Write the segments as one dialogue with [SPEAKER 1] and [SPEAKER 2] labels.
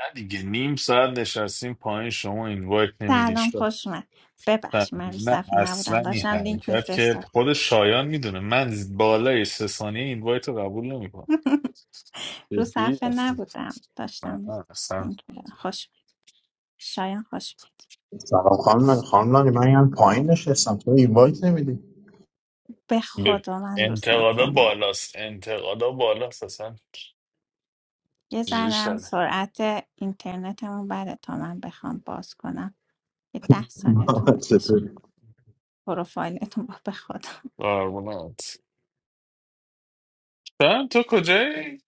[SPEAKER 1] نه دیگه نیم ساعت نشستیم پایین شما این وایت نمیدی
[SPEAKER 2] سلام
[SPEAKER 1] شفتن
[SPEAKER 2] خوش اومد ببخشید من رو
[SPEAKER 1] نه
[SPEAKER 2] صفحه نبودم
[SPEAKER 1] اصلا این
[SPEAKER 2] داشتم لینک
[SPEAKER 1] حرکت که
[SPEAKER 2] میفرستاد
[SPEAKER 1] خود شایان میدونه من بالای سه ثانیه این وایت رو قبول نمیکنم
[SPEAKER 2] رو
[SPEAKER 1] جدی
[SPEAKER 2] صفحه
[SPEAKER 1] اصلا
[SPEAKER 2] نبودم
[SPEAKER 1] نه،
[SPEAKER 2] داشتم
[SPEAKER 1] اصلا
[SPEAKER 2] لینک میدادم خوش اومد شایان خوش اومد
[SPEAKER 3] سلام خانم خانم لانی من یعنی پایین
[SPEAKER 2] سلام
[SPEAKER 3] نشستم تو اینوایت نمیدی
[SPEAKER 2] به
[SPEAKER 1] به
[SPEAKER 2] خدا من رو
[SPEAKER 1] انتقادا
[SPEAKER 2] صفحه نبودم
[SPEAKER 1] بالاست انتقادا بالاست اصلا
[SPEAKER 2] یه
[SPEAKER 1] جوری
[SPEAKER 2] ذرم
[SPEAKER 1] شده
[SPEAKER 2] سرعت اینترنتمون بده تا من بخوام باز کنم یه ده ثانیه طول
[SPEAKER 3] محمد
[SPEAKER 2] میکشه
[SPEAKER 3] چطوری
[SPEAKER 2] پروفایلتون با به خدا
[SPEAKER 1] قربونت شایان، تو کجایی؟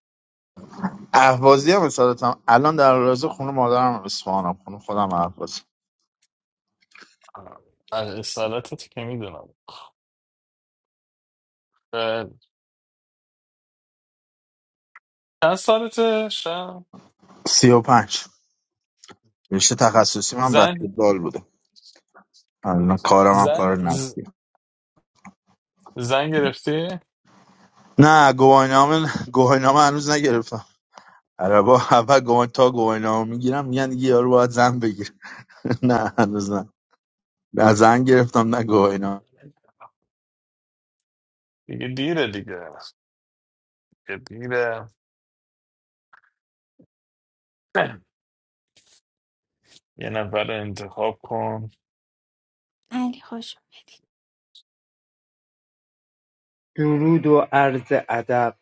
[SPEAKER 3] اهوازی هم اصالتا الان در رازه خونه مادرم اصفهانم خونه خودم اهواز
[SPEAKER 1] از اصالتت که میدونم اه، چند سالته شایان؟
[SPEAKER 3] سی و پنج رشته تخصصی من
[SPEAKER 1] زن
[SPEAKER 3] بسکتبال بوده الان کارم هم
[SPEAKER 1] زن
[SPEAKER 3] کار
[SPEAKER 1] ز-
[SPEAKER 3] نفتی
[SPEAKER 1] زن گرفتی؟
[SPEAKER 3] نه گواهینامه گواهینامه هنوز نگرفتم عربا اول گواهی تا گواهینامه میگیرم میگن دیگه یارو باید زن بگیر نه هنوز نه نه زن گرفتم نه گواهینامه
[SPEAKER 1] دیگه دیره دیگه دیگه دیره یه نفر رو انتخاب کن
[SPEAKER 2] علی خوش اومدید
[SPEAKER 4] درود و عرض ادب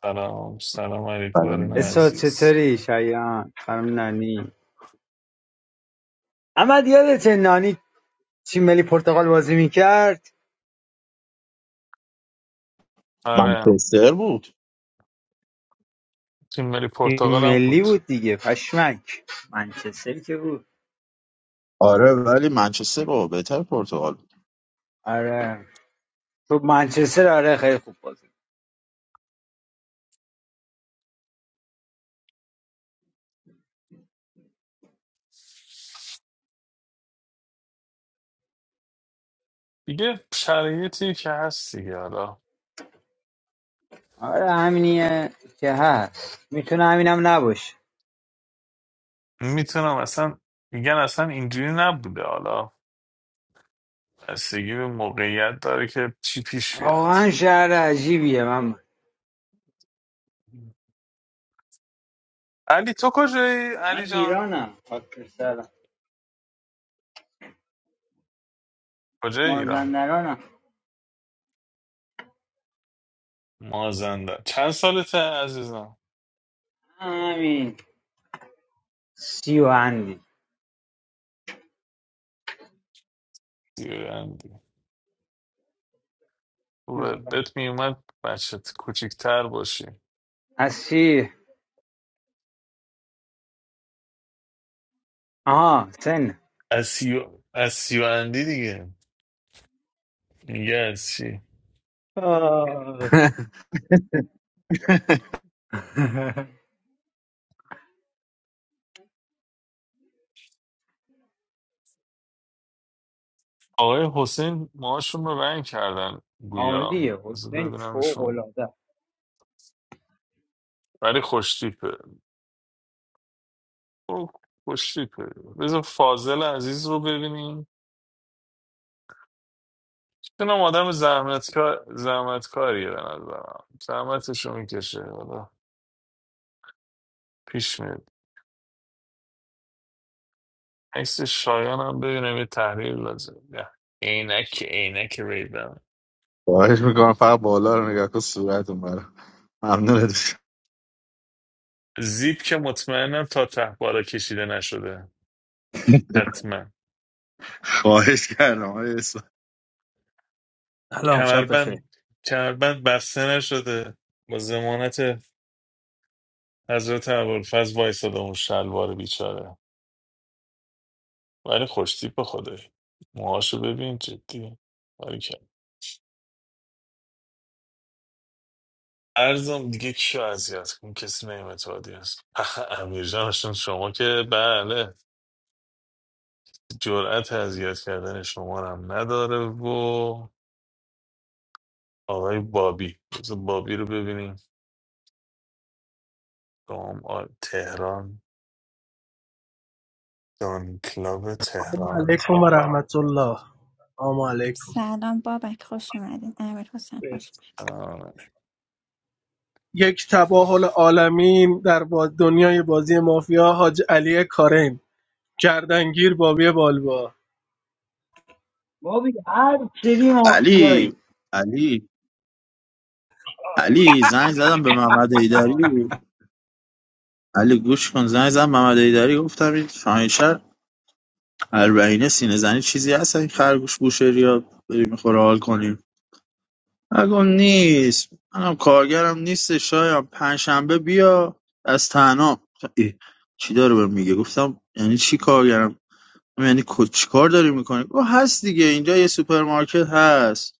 [SPEAKER 1] سلام سلام علی
[SPEAKER 3] بعدم
[SPEAKER 1] کارون
[SPEAKER 4] اسا
[SPEAKER 1] عزیز
[SPEAKER 4] چطوری شایان خانم نانی احمد یادته نانی تیم ملی پرتغال بازی میکرد
[SPEAKER 1] آره
[SPEAKER 3] منچستر بود
[SPEAKER 1] تیم ملی
[SPEAKER 4] تیم
[SPEAKER 1] پرتغال هم
[SPEAKER 4] ملی
[SPEAKER 1] بود
[SPEAKER 4] بود دیگه پشمک منچستر که بود
[SPEAKER 3] آره ولی منچستر بابا بهتر پرتغال
[SPEAKER 4] آره تو منچستر آره خیلی خوب بازی کرد.
[SPEAKER 1] دیگه شرایطی که هست دیگه حالا
[SPEAKER 4] آره همینیه که هست میتونه همینم نباشه
[SPEAKER 1] میتونم اصلا میگن اصلا اینجوری نبوده حالا بستگی به موقعیت داره که چی پیش بیاد
[SPEAKER 4] واقعا شهر عجیبیه من
[SPEAKER 1] علی تو کجایی
[SPEAKER 4] من
[SPEAKER 1] علی جان
[SPEAKER 4] ایرانم خاک سرم
[SPEAKER 1] کجای ایران
[SPEAKER 4] مازندرانم
[SPEAKER 1] مازندران چند سالته عزیزم
[SPEAKER 4] همین سی و اندی
[SPEAKER 1] سی و اند. خوبه بهت میومد بچت کوچیکتر باشی
[SPEAKER 4] هستی آها سن
[SPEAKER 1] از سیو از سیو اندی دیگه میگه از چی
[SPEAKER 4] آه،
[SPEAKER 1] آقای حسین ماهاشون رو رنگ کردن گویا
[SPEAKER 4] عالیه
[SPEAKER 1] بذار
[SPEAKER 4] حسین فوق
[SPEAKER 1] ببینمشون
[SPEAKER 4] العاده
[SPEAKER 1] ولی خوشتیپه او خوشتیپه بذار فاضل عزیز رو ببینیم چونم آدم زحمتکار زحمتکاریه به نظرم زحمتش رو میکشه حالا پیش میاد عکس شایان هم ببینم یه تحلیل لازم نه عینک عینک ریبن
[SPEAKER 3] خواهش میکنم فقط بالا رو نگاه کن صورت اون برا ممنونت میشم
[SPEAKER 1] زیپ که مطمئنم تا ته بالا کشیده نشده حتما
[SPEAKER 3] خواهش کردم آقای اسفند.
[SPEAKER 5] سلام شب بخیر
[SPEAKER 1] کمربند کمربند بسته نشده با ضمانت حضرت ابوالفضل وایساده اون شلوار بیچاره ولی خوشتیپ به خدایی موهاشو ببین جدی ولی که ارزم دیگه کیو اذیت کن کسی نمیمت عادی است امیر جانشون شما که بله جرأت اذیت کردن شما رو هم نداره و آقای بابی بذار بابی رو ببینیم دام آ- تهران دان کلاب
[SPEAKER 6] السلام
[SPEAKER 1] تهران
[SPEAKER 6] علیکم و رحمت الله السلام علیکم
[SPEAKER 2] سلام بابک خوش اومدین امیر حسین خوش اومدین
[SPEAKER 6] یک تباهل عالمین در با دنیای بازی مافیا حاج علی کارن گردنگیر بابی بالبا
[SPEAKER 4] بابی هر سری مافیایی
[SPEAKER 3] علی علی علی زنگ زدم به محمد ایدری علی گوش کن زنگ زدم محمد ایدری گفتم این شاهینشهر البرینه سینه زنی چیزی هست این خرگوش بوشهری یا بریم میخوره حال کنیم نگم نیست منم کارگرم نیست شایم پنجشنبه بیا از تنها ای، چی داره بهم میگه گفتم یعنی چی کارگرم یعنی کو- چیکار داری میکنی او هست دیگه اینجا یه سوپرمارکت هست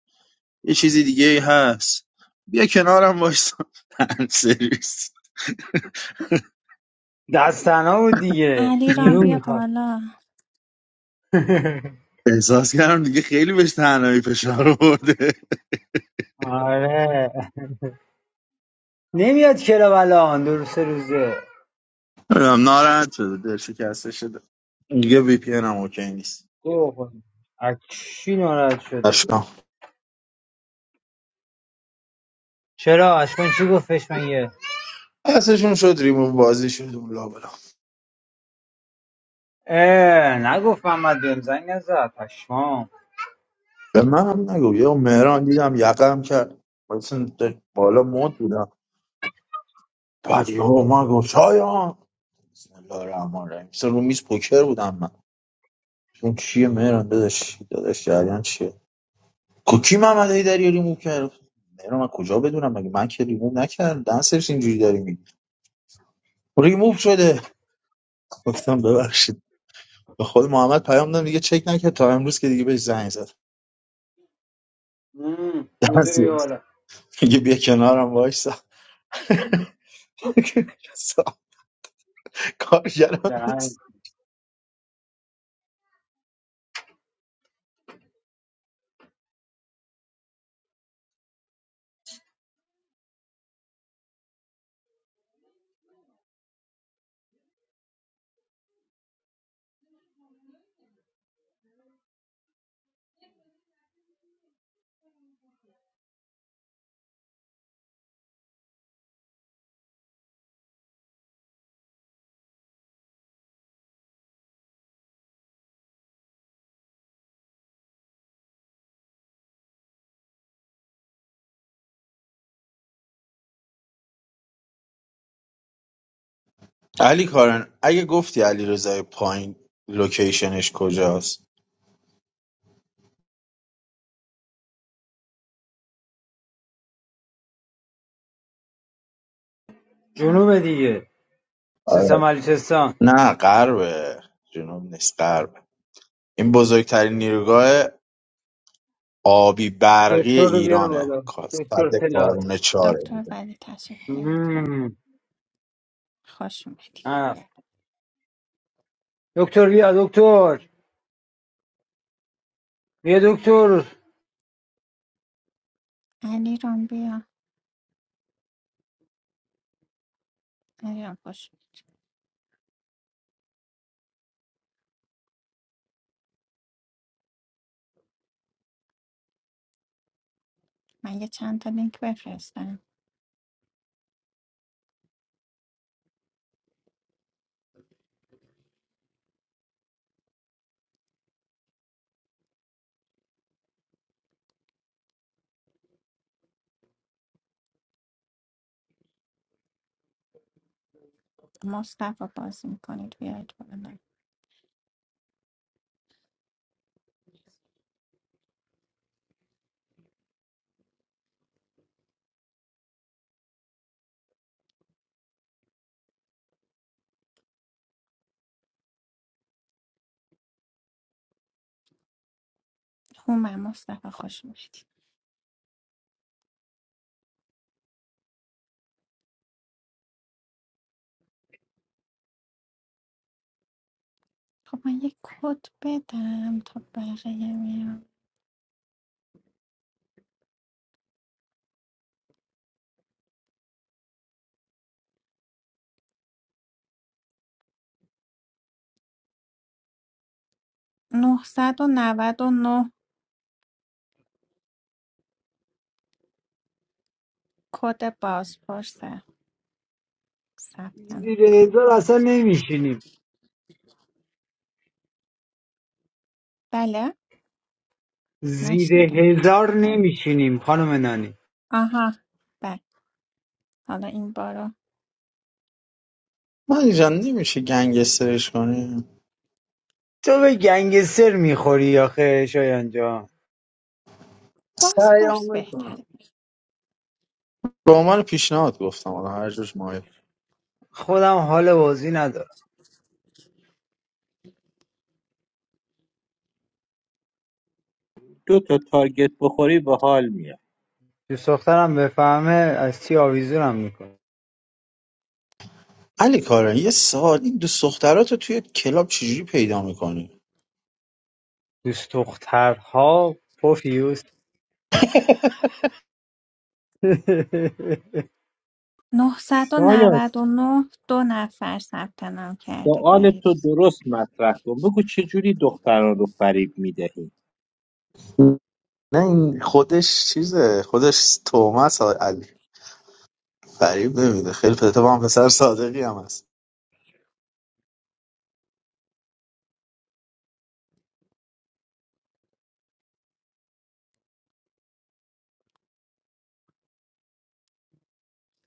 [SPEAKER 3] یه چیزی دیگه هست بیا کنارم وایسا هم سرویس
[SPEAKER 4] دستنا بود دیگه
[SPEAKER 2] علی رام
[SPEAKER 4] نیرو
[SPEAKER 2] بیا
[SPEAKER 4] میخواد
[SPEAKER 2] بالا
[SPEAKER 3] احساس کردم دیگه خیلی بهش تنهایی فشار آورده
[SPEAKER 4] آره نمیاد چرا الان دو روز سه روزه
[SPEAKER 3] نمی‌دونم، ناراحت شده دل شکسته شده دیگه وی پی هم اوکی نیست
[SPEAKER 4] گوه خود. از چی ناراحت شده
[SPEAKER 3] اشکام
[SPEAKER 4] چرا اشکان چی گفتش من یه
[SPEAKER 3] دستشون شد ریموو بازی شد اون لابلا
[SPEAKER 4] اه نگفت محمد بهم زنگ نزد پشمام
[SPEAKER 3] به من هم نگو یه مهران دیدم یقم کرد مثلا بالا مد بودم بعد یهو ما گفت شایان بسم الله الرحمن الرحیم مثلا رو میز پوکر بودم من اون چیه مهران داداش داداش جریان چیه کوکی محمد هیدری داری ریموو کرد مهران من کجا بدونم مگه من که ریموو نکردم دنسرش اینجوری داری میگی ریموو شده گفتم ببخشید به خود محمد پیام دادم دیگه چک نکرد تا امروز که دیگه بهش زنگ زد
[SPEAKER 4] مم، روزه بیا
[SPEAKER 3] دنسرز
[SPEAKER 4] بالا
[SPEAKER 3] میگه بیا کنارم وایسا کارگران
[SPEAKER 4] دهن.
[SPEAKER 3] نیست علی کارن اگه گفتی علی رضای پایین لوکیشنش کجاست
[SPEAKER 4] جنوب دیگه
[SPEAKER 3] آره.
[SPEAKER 4] سیستان بلوچستان
[SPEAKER 3] نه غربه جنوب نیست غرب این بزرگترین نیروگاه آبی برقی
[SPEAKER 4] دکتر رو بیار
[SPEAKER 3] ایرانه
[SPEAKER 4] بالا
[SPEAKER 3] کا-
[SPEAKER 4] دکتر
[SPEAKER 3] صد
[SPEAKER 4] پلاس
[SPEAKER 3] کارونه چاره
[SPEAKER 2] دکتر
[SPEAKER 3] بوده
[SPEAKER 2] ولی تشریف برید
[SPEAKER 4] مم.
[SPEAKER 2] خوش اومدی
[SPEAKER 4] آه. دکتر بیا دکتر بیا دکتر
[SPEAKER 2] علی رام بیا علی رام خوش اومدی. من یه چند تا لینک بفرستم مصطفی بازی میکنید بیاید بالا هومن مصطفی خوش اومدی خب من یه کد بدم تا بقیه بیان 999 کد بازپرسه ثبت
[SPEAKER 4] زیر
[SPEAKER 2] نام کنید
[SPEAKER 4] هزار اصلا
[SPEAKER 2] لطفاً.
[SPEAKER 4] نمیشینیم
[SPEAKER 2] بله
[SPEAKER 4] زیر
[SPEAKER 2] نشنیدم
[SPEAKER 4] هزار
[SPEAKER 2] متوجه
[SPEAKER 4] نمیشینیم خانم نانی
[SPEAKER 2] آها بله حالا این بارو
[SPEAKER 3] من جان نمیشه گنگسترش کنیم
[SPEAKER 4] تو به گنگستر میخوری آخه شایان جان
[SPEAKER 3] سعی
[SPEAKER 2] بازپرس
[SPEAKER 3] هم
[SPEAKER 2] بهتره
[SPEAKER 3] کنم. به عنوان پیشنهاد گفتم حالا هر جوش مایه
[SPEAKER 4] خودم حال بازی ندارم
[SPEAKER 7] دو تا تارگت بخوری به حال میاد
[SPEAKER 4] دوست دخترم بفهمه از چی آویزونم میکنه
[SPEAKER 3] علی کارن یه سوال این دوست دخترات رو توی کلاب چجوری پیدا میکنی
[SPEAKER 4] دوست دخترها پوفیوس
[SPEAKER 7] شایان
[SPEAKER 2] ۹۹۹ دو نفر ثبت نام کرده
[SPEAKER 7] سوال
[SPEAKER 2] بقیه
[SPEAKER 7] تو
[SPEAKER 2] دیگه.
[SPEAKER 7] درست مطرح کن بگو چه جوری دختران رو فریب میدهی
[SPEAKER 3] نه این خودش چیزه خودش تومس علی فریب نمیده خیلی پدر با هم پسر صادقی هم هست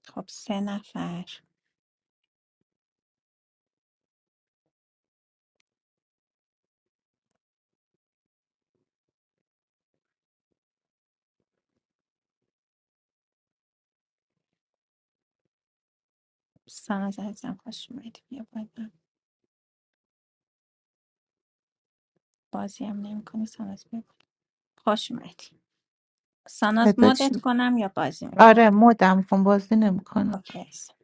[SPEAKER 2] خب سه نفر ساناز عزیزم خوش اومدی بیا بالا بازی هم نمی کنی ساناز بیا بالا. خوش اومدی ساناز
[SPEAKER 8] فدا
[SPEAKER 2] مدت
[SPEAKER 8] چی؟
[SPEAKER 2] کنم یا بازی میکنی
[SPEAKER 8] آره مدم کن بازی نمیکنم
[SPEAKER 2] اوکی عزیزم.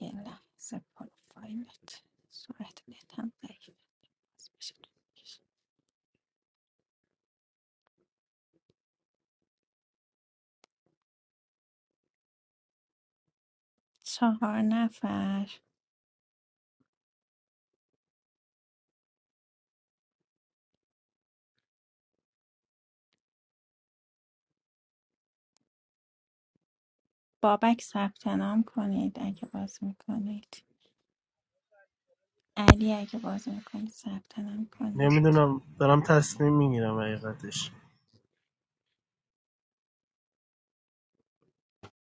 [SPEAKER 2] یه لحظه پروفایلت سرعت نت هم ضعیفه. چهار نفر بابک ثبت نام کنید اگه بازی میکنید علی اگه بازی میکنید ثبت نام کنید
[SPEAKER 6] نمیدونم دارم تصمیم میگیرم حقیقتش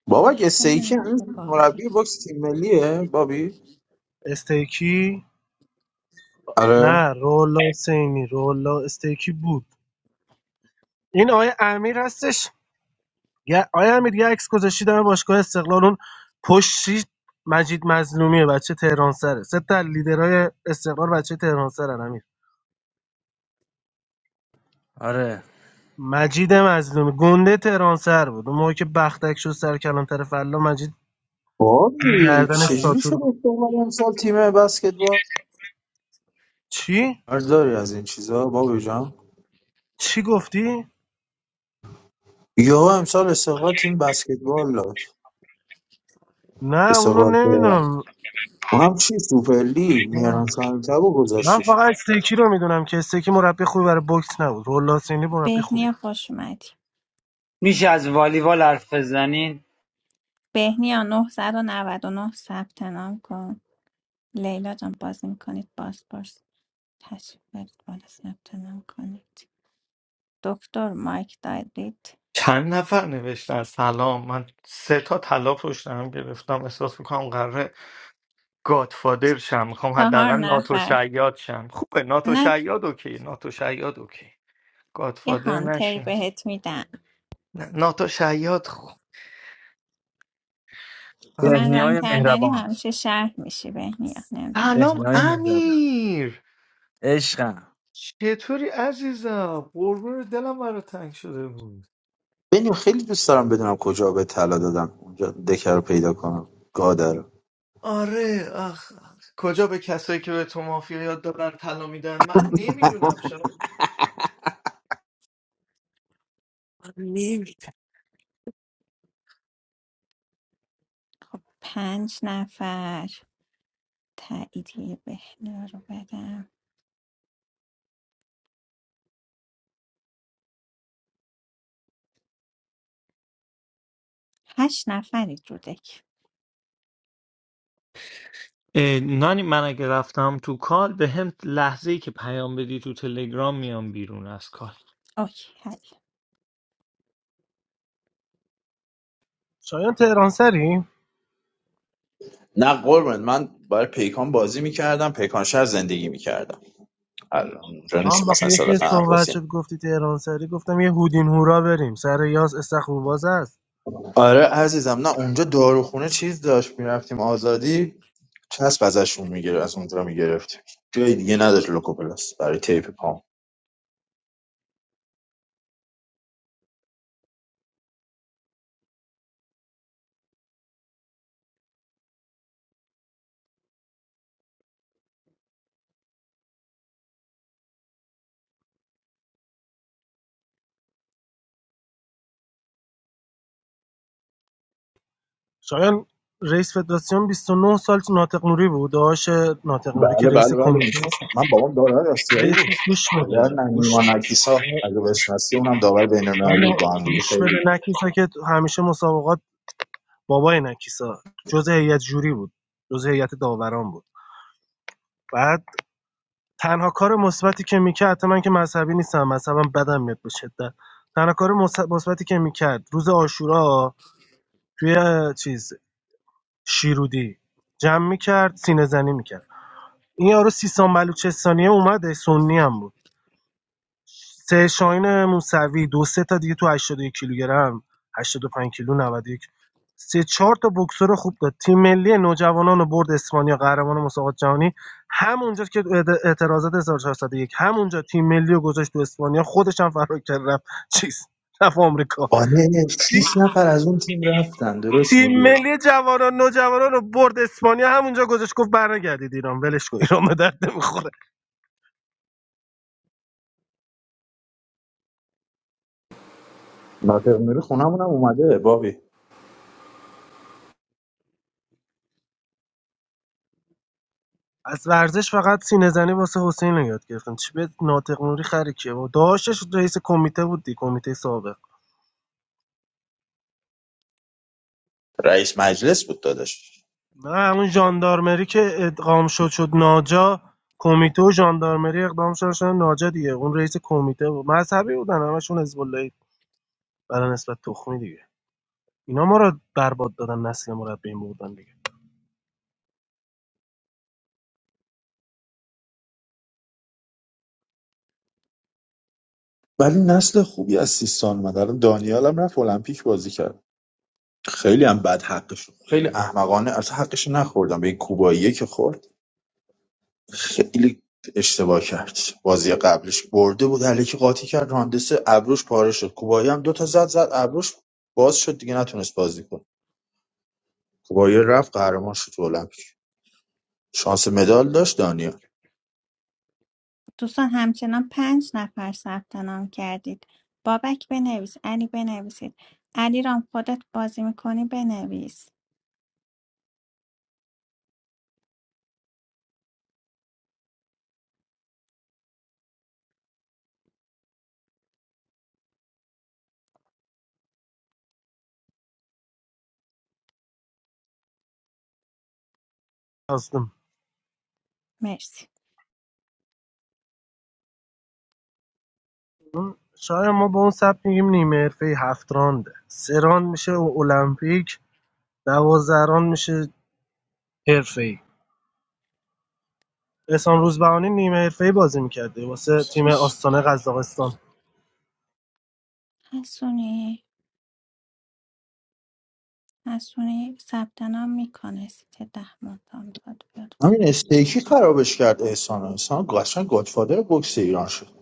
[SPEAKER 2] به
[SPEAKER 3] بابا
[SPEAKER 2] لحظه
[SPEAKER 3] گستیکی هنوز
[SPEAKER 2] نیفته بازی
[SPEAKER 3] مربی بکس تیم ملیه بابی
[SPEAKER 6] استیکی
[SPEAKER 3] آره
[SPEAKER 6] نه رولا سینی رولا استیکی بود این آیه امیر هستش یه- آیه امیر یه عکس گذاشتی در باشگاه استقلال اون پشتی مجید مظلومیه بچه تهران سره سه تا از لیدرهای استقلال بچه تهران سرن امیر.
[SPEAKER 5] آره
[SPEAKER 6] مجید مظلومی گنده تهرانسر بود اون موقع که بختک شد سر کلانتر فلا مجید دیگه
[SPEAKER 3] بابی
[SPEAKER 6] گردنش
[SPEAKER 3] چجوری
[SPEAKER 6] ساتور
[SPEAKER 3] شد
[SPEAKER 6] بود.
[SPEAKER 3] استقلال امسال تیم بسکتبال
[SPEAKER 6] چی؟
[SPEAKER 3] داری از این چیزا بابی جان
[SPEAKER 6] چی گفتی؟
[SPEAKER 3] یا امسال استقلال تیم بسکتبال داد
[SPEAKER 6] نه اونو
[SPEAKER 3] استقلال تهران
[SPEAKER 6] نمیدونم
[SPEAKER 3] اونم چی سوپر لیگ میارن سهمی تبو
[SPEAKER 6] من
[SPEAKER 3] گذاشتش
[SPEAKER 6] فقط استیکی رو میدونم که استیکی مربی خوبی برای بوکس نبود رولاسینی مربی خوبیه
[SPEAKER 2] بهنیا خوش اومدی
[SPEAKER 4] میشه از والیبال حرف بزنین
[SPEAKER 2] بهنیا 999 ثبت نام کن لیلا جان بازی میکنید باز باز تشریف برید بالا ثبت نام کنید دکتر مایک دادید
[SPEAKER 9] چند نفر نوشتن سلام من سه تا طلا پشتم گرفتم احساس میکنم قراره گادفادر شم میخوام
[SPEAKER 2] چهار
[SPEAKER 9] حداقل ناتو
[SPEAKER 2] نفر
[SPEAKER 9] شیاد شم خوبه ناتو
[SPEAKER 2] نه
[SPEAKER 9] شیاد اوکی ناتو شیاد اوکی
[SPEAKER 2] یه
[SPEAKER 9] گادفادر
[SPEAKER 2] هانتر
[SPEAKER 9] نشم
[SPEAKER 2] بهت میدم
[SPEAKER 9] نه، ناتو شیاد خوب آخ.
[SPEAKER 2] من ران
[SPEAKER 5] بهنیای
[SPEAKER 2] کردنی
[SPEAKER 5] مهربان
[SPEAKER 2] همیشه شهر میشی بهنیا نمیدونم
[SPEAKER 9] سلام
[SPEAKER 2] چرا
[SPEAKER 5] بهنیای مهربان
[SPEAKER 9] امیر
[SPEAKER 5] عشقم
[SPEAKER 9] چطوری عزیزم قربون دلم برات تنگ شده بود
[SPEAKER 3] بنی خیلی دوست دارم بدونم کجا به طلا دادن اونجا دکه رو پیدا کنم گادر رو.
[SPEAKER 9] آره آخ آخ. کجا به کسایی که به تو مافیا یاد دادن طلا میدن من نمیدونم شاید من نمی‌دونم.
[SPEAKER 2] پنج نفر تاییدیه بهنیا رو بدم هشت نفرید رو دک
[SPEAKER 9] اه، نانی من اگه رفتم تو کال به هم لحظه ای که پیام بدی تو تلگرام میام بیرون از کال
[SPEAKER 2] اوکی
[SPEAKER 6] شایان تهرانسری؟
[SPEAKER 3] نه قربونت من برای پیکان بازی میکردم پیکان شهر زندگی میکردم الان اونجا
[SPEAKER 6] آم
[SPEAKER 3] نیست
[SPEAKER 6] با خب،
[SPEAKER 3] مثلا سالات
[SPEAKER 6] یکی صحبت
[SPEAKER 3] حفاظی
[SPEAKER 6] شد گفتی تهرانسری گفتم یه هودین هورا بریم سر یاس استخر باز است
[SPEAKER 3] آره عزیزم نه اونجا داروخونه چیز داشت میرفتیم آزادی چسب ازشون میگیره از اونجا میگرفت جای دیگه نداشت لوکوپلاس برای تیپ پام
[SPEAKER 6] شایان رئیس فدراسیون 29 سال ناطق نوری بود داشت ناطق نوری که
[SPEAKER 3] بله
[SPEAKER 6] رئیس
[SPEAKER 3] بله بله
[SPEAKER 6] کمیته
[SPEAKER 3] میشناسم من بابام داور آسیایی
[SPEAKER 6] ولی خب
[SPEAKER 3] بود
[SPEAKER 6] گوش
[SPEAKER 3] پدر
[SPEAKER 6] بده
[SPEAKER 3] نه-
[SPEAKER 6] گوش
[SPEAKER 3] نیما نکیسا
[SPEAKER 6] بده
[SPEAKER 3] اگه بشناسی اونم داور بین المللی
[SPEAKER 6] آنو
[SPEAKER 3] بود با هم دیگه
[SPEAKER 6] گوش بده
[SPEAKER 3] خیلی
[SPEAKER 6] نکیسا که همیشه مسابقات بابای نکیسا جز هیئت جوری بود جز هیئت داوران بود بعد تنها کار مثبتی که میکرد حتی من که مذهبی نیستم مذهبم بدم میاد به شدت تنها کار مث- مثبتی که میکرد روز آشورا توی چیز شیرودی جمع میکرد سینه زنی میکرد این یارو سیستان بلوچستانیه اومده سنی هم بود سه شاهین موسوی دو سه تا دیگه تو 81 کیلوگرم هشتاد و پنج کیلو 91 سه چهار تا بکسور خوب داد تیم ملی نوجوانان رو برد اسپانیا قهرمان مسابقات جهانی همونجا که اعتراضات اعت- اعتراضات 1401 همونجا تیم ملی رو گذاشت تو اسپانیا خودش هم فرار کرد رفت چیز رفت آمریکا
[SPEAKER 3] آره شیش نفر از اون تیم رفتن درست
[SPEAKER 6] تیم
[SPEAKER 3] میگی
[SPEAKER 6] ملی جوانان نوجوانان رو برد اسپانیا همونجا گذاشت گفت برنگردید ایران ولش کن ایران به درد نمی‌خوره.
[SPEAKER 3] ناطق نوری خونمونم اومده بابی
[SPEAKER 6] از ورزش فقط سینه‌زنی واسه حسین رو یاد گرفتم چی به ناطق نوری خری کیه بابا داشتش رئیس کمیته بود دی کمیته سابق
[SPEAKER 3] رئیس مجلس بود داداش
[SPEAKER 6] نه همون ژاندارمری که ادغام شد شد ناجا کمیته و ژاندارمری اقدام شدن شدن ناجا دیگه اون رئیس کمیته بود مذهبی بودن همشون حزب اللهی برای نسبت تخمی دیگه اینا ما رو برباد دادن نسل ما رو به این بردن دیگه
[SPEAKER 3] ولی نسل خوبی از سیستان اومد الان دانیال هم رفت المپیک بازی کرد خیلی هم بد حقش بود. خیلی احمقانه از حقش نخوردم به این کوباییه که خورد خیلی اشتباه کرد بازی قبلش برده بود الکی قاطی کرد راندس ابروش پاره شد کوبایی هم دوتا زد زد ابروش باز شد دیگه نتونست بازی کنه کوبایی رفت قهرمان شد تو المپیک شانس مدال داشت دانیال
[SPEAKER 2] دوستان همچنان پنج نفر ثبت نام کردید بابک بنویس علی بنویسید علی رام خودت بازی میکنی بنویس
[SPEAKER 6] خواستم
[SPEAKER 2] مرسی
[SPEAKER 6] شاید ما به اون سبک میگیم نیمه حرفه هفت رانده سه راند میشه المپیک دوازده راند میشه حرفه احسان روزبهانی نیمه حرفه‌ای بازی میکرده واسه تیم
[SPEAKER 2] شیش
[SPEAKER 6] آستانه قزاقستان
[SPEAKER 2] حسونی حسونی ثبت نام میکنه سیت ده مونتا میخواد بیاد
[SPEAKER 3] همین
[SPEAKER 2] بالا
[SPEAKER 3] استیکی خرابش کرد احسان احسان قشنگ گادفادر بوکس ایران شد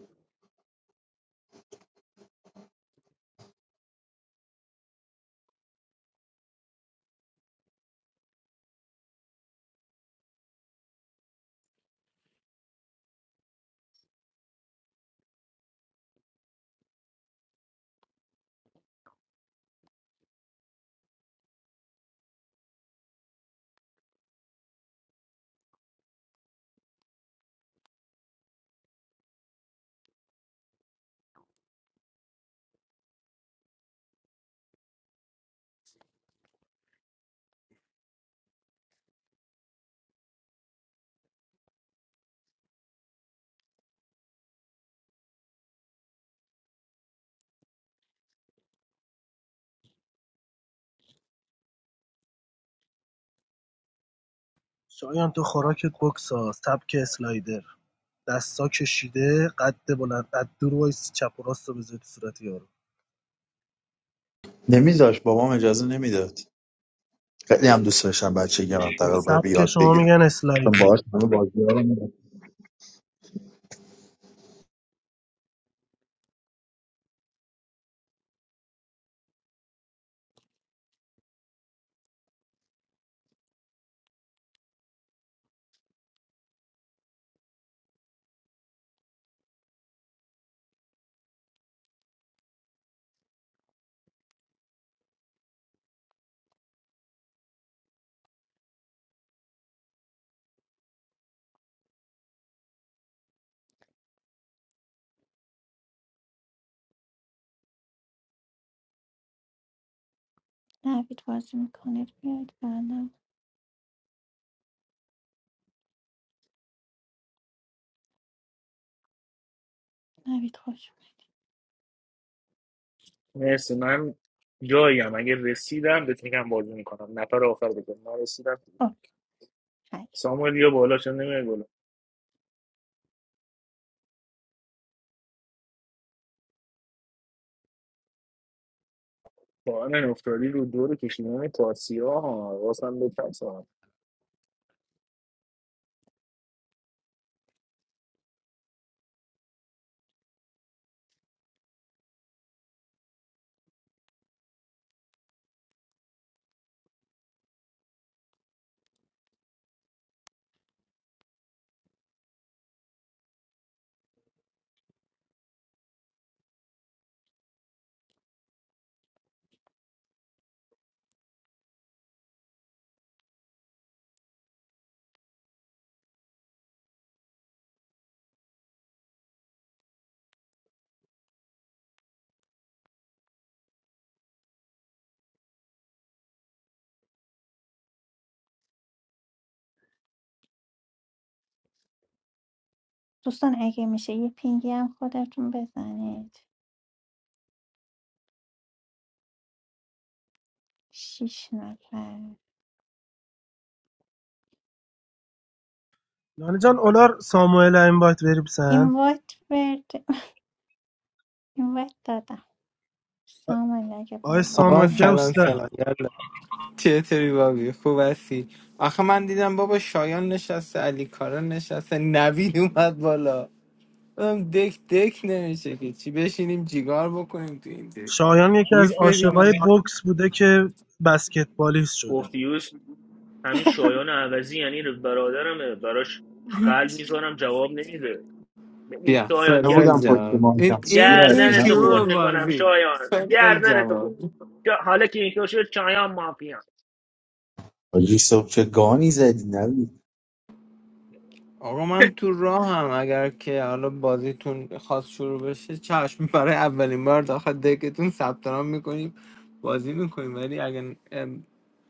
[SPEAKER 6] شایان تو خوراکت بکساز سبک اسلایدر دستا کشیده قد بلند قد دور وایس چپ و راست رو بذاری تو صورت یارو
[SPEAKER 3] نمیذاش بابام اجازه نمیداد خیلی هم دوست داشتم بچگی هم تقریبا به
[SPEAKER 6] سبک
[SPEAKER 3] یاد
[SPEAKER 6] شما
[SPEAKER 3] بگیرم
[SPEAKER 6] میگن
[SPEAKER 3] چون
[SPEAKER 6] اسلایدر
[SPEAKER 3] باهاش همه بازی
[SPEAKER 2] نوید بازی میکنید بیاد بالا نوید خوش اومدید
[SPEAKER 10] مرسی من جاییم اگه رسیدم بهت میگم بازی میکنم نفر آخر بگم نرسیدم
[SPEAKER 2] اوکی خیلی.
[SPEAKER 10] ساموئل یا بالا چون نمیاد بالا با من افتادی رو دور کشیدن پارسیا ها واسه من بترسم
[SPEAKER 2] دوستان اگه میشه یه پینگی هم خودتون بزنید شیش نفر
[SPEAKER 6] نانی جان اولار ساموئل این بایت بری
[SPEAKER 2] این
[SPEAKER 6] بسن
[SPEAKER 2] وایت برد این وایت سام علی اگه
[SPEAKER 6] آی
[SPEAKER 2] باز
[SPEAKER 11] آقا
[SPEAKER 6] ساموئل
[SPEAKER 2] می‌کنی.
[SPEAKER 11] سلام
[SPEAKER 6] جوستر
[SPEAKER 11] سلام یالا چطوری بابی خوب هستی آخه من دیدم بابا شایان نشسته علی کارا نشسته نوید اومد بالا گفتم دک دک نمیشه که چی بشینیم جیگار بکنیم تو این دک
[SPEAKER 6] شایان یکی از
[SPEAKER 11] گوش بدیم
[SPEAKER 6] عاشقای
[SPEAKER 11] من
[SPEAKER 6] بکس بوده که بسکتبالیست شده
[SPEAKER 10] گفتیوش همین شایان عوضی یعنی برادرمه براش قلب میذارم جواب نمیده ببین
[SPEAKER 11] بیا
[SPEAKER 10] شایان گ-
[SPEAKER 11] فلفل
[SPEAKER 3] نبودم پشت
[SPEAKER 11] جواب این
[SPEAKER 3] مانکم
[SPEAKER 11] این این
[SPEAKER 3] صورتی
[SPEAKER 10] گردنتو خورد
[SPEAKER 11] شروع
[SPEAKER 3] نبودم
[SPEAKER 10] میکنم
[SPEAKER 11] بازی
[SPEAKER 10] شایان
[SPEAKER 11] فلفل
[SPEAKER 10] گردنتو خورد
[SPEAKER 11] جواب
[SPEAKER 10] جا- حالا که اینطور شد شایان مافیا
[SPEAKER 3] آجی صبح چه گانی زدی
[SPEAKER 11] آقا من تو راه هم اگر که حالا بازیتون خواست شروع بشه چشم برای اولین بار داخل دکتون ثبت نام میکنیم بازی میکنیم ولی اگر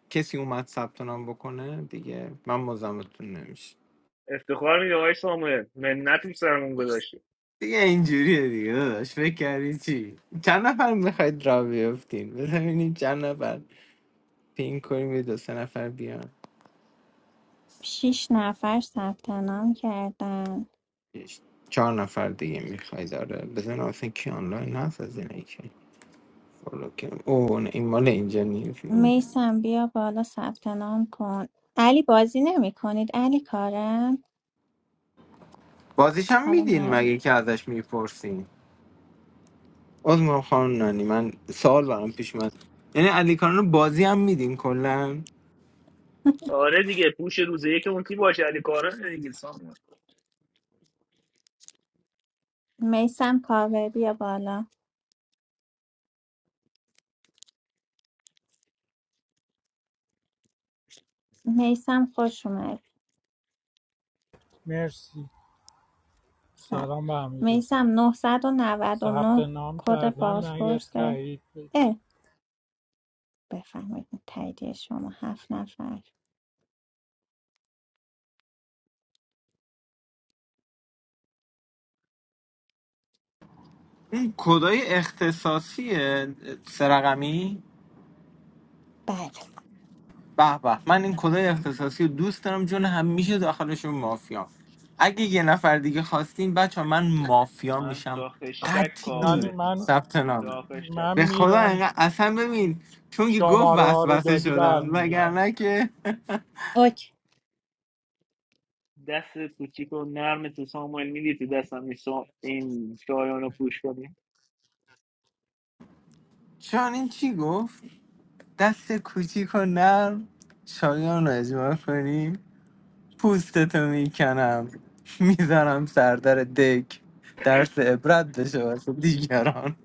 [SPEAKER 11] کسی اومد ثبت نام بکنه دیگه من مزاحمتون نمیشه
[SPEAKER 10] افتخار میده آقای ساموئل منت تو سرمون گذاشتی
[SPEAKER 11] دیگه اینجوریه دیگه داداش فکر کردی چی چند نفر میخواید را بیفتین ببینید چند نفر پین کنیم یه دو سه نفر بیان
[SPEAKER 2] شیش نفر ثبت نام کردن
[SPEAKER 11] چش. چهار نفر دیگه میخواید آره بزن اصلا کی آنلاین هست از اینه که فالو کنیم. اوه نه، این مال اینجا نیست اون.
[SPEAKER 2] میسم بیا بالا ثبت نام کن علی بازی نمی کنید علی کارم
[SPEAKER 11] بازیش هم
[SPEAKER 2] حالا
[SPEAKER 11] میدین
[SPEAKER 2] نه
[SPEAKER 11] مگه که ازش میپرسین عذر میخوام خانم نانی من سوال برام پیش اومد یعنی علی کارن بازی هم میدین کلا
[SPEAKER 10] آره دیگه پوش روز یک اون کی باشه علی کارن دیگه سامان
[SPEAKER 2] میسم کاوه بیا بالا میسم خوش اومد
[SPEAKER 12] مرسی
[SPEAKER 2] صد
[SPEAKER 12] سلام به همه دوستان
[SPEAKER 2] میسم نه نه
[SPEAKER 12] ثبت
[SPEAKER 2] نه
[SPEAKER 12] نام
[SPEAKER 2] کد
[SPEAKER 12] کردم نه یه
[SPEAKER 2] بازپرسه
[SPEAKER 12] تایید بده.
[SPEAKER 2] اه بفرمایید تاییدیه شما هفت نفر
[SPEAKER 11] اون کدای اختصاصی سرقمی
[SPEAKER 2] بله
[SPEAKER 11] به به من این کدای اختصاصی رو دوست دارم جون همیشه داخلشون مافیا اگه یه نفر دیگه خواستین بچه من مافیا
[SPEAKER 10] من
[SPEAKER 11] میشم
[SPEAKER 10] تا خشتک
[SPEAKER 12] نانی
[SPEAKER 11] قطعی
[SPEAKER 10] کاورت
[SPEAKER 12] من
[SPEAKER 10] میکنم
[SPEAKER 11] ثبت نام
[SPEAKER 10] تا خشتک
[SPEAKER 12] من
[SPEAKER 11] به خدا
[SPEAKER 12] میرم
[SPEAKER 11] انقدر اصلا ببین چون که گفت
[SPEAKER 12] شماره ها رو
[SPEAKER 11] وسوسه
[SPEAKER 12] دادی
[SPEAKER 11] شدم
[SPEAKER 12] برمیگرد
[SPEAKER 11] وگرنه که
[SPEAKER 2] اوکی
[SPEAKER 10] دست کوچیک و نرم تو ساموئل میدی تو دستم این سا- این شایان رو پوش کنی
[SPEAKER 11] شاهین چی گفت دست کوچیک و نرم شایان رو اجماع کنیم پوستتو میکنم میذارم سردر دک درس عبرت بشه واسه دیگران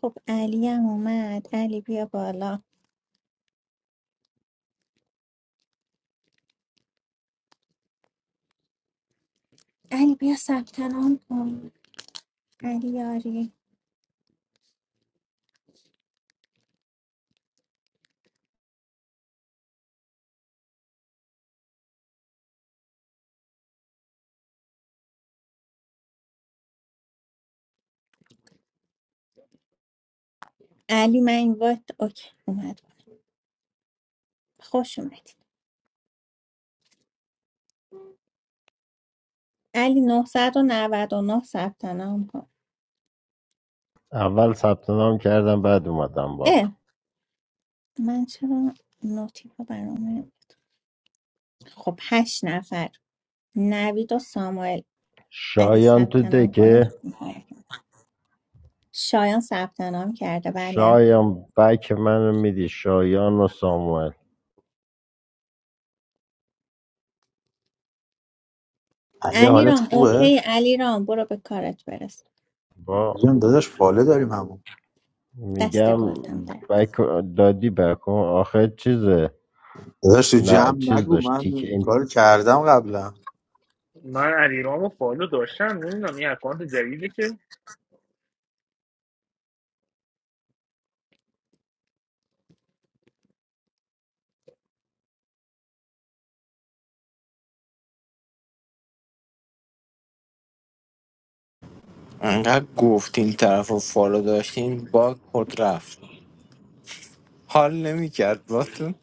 [SPEAKER 2] خب علی هم اومد علی بیا بالا علی بیا ثبت نام کن علی یاری علی من این وقت اوکی اومد خوش اومدید علی نه صد و نود و نه ثبت نام کن
[SPEAKER 13] اول ثبت نام کردم بعد اومدم بالا
[SPEAKER 2] اه من چرا نوتیفا برامه خب هشت نفر نوید و ساموئل اگه
[SPEAKER 13] شایان تو
[SPEAKER 2] ثبت نام کنه
[SPEAKER 13] دکه
[SPEAKER 2] شایان ثبت نام کرده بله
[SPEAKER 13] شایان بک منو میدی شایان و ساموئل
[SPEAKER 3] علی
[SPEAKER 2] علی
[SPEAKER 3] حالت
[SPEAKER 2] رام
[SPEAKER 3] خوبه؟
[SPEAKER 2] اوکی علی رام برو به کارت برس
[SPEAKER 13] با
[SPEAKER 3] جون داداش فاله داریم همون
[SPEAKER 2] دست
[SPEAKER 13] میگم
[SPEAKER 2] گلتم در
[SPEAKER 13] بک دادی بک اون آخر چیزه
[SPEAKER 3] داداش تو
[SPEAKER 13] نه
[SPEAKER 3] جمع
[SPEAKER 13] چیز
[SPEAKER 3] نگو
[SPEAKER 13] داشت
[SPEAKER 3] من
[SPEAKER 13] تیک
[SPEAKER 3] این
[SPEAKER 13] این
[SPEAKER 3] کار کردم قبلا
[SPEAKER 10] من علیرامو فالو داشتم نمیدونم این اکانت جدیده که
[SPEAKER 11] انقدر گفت این طرف رو فالو داشتین با خود رفت حال نمیکرد باتون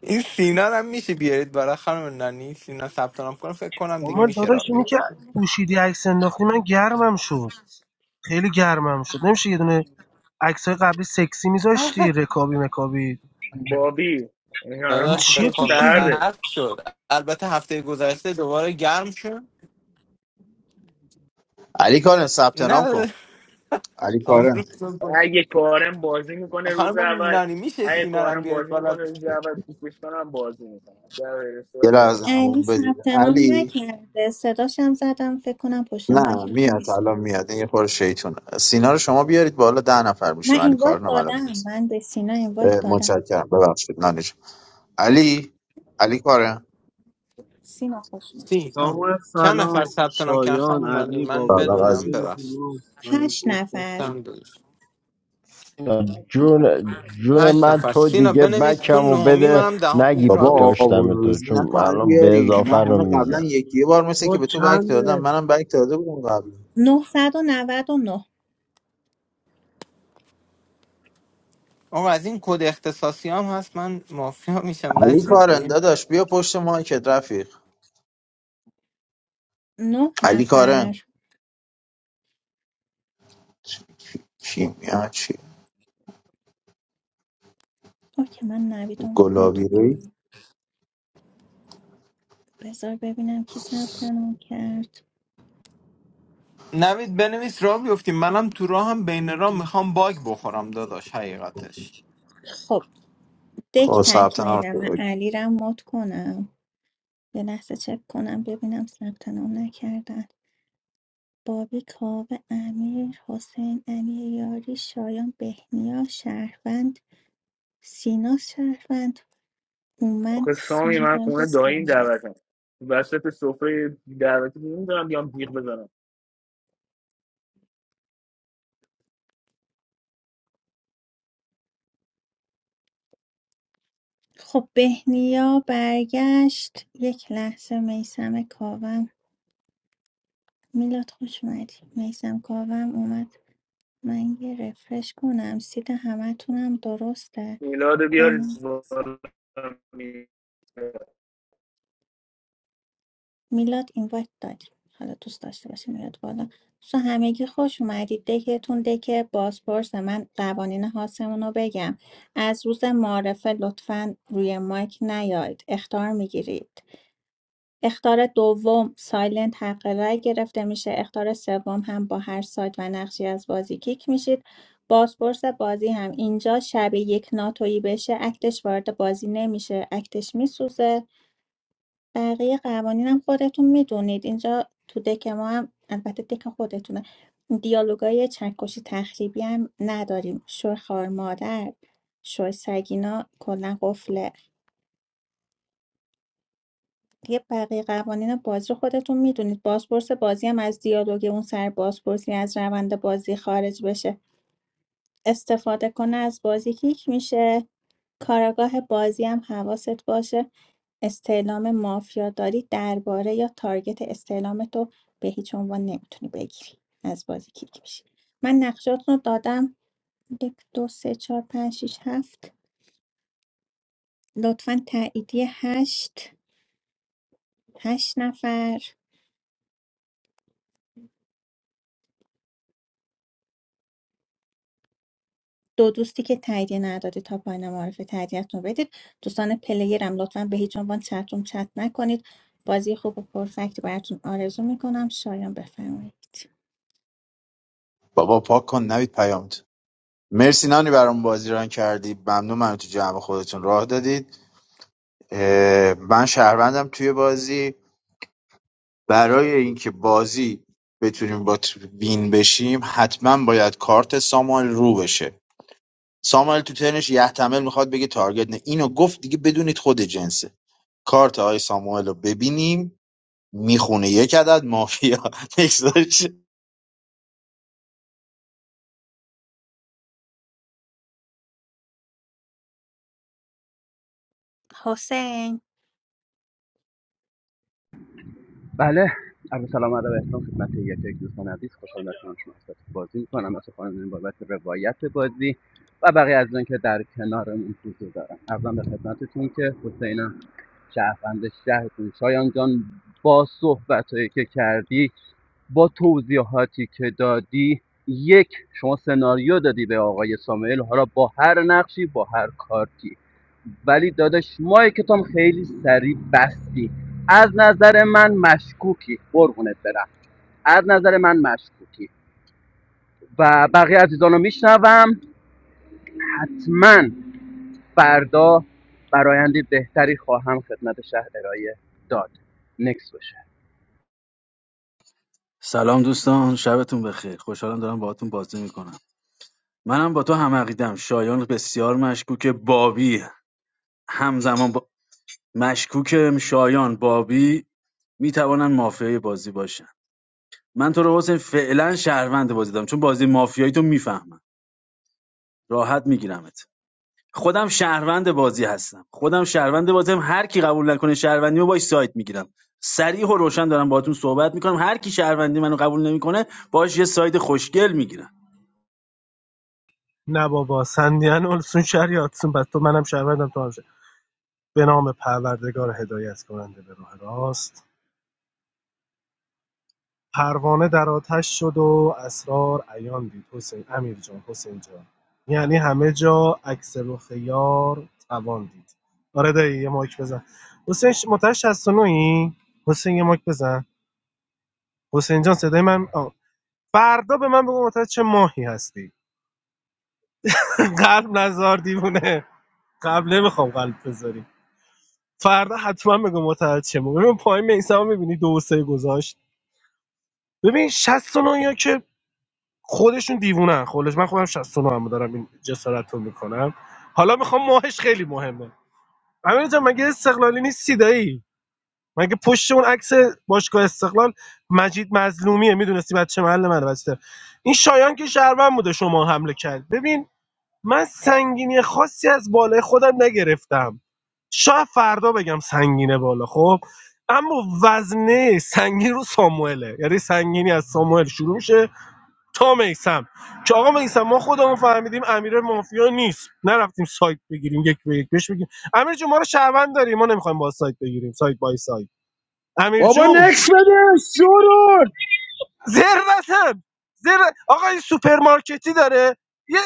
[SPEAKER 11] این سینا رو هم میشه بیارید برای خانم نانی سینا ثبت نام کنم فکر کنم دیگه
[SPEAKER 6] ساموئل
[SPEAKER 11] میشه
[SPEAKER 6] داداش
[SPEAKER 11] را
[SPEAKER 6] اینی
[SPEAKER 11] بیاد
[SPEAKER 6] که پوشیدی عکس انداختی من گرمم شد خیلی گرمم شد نمیشه یه دونه عکسای قبلی سکسی میذاشتی رکابی مکابی
[SPEAKER 10] بابی این الان
[SPEAKER 6] این
[SPEAKER 11] داداش
[SPEAKER 10] پیش
[SPEAKER 11] به
[SPEAKER 10] تو
[SPEAKER 6] چیه
[SPEAKER 11] خدا
[SPEAKER 6] پوشیدی
[SPEAKER 10] سرده
[SPEAKER 11] سرد شد البته هفته گذشته دوباره گرم شد
[SPEAKER 3] علی کارن ثبت نام کن
[SPEAKER 11] نه
[SPEAKER 3] علی کارن
[SPEAKER 11] آمروز
[SPEAKER 10] اگه کارم بازی میکنه روز
[SPEAKER 11] خانم
[SPEAKER 10] اول
[SPEAKER 11] نانی میشه
[SPEAKER 10] اگه
[SPEAKER 11] سینا رو هم
[SPEAKER 10] کارم
[SPEAKER 11] بیارید
[SPEAKER 10] بازی
[SPEAKER 11] بالا
[SPEAKER 10] میکنه روز اول پیشش کنم بازی میکنم در غیر
[SPEAKER 3] یه
[SPEAKER 10] صورت بازی.
[SPEAKER 3] لحظه
[SPEAKER 2] علی
[SPEAKER 3] همون بدید
[SPEAKER 2] ثبت نام
[SPEAKER 3] علی
[SPEAKER 2] نکرده صداش هم زدم فکر کنم پشت
[SPEAKER 3] نه
[SPEAKER 2] مایکتون
[SPEAKER 3] میاد
[SPEAKER 2] نیست
[SPEAKER 3] الان میاد این یه خورده شیطونه سینا رو شما بیارید بالا ده نفر
[SPEAKER 2] من
[SPEAKER 3] میشیم علی
[SPEAKER 2] اینوایت
[SPEAKER 3] کارن هم الان
[SPEAKER 2] دادم
[SPEAKER 3] میاد
[SPEAKER 2] من به سینا اینوایت
[SPEAKER 3] اه،
[SPEAKER 2] دادم
[SPEAKER 3] متشکرم ببخشید نانیش علی علی کارن
[SPEAKER 2] سینا خوش اومد
[SPEAKER 11] سی آه.
[SPEAKER 14] ساموئل
[SPEAKER 11] چند نفر
[SPEAKER 14] سلام
[SPEAKER 11] ثبت نام کردن
[SPEAKER 14] شایان
[SPEAKER 11] خانم نانی
[SPEAKER 14] علی
[SPEAKER 11] من
[SPEAKER 14] بابی
[SPEAKER 3] سلام
[SPEAKER 11] بدونم
[SPEAKER 14] چطوری
[SPEAKER 3] عزیزم
[SPEAKER 14] خوبی
[SPEAKER 11] ببخشید
[SPEAKER 14] من
[SPEAKER 2] هشت نفر
[SPEAKER 14] مخلصم
[SPEAKER 11] سم دادش.
[SPEAKER 13] جون جون
[SPEAKER 11] هشت
[SPEAKER 13] من
[SPEAKER 11] نفر
[SPEAKER 13] تو
[SPEAKER 11] سینا
[SPEAKER 13] دیگه
[SPEAKER 11] بنویس تو
[SPEAKER 13] بکمو
[SPEAKER 11] نهمی
[SPEAKER 13] بده
[SPEAKER 11] منم دهمی
[SPEAKER 13] نگی
[SPEAKER 11] را
[SPEAKER 3] بابا
[SPEAKER 11] بیفتیم
[SPEAKER 3] آبون
[SPEAKER 13] داشتم
[SPEAKER 11] بریم
[SPEAKER 13] تو
[SPEAKER 3] روزی
[SPEAKER 13] چون
[SPEAKER 3] نکن علی
[SPEAKER 13] الان به
[SPEAKER 3] یاری
[SPEAKER 13] اضافه
[SPEAKER 3] نه
[SPEAKER 13] رو
[SPEAKER 3] همه قبلا
[SPEAKER 13] میزن
[SPEAKER 3] یکی یه بار مثل که
[SPEAKER 14] خود
[SPEAKER 3] به تو بک دادم
[SPEAKER 14] چنده
[SPEAKER 3] منم بک داده بودم قبلا
[SPEAKER 2] 999
[SPEAKER 11] آقا از این کد اختصاصی هم هست من مافیا میشم
[SPEAKER 3] علی
[SPEAKER 11] بچه
[SPEAKER 3] کارن
[SPEAKER 11] دیگه
[SPEAKER 3] داداش بیا پشت مایکت رفیق
[SPEAKER 2] نه نه
[SPEAKER 3] علی کارن
[SPEAKER 2] نفر
[SPEAKER 3] کیمیا چی
[SPEAKER 2] اوکی من نویدم نوت
[SPEAKER 3] گلابی روی
[SPEAKER 2] کنم بذار ببینم کی ثبت نام کرد
[SPEAKER 11] نوید بنویس را بیفتیم منم تو راه هم بین راه میخوام باگ بخورم داداش حقیقتش
[SPEAKER 2] خب دک
[SPEAKER 3] خب ثبت نام
[SPEAKER 2] تکمیلم من
[SPEAKER 3] شد.
[SPEAKER 2] علی رم مات کنم یه لحظه چک کنم ببینم ثبت نام نکردن بابی کاوه امیر حسین علی یاری شایان بهنیا شهروند سینا شهروند اومد
[SPEAKER 10] آخه سامی من
[SPEAKER 2] سهرگ
[SPEAKER 10] خونه داییم
[SPEAKER 2] سامال
[SPEAKER 10] دعوتم وسط سفره دعوتی نمیدونم بیام بیغ بزنم
[SPEAKER 2] خب بهنیا برگشت یک لحظه میسم کاوم میلاد خوش اومدی میسم کاوم اومد من یه رفرش کنم سید همه تونم درسته
[SPEAKER 10] میلاد بیارید
[SPEAKER 2] همین
[SPEAKER 10] بالا.
[SPEAKER 2] میلاد اینوایت دادی حالا دوست داشته باشی میلاد بالا دوستان همگی خوش اومدید دکتون دک بازپرس من قوانین هاستمون رو بگم از روز معارفه لطفا روی مایک نیاید اختار میگیرید اخطار دوم سایلنت حق رای گرفته میشه اخطار سوم هم با هر سایت و نقشی از بازی کیک میشید بازپرس بازی هم اینجا شب یک ناتویی بشه اکتش وارد بازی نمیشه اکتش میسوزه بقیه قوانین هم خودتون میدونید اینجا تو دک ما هم البته دک خودتونه دیالوگای چکشی تخریبی هم نداریم شوی خار مادر شوی سگینا کلا قفله دیگه بقیه قوانین بازی رو خودتون میدونید بازپرس بازی هم از دیالوگ اون سر بازپرسی از روند بازی خارج بشه استفاده کنه از بازی کیک میشه کاراگاه بازی هم حواست باشه استعلام مافیا داری درباره یا تارگت استعلام تو به هیچ عنوان نمیتونی بگیری از بازی کیک میشه من نقشاتون رو دادم یک دو سه چهار پنج شیش هفت لطفا تاییدیه هشت هشت نفر دو دوستی که تاییدیه نداده تا پایان معرفه تاییدیتون رو بدید دوستان پلیرم لطفا به هیچ عنوان چتروم چت نکنید بازی خوب و پرفکتی براتون آرزو میکنم شایان بفرمایید
[SPEAKER 3] بابا پاک کن نوید پیامت مرسی نانی برام بازی ران کردی ممنون من تو جمع خودتون راه دادید اه، من شهروندم توی بازی برای اینکه بازی بتونیم با ت- وین بشیم حتما باید کارت ساموئل رو بشه ساموئل تو ترنش یحتمل میخواد بگه تارگت نه اینو گفت دیگه بدونید خود جنسه کارت آقای ساموئل رو ببینیم میخونه یک عدد مافیا نکساش
[SPEAKER 2] حسین
[SPEAKER 15] بله عرض سلام ادب احترام خدمت یک یک دوستان عزیز خوشحال در کنار شما خدمت بازی میکنم از خانم بابت روایت بازی و بقیه از اون که در کنارمون حضور دارم ارزم به خدمتتون که حسینم شهروند شهرتون شایان جان با صحبت که کردی با توضیحاتی که دادی یک شما سناریو دادی به آقای ساموئل حالا با هر نقشی با هر کارتی ولی داداش مایک تو خیلی سریع بستی از نظر من مشکوکی قربونت برم از نظر من مشکوکی و بقیه عزیزان رو میشنوم حتما فردا برایندی بهتری خواهم خدمت شهر ارائه داد نکس باشه
[SPEAKER 5] سلام دوستان شبتون بخیر خوشحالم دارم باهاتون بازی میکنم منم با تو هم عقیدم شایان بسیار مشکوک بابی همزمان با مشکوک شایان بابی میتوانن مافیای بازی باشن من تو رو حسین فعلا شهروند بازی دارم چون بازی مافیایی تو میفهمم راحت میگیرمت خودم شهروند بازی هستم خودم شهروند بازی هم هر کی قبول نکنه شهروندی رو باش سایت میگیرم صریح و روشن دارم باهاتون صحبت میکنم هر کی شهروندی منو قبول نمیکنه باش یه سایت خوشگل میگیرم
[SPEAKER 6] نه بابا سندیان اولسون شریعتسون پس تو منم شهروندم تو هم شهر. به نام پروردگار هدایت کننده به راه راست پروانه در آتش شد و اسرار عیان دید حسین امیر جان حسین جان یعنی همه جا عکس رخ یار توان دید آره دایی یه مایک بزن حسین ش- متولد 69 ای حسین یه مایک بزن حسین جان صدای من آه. فردا به من بگو متولد چه ماهی هستی قلب نزار دیوونه قبل نمیخوام قلب بذاری فردا حتما بگو متعهد چه موقع ببین پایین میسم میبینی دو و سه گذاشت ببین 69 یا که خودشون دیوونن خودش من خودم 69 هم دارم این جسارت رو میکنم حالا میخوام ماهش خیلی مهمه امیر جان مگه استقلالی نیستی دایی مگه پشت اون عکس باشگاه استقلال مجید مظلومیه میدونستی بچه محل من بسته این شایان که شهروند بوده شما حمله کرد ببین من سنگینی خاصی از بالای خودم نگرفتم شاید فردا بگم سنگینه بالا خب اما وزنه سنگین رو ساموئله یعنی سنگینی از ساموئل شروع میشه تا میسم که آقا میسم ما خودمون فهمیدیم امیر مافیا نیست نرفتیم سایت بگیریم یک به یک بهش بگیم امیر جون ما رو شهروند داریم ما نمیخوایم با سایت بگیریم سایت بای سایت امیر
[SPEAKER 14] بابا
[SPEAKER 6] جون
[SPEAKER 14] نکس بده شورون
[SPEAKER 6] ذروتم ذر... آقا این سوپرمارکتی داره یه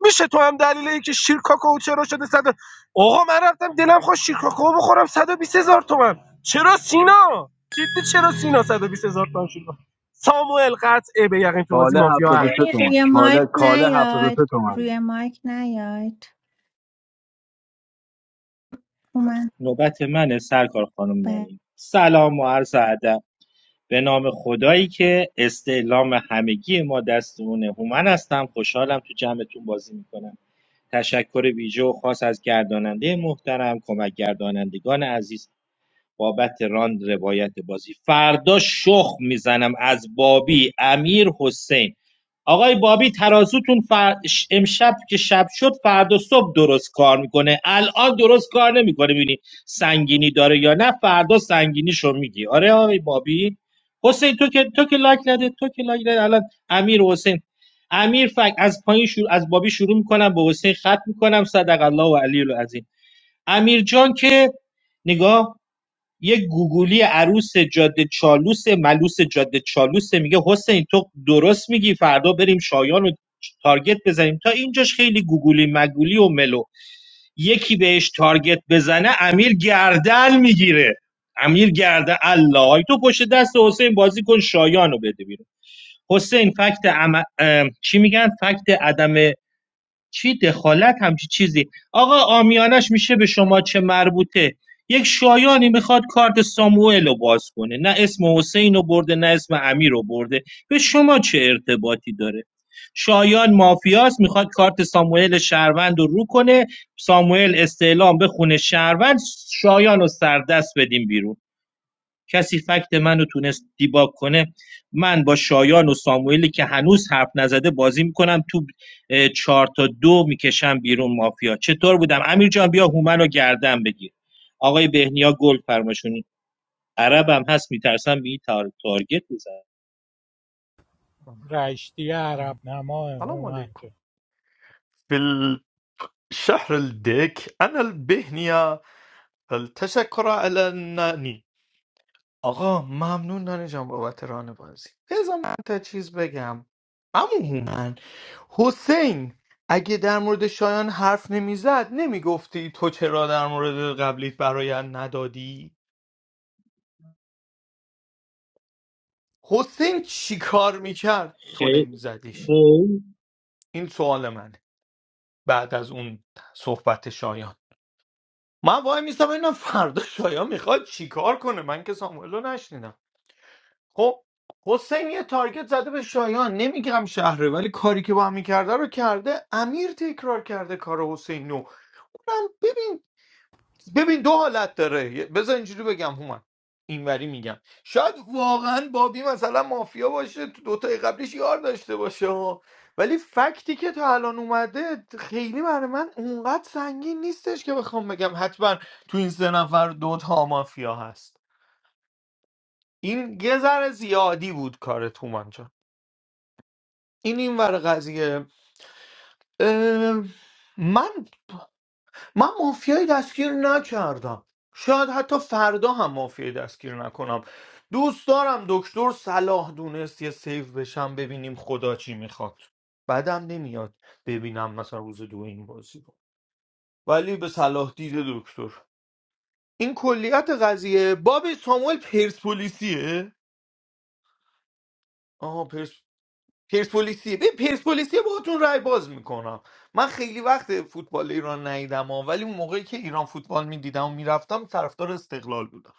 [SPEAKER 6] میشه تو هم دلیل اینکه شیرکاکو چرا شده صد و- آقا من رفتم دلم خواست شیرکاکو بخورم 120 هزار تومن چرا سینا جدی چرا سینا 120 هزار تومن شیرکاکو ساموئل قطعه به یقین تو بازی
[SPEAKER 5] کاله
[SPEAKER 6] مافیا هست
[SPEAKER 5] 73
[SPEAKER 2] امیر
[SPEAKER 5] تومن
[SPEAKER 2] روی
[SPEAKER 5] کاله
[SPEAKER 2] مایک
[SPEAKER 5] کاله 73
[SPEAKER 2] نیاید
[SPEAKER 5] تومن
[SPEAKER 2] روی مایک نیاید اومد
[SPEAKER 7] نوبت منه سرکار خانم
[SPEAKER 2] بله
[SPEAKER 7] نانی سلام و عرض ادب به نام خدایی که استعلام همگی ما دست اونه هومن هستم خوشحالم تو جمعتون بازی میکنم تشکر ویژه و خاص از گرداننده محترم کمک گردانندگان عزیز بابت راند روایت بازی فردا شخ میزنم از بابی امیر حسین آقای بابی ترازوتون فر... امشب که شب شد فردا صبح درست کار میکنه الان درست کار نمیکنه ببینی سنگینی داره یا نه فردا سنگینیشو میگی آره آقای بابی حسین تو که تو که لایک نده تو که لایک نده الان امیر و حسین امیر فک از پایین شروع از بابی شروع میکنم به حسین خط میکنم صدق الله و علی العظیم امیر جان که نگاه یک گوگلی عروس جاده چالوس ملوس جاده چالوس میگه حسین تو درست میگی فردا بریم شایان رو تارگت بزنیم تا اینجاش خیلی گوگلی مگولی و ملو یکی بهش تارگت بزنه امیر گردن میگیره امیر گردن الله ای تو پشت دست حسین بازی کن شایان رو بده بیرون حسین فکت ام اه، چی میگن فکت عدم چی دخالت همچی چیزی آقا آمیانش میشه به شما چه مربوطه یک شایانی میخواد کارت ساموئل رو باز کنه نه اسم حسین رو برده نه اسم امیر رو برده به شما چه ارتباطی داره شایان مافیاست میخواد کارت ساموئل شهروند رو رو کنه ساموئل استعلام به خونه شهروند شایان رو سردست بدیم بیرون کسی فکت منو تونست دیباگ کنه من با شایان و ساموئلی که هنوز حرف نزده بازی میکنم تو اه، چهار تا دو میکشم بیرون مافیا چطور بودم امیر جان بیا هومن رو گردن بگیر آقای بهنیا گل فرماشونی عربم هست میترسم به این تار... تارگت بزن
[SPEAKER 12] رشتی عرب نما
[SPEAKER 9] سلام
[SPEAKER 12] هومن که
[SPEAKER 9] عليكم في الشهر الديك أنا البهنية التشكر على الناني آقا ممنون نانی جان بابت ران بازی بذار من تا چیز بگم اما هومن حسین اگه در مورد شایان حرف نمیزد نمیگفتی تو چرا در مورد قبلیت برایت ندادی حسین چی کار میکرد تو
[SPEAKER 7] خیلی
[SPEAKER 9] نمیزدیش
[SPEAKER 7] خوب.
[SPEAKER 9] این سوال منه بعد از اون صحبت شایان من وای میستم ببینم فردا شایان میخواد چیکار کنه من که ساموئل رو نشنیدم خب حسین یه تارگت زده به شایان نمیگم شهره ولی کاری که با هم میکرده رو کرده امیر تکرار کرده کار حسینو اونم ببین ببین دو حالت داره یه- بذار اینجوری بگم هومن اینوری میگم شاید واقعا بابی مثلا مافیا باشه تو دوتای قبلیش یار داشته باشه ها. ولی فکتی که تا الان اومده خیلی برای من اونقدر سنگین نیستش که بخوام بگم حتما تو این سه نفر دوتا مافیا هست این یه ذره زیادی بود کارت هومن جان. این این ور قضیه اه، من من مافیای دستگیر نکردم شاید حتی فردا هم مافیای دستگیر نکنم دوست دارم دکتر صلاح دونست یه سیف بشم ببینیم خدا چی میخواد بعدم نمیاد ببینم مثلا روز دو این بازی رو ولی به صلاح دید دکتر این کلیت قضیه باب ساموئل پرسپولیسیه آها پرسپولیسی به پرسپولیسی باهاتون رای باز میکنم من خیلی وقت فوتبال ایران ندیدم ها، ولی اون موقعی که ایران فوتبال میدیدم و میرفتم طرفدار استقلال بودم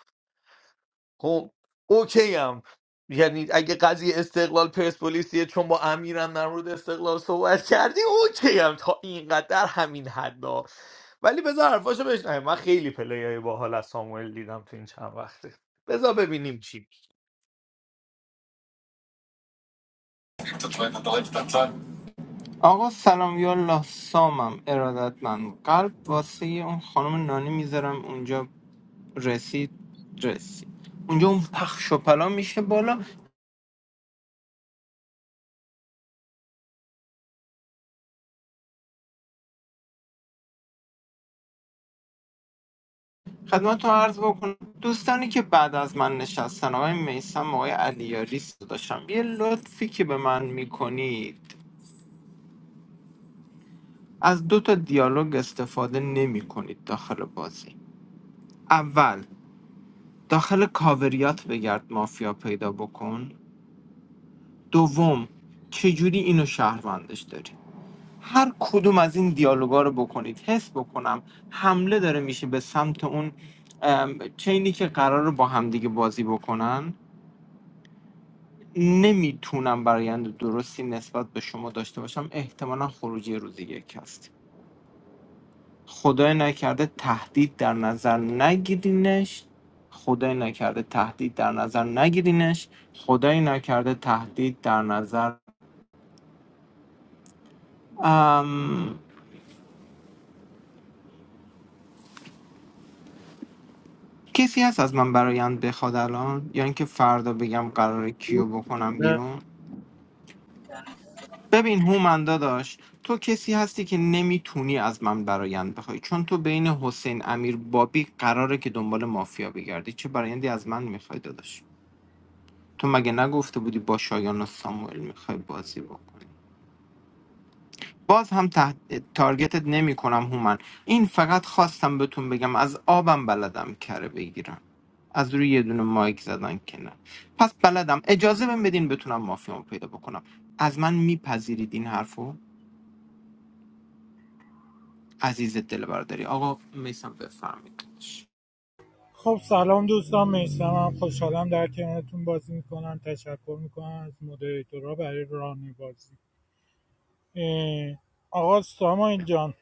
[SPEAKER 9] خب اوکی هم یعنی اگه قضیه استقلال پرسپولیسیه چون با امیرم در مورد استقلال صحبت کردی اوکی هم تا اینقدر در همین حد ها. ولی بذار حرفاشو بشنویم من خیلی پلیای باحال از ساموئل دیدم تو این چند وقته بذار ببینیم چی
[SPEAKER 11] آقا سلام یالله سامم ارادت من قلب واسه اون خانم نانی میذارم اونجا رسید رسید اونجا اون پخش و پلا میشه بالا خدمتتون عرض بکنم دوستانی که بعد از من نشستن آقای میسم آقای علیاری داشتم یه لطفی که به من میکنید از دو تا دیالوگ استفاده نمی کنید داخل بازی اول داخل کاوریات بگرد مافیا پیدا بکن دوم چجوری اینو شهروندش داری هر کدوم از این دیالوگا رو بکنید حس بکنم حمله داره میشه به سمت اون ام، چینی که قرار با همدیگه بازی بکنن نمیتونم برایند درستی نسبت به شما داشته باشم احتمالا خروجی روز یک هست خدای نکرده تهدید در نظر نگیرینش خدای نکرده تهدید در نظر نگیرینش خدای نکرده تهدید در نظر ام، کسی هست از من برایند بخواد الان یا اینکه فردا بگم قراره کیو بکنم
[SPEAKER 6] نه.
[SPEAKER 11] بیرون ببین هومن داداش تو کسی هستی که نمیتونی از من برایند بخوای چون تو بین حسین امیر بابی قراره که دنبال مافیا بگردی چه برایندی از من میخوای داداش تو مگه نگفته بودی با شایان و ساموئل میخوای بازی بکنی باز هم تحت... تارگتت نمی کنم هومن این فقط خواستم بهتون بگم از آبم بلدم کره بگیرم از روی یه دونه مایک زدن که نه پس بلدم اجازه بهم بدین بتونم مافیامو پیدا بکنم از من میپذیرید این حرفو عزیز دل برداری آقا میسم بفرمید
[SPEAKER 12] خب سلام دوستان میستم من خوشحالم در کنارتون بازی میکنم تشکر میکنم از مدیریتورا برای رانی بازی اه، آقا سامایل جان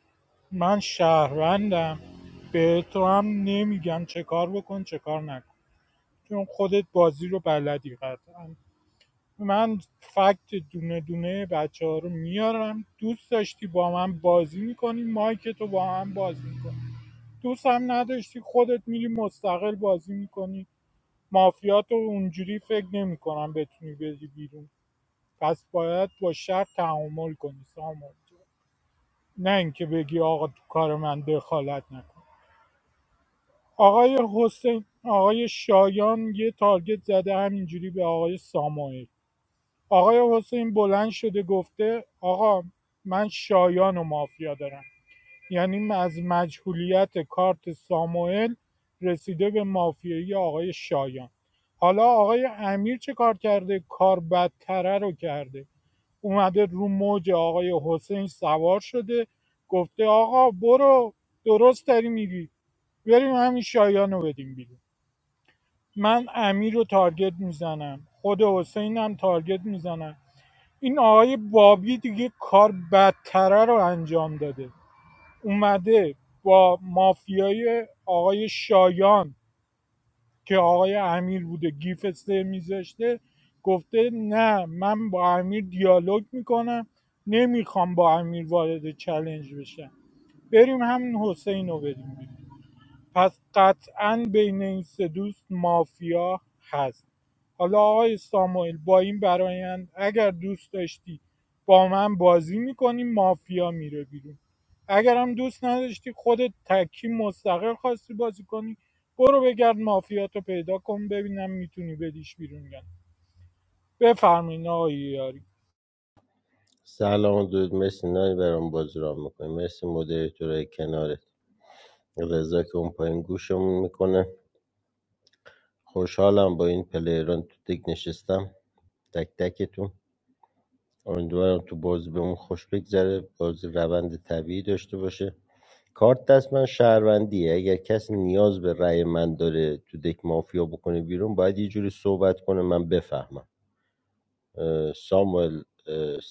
[SPEAKER 12] من شهروندم به تو هم نمیگم چه کار بکن چه کار نکن چون خودت بازی رو بلدی قطعا من فکت دونه دونه بچه ها رو میارم دوست داشتی با من بازی میکنی مایک تو با من بازی میکنی دوست هم نداشتی خودت میری مستقل بازی میکنی مافیات رو اونجوری فکر نمیکنم بتونی بدی بیرون پس باید با شر تعامل کنی سامان نه اینکه بگی آقا تو کار من دخالت نکن آقای حسین آقای شایان یه تارگت زده همینجوری به آقای سامایل آقای حسین بلند شده گفته آقا من شایان و مافیا دارم یعنی از مجهولیت کارت ساموئل رسیده به مافیایی آقای شایان حالا آقای امیر چه کار کرده کار بدتره رو کرده اومده رو موج آقای حسین سوار شده گفته آقا برو درست داری میگی بریم همین شایان رو بدیم بیرون من امیر رو تارگت میزنم خود حسین هم تارگت میزنم این آقای بابی دیگه کار بدتره رو انجام داده اومده با مافیای آقای شایان که آقای امیر بوده گیف سه میذاشته گفته نه من با امیر دیالوگ میکنم نمیخوام با امیر وارد چلنج بشم بریم همین حسین رو بریم پس قطعا بین این سه دوست مافیا هست حالا آقای ساموئل با این برایند اگر دوست داشتی با من بازی میکنی مافیا میره بیرون اگر هم دوست نداشتی خودت تکی مستقل خواستی بازی کنی برو بگرد مافیاتو پیدا کن ببینم میتونی بدیش بیرون یا نه بفرمایین آقای یاری
[SPEAKER 13] سلام دود مرسی نانی برام بازی را میکنی مرسی مدیر تو کنارت رضا که اون پایین گوشمون میکنه خوشحالم با این پلیران تو دک نشستم تک تکتون امیدوارم تو بازی به اون خوش بگذره بازی روند طبیعی داشته باشه کارت دست من شهروندیه اگر کسی نیاز به رأی من داره تو دک مافیا بکنه بیرون باید یه جوری صحبت کنه من بفهمم اه، ساموئل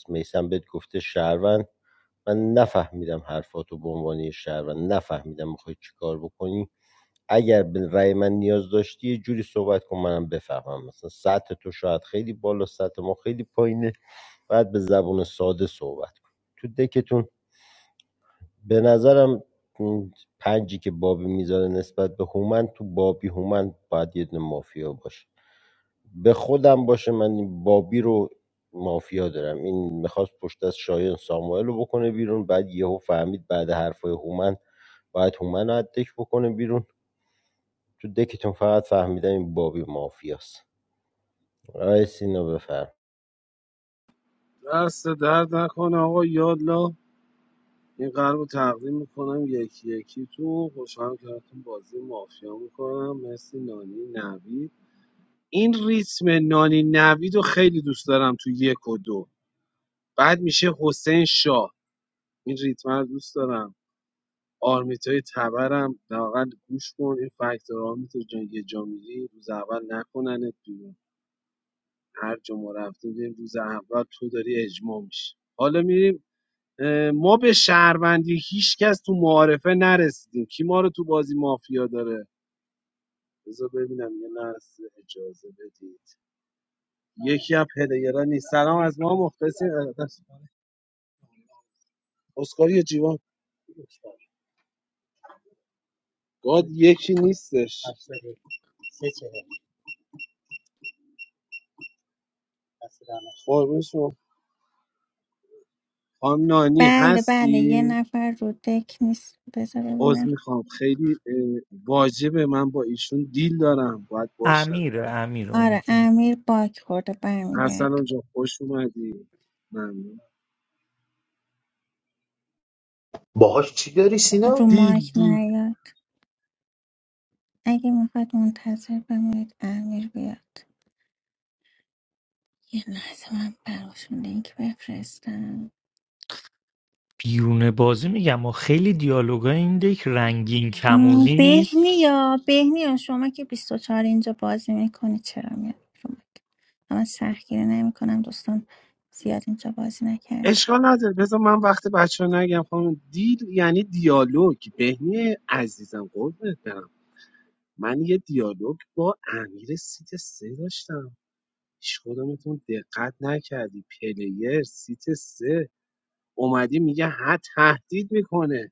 [SPEAKER 13] میسم بهت گفته شهروند من نفهمیدم حرفاتو به عنوان یه شهروند نفهمیدم میخوای چیکار بکنی اگر به رأی من نیاز داشتی یه جوری صحبت کن منم بفهمم مثلا سطح تو شاید خیلی بالا سطح ما خیلی پایینه باید به زبون ساده صحبت کن تو دکتون به نظرم اون پنجی که بابی میذاره نسبت به هومن تو بابی هومن باید یه دونه مافیا باشه به خودم باشه من این بابی رو مافیا دارم این میخواست پشت از شایان ساموئل رو بکنه بیرون بعد یهو فهمید بعد حرفای هومن باید هومن رو از دک بکنه بیرون تو دکتون فقط فهمیدم این بابی مافیاست آقای سینا بفرم
[SPEAKER 14] دست درد نکنه آقا یالا این قلب رو تقدیم میکنم یکی یکی تو خوشحال کردتون بازی مافیا میکنم مرسی نانی نوید این ریتم نانی نوید رو خیلی دوست دارم تو یک و دو بعد میشه حسین شاه این ریتم رو دوست دارم آرمیتای تبرم لااقل گوش کن این فکتور آرمیتا جان یه جا میری روز اول نکننت بیرون هر جا ما رفتیم دیدیم روز اول تو داری اجماع میشی حالا میریم ما به شهروندی هیچکس تو معارفه نرسیدیم کی ما رو تو بازی مافیا داره بذار ببینم یه لحظه اجازه بدید یکی از پلیرا نیست سلام از ما مختصی اسکاری جیوان گاد یکی نیستش قربون شما. خانم نانی
[SPEAKER 2] بله بله یه
[SPEAKER 14] هستی
[SPEAKER 2] نفر رو دک نیست بذار
[SPEAKER 14] عذر
[SPEAKER 2] ببینم
[SPEAKER 14] میخوام خیلی اه، واجبه من با ایشون دیل دارم باید باشم
[SPEAKER 9] امیر امیر اونی
[SPEAKER 2] آره
[SPEAKER 9] که
[SPEAKER 2] امیر باک خورده برمیگرد
[SPEAKER 14] ارسلان جا خوش اومدی ممنون
[SPEAKER 3] باهاش چی داری
[SPEAKER 2] رو
[SPEAKER 3] سینا؟
[SPEAKER 14] دیل
[SPEAKER 2] مایک
[SPEAKER 14] دیل
[SPEAKER 2] نیاد اگه میخواد منتظر بمونید امیر بیاد یه لحظه من براشون لینک بفرستم
[SPEAKER 9] بیرون بازی میگم و خیلی دیالوگای این دک رنگین
[SPEAKER 2] م،
[SPEAKER 9] کمونی نیست
[SPEAKER 2] بهنیا بهنیا شما که بیست و چهار اینجا بازی میکنی چرا میاد رو مایک؟ من سختگیری نمیکنم دوستان زیاد اینجا بازی نکردم
[SPEAKER 14] اشکال نداره بذار من وقت بچه ها نگم خانم دیل یعنی دیالوگ بهنی عزیزم قربونت برم من یه دیالوگ با امیر سیت سه داشتم هیچ کدومتون دقت نکردی پلیر سیت سه اومدی میگه ها تهدید میکنه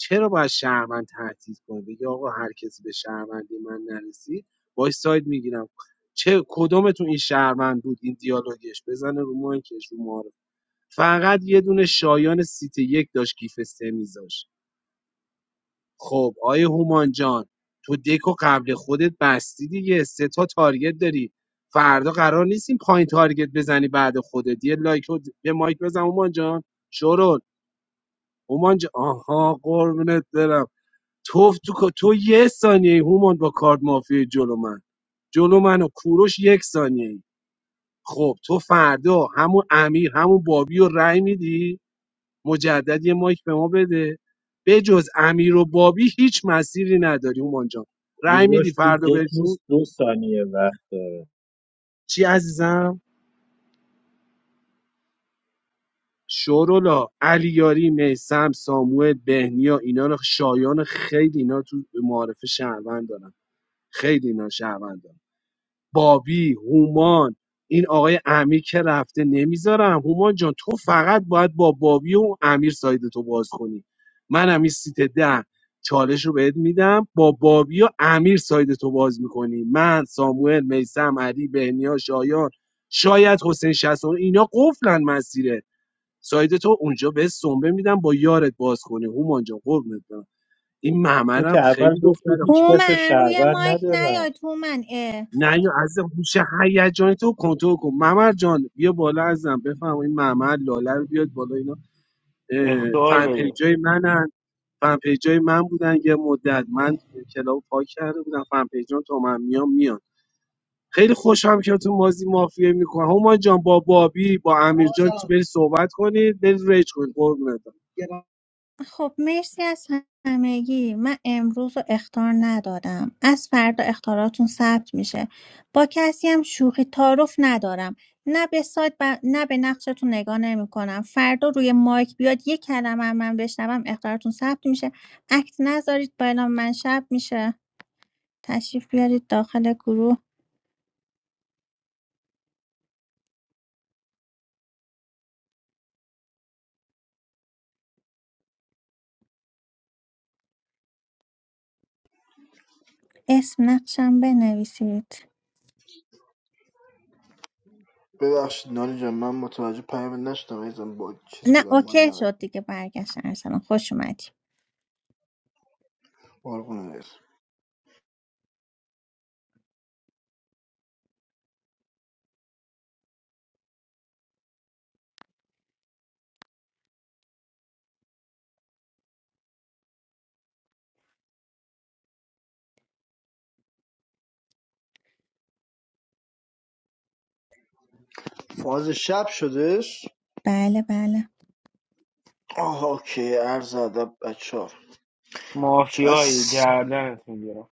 [SPEAKER 14] چرا باید شهروند تهدید کنه بگه آقا هر کسی به شهروندی من نرسید باش ساید میگیرم چه کدومتون این شهروند بود این دیالوگش بزنه رو مایکش رو ماره فقط یه دونه شایان سیت یک داشت کیف سه میذاشت خب آیه هومان جان تو دک قبل خودت بستی دیگه سه تا تارگت داری فردا قرار نیست این پایین تارگت بزنی بعد خودت یه لایک و د- یه مایک بزن هومان جان شورون هومان جان آها قربونت برم تو تو کا- تو یه ثانیه هومان با کارت مافیا جلو من جلو من و کوروش یک ثانیه خب تو فردا همون امیر همون بابی رو رأی میدی مجدد یه مایک به ما بده به جز امیر و بابی هیچ مسیری نداری هومان جان رأی میدی
[SPEAKER 7] کوروش تو
[SPEAKER 14] فردا
[SPEAKER 7] دک
[SPEAKER 14] بهشون
[SPEAKER 7] نیست دو ثانیه وقت داره
[SPEAKER 14] چی عزیزم شورولا علیاری میسم ساموئل بهنیا اینا رو شایان خیلی اینا تو معارف شهروند دارن خیلی اینا شهروند دارن. بابی هومان این آقای امیر که رفته نمیذارم هومان جان تو فقط باید با بابی و امیر ساید تو باز کنی منم این سیت ده چالش رو بهت میدم با بابی و امیر ساید تو باز میکنی من ساموئل میسم علی بهنیا شایان شاید حسین شستون اینا قفلن مسیره ساید تو اونجا به سنبه میدم با یارت باز کنی هومان جان قربونت برم. این
[SPEAKER 7] تو
[SPEAKER 14] ممرم
[SPEAKER 7] که اول
[SPEAKER 14] خیلی
[SPEAKER 7] گفتی
[SPEAKER 14] دختره
[SPEAKER 7] هیچ کس رو
[SPEAKER 2] هومن روی
[SPEAKER 7] شهروند
[SPEAKER 2] مایک
[SPEAKER 7] ندارم
[SPEAKER 2] نیاد هومن
[SPEAKER 14] نه یا عزیزم هوش هیجانی تو کنترل کن ممر جان بیا بالا عزیزم بفهم این ممر لاله رو بیاد بالا اینا اه،
[SPEAKER 10] اختار
[SPEAKER 14] فن
[SPEAKER 10] بده
[SPEAKER 14] پیجای منن فن پیجای من بودن یه مدت من کلاب پاک کرده بودم فن پیجان تو من میام میان خیلی خوشم که تو مازی مافیه میکنه هما جان با بابی با امیر جان تو بری صحبت کنید بری ریج کنید قربونت برم.
[SPEAKER 2] خب مرسی از همگی من امروز رو اختار ندادم از فردا اختاراتون ثبت میشه با کسی هم شوخی تعارف ندارم نه به سایت ب- نه به نقشتون نگاه نمیکنم فردا روی مایک بیاد یک کلمه هم من بشنوم اختاراتون ثبت میشه اکت نذارید با اعلام من شب میشه تشریف بیارید داخل گروه اسم نقشم بنویسید
[SPEAKER 16] ببخشید نانی جان من متوجه پیام نشدم عزیزم با چیز
[SPEAKER 2] نه
[SPEAKER 16] بودم با
[SPEAKER 2] اوکی
[SPEAKER 16] این
[SPEAKER 2] شد دیگه برگشتن ارسلان خوش اومدی
[SPEAKER 16] قربونت فاز شب شدش
[SPEAKER 2] بله بله
[SPEAKER 16] آه اوکی عرض ادب بچه ها. چقدر
[SPEAKER 10] مافیایی
[SPEAKER 16] سی-
[SPEAKER 10] گردنت میگیرم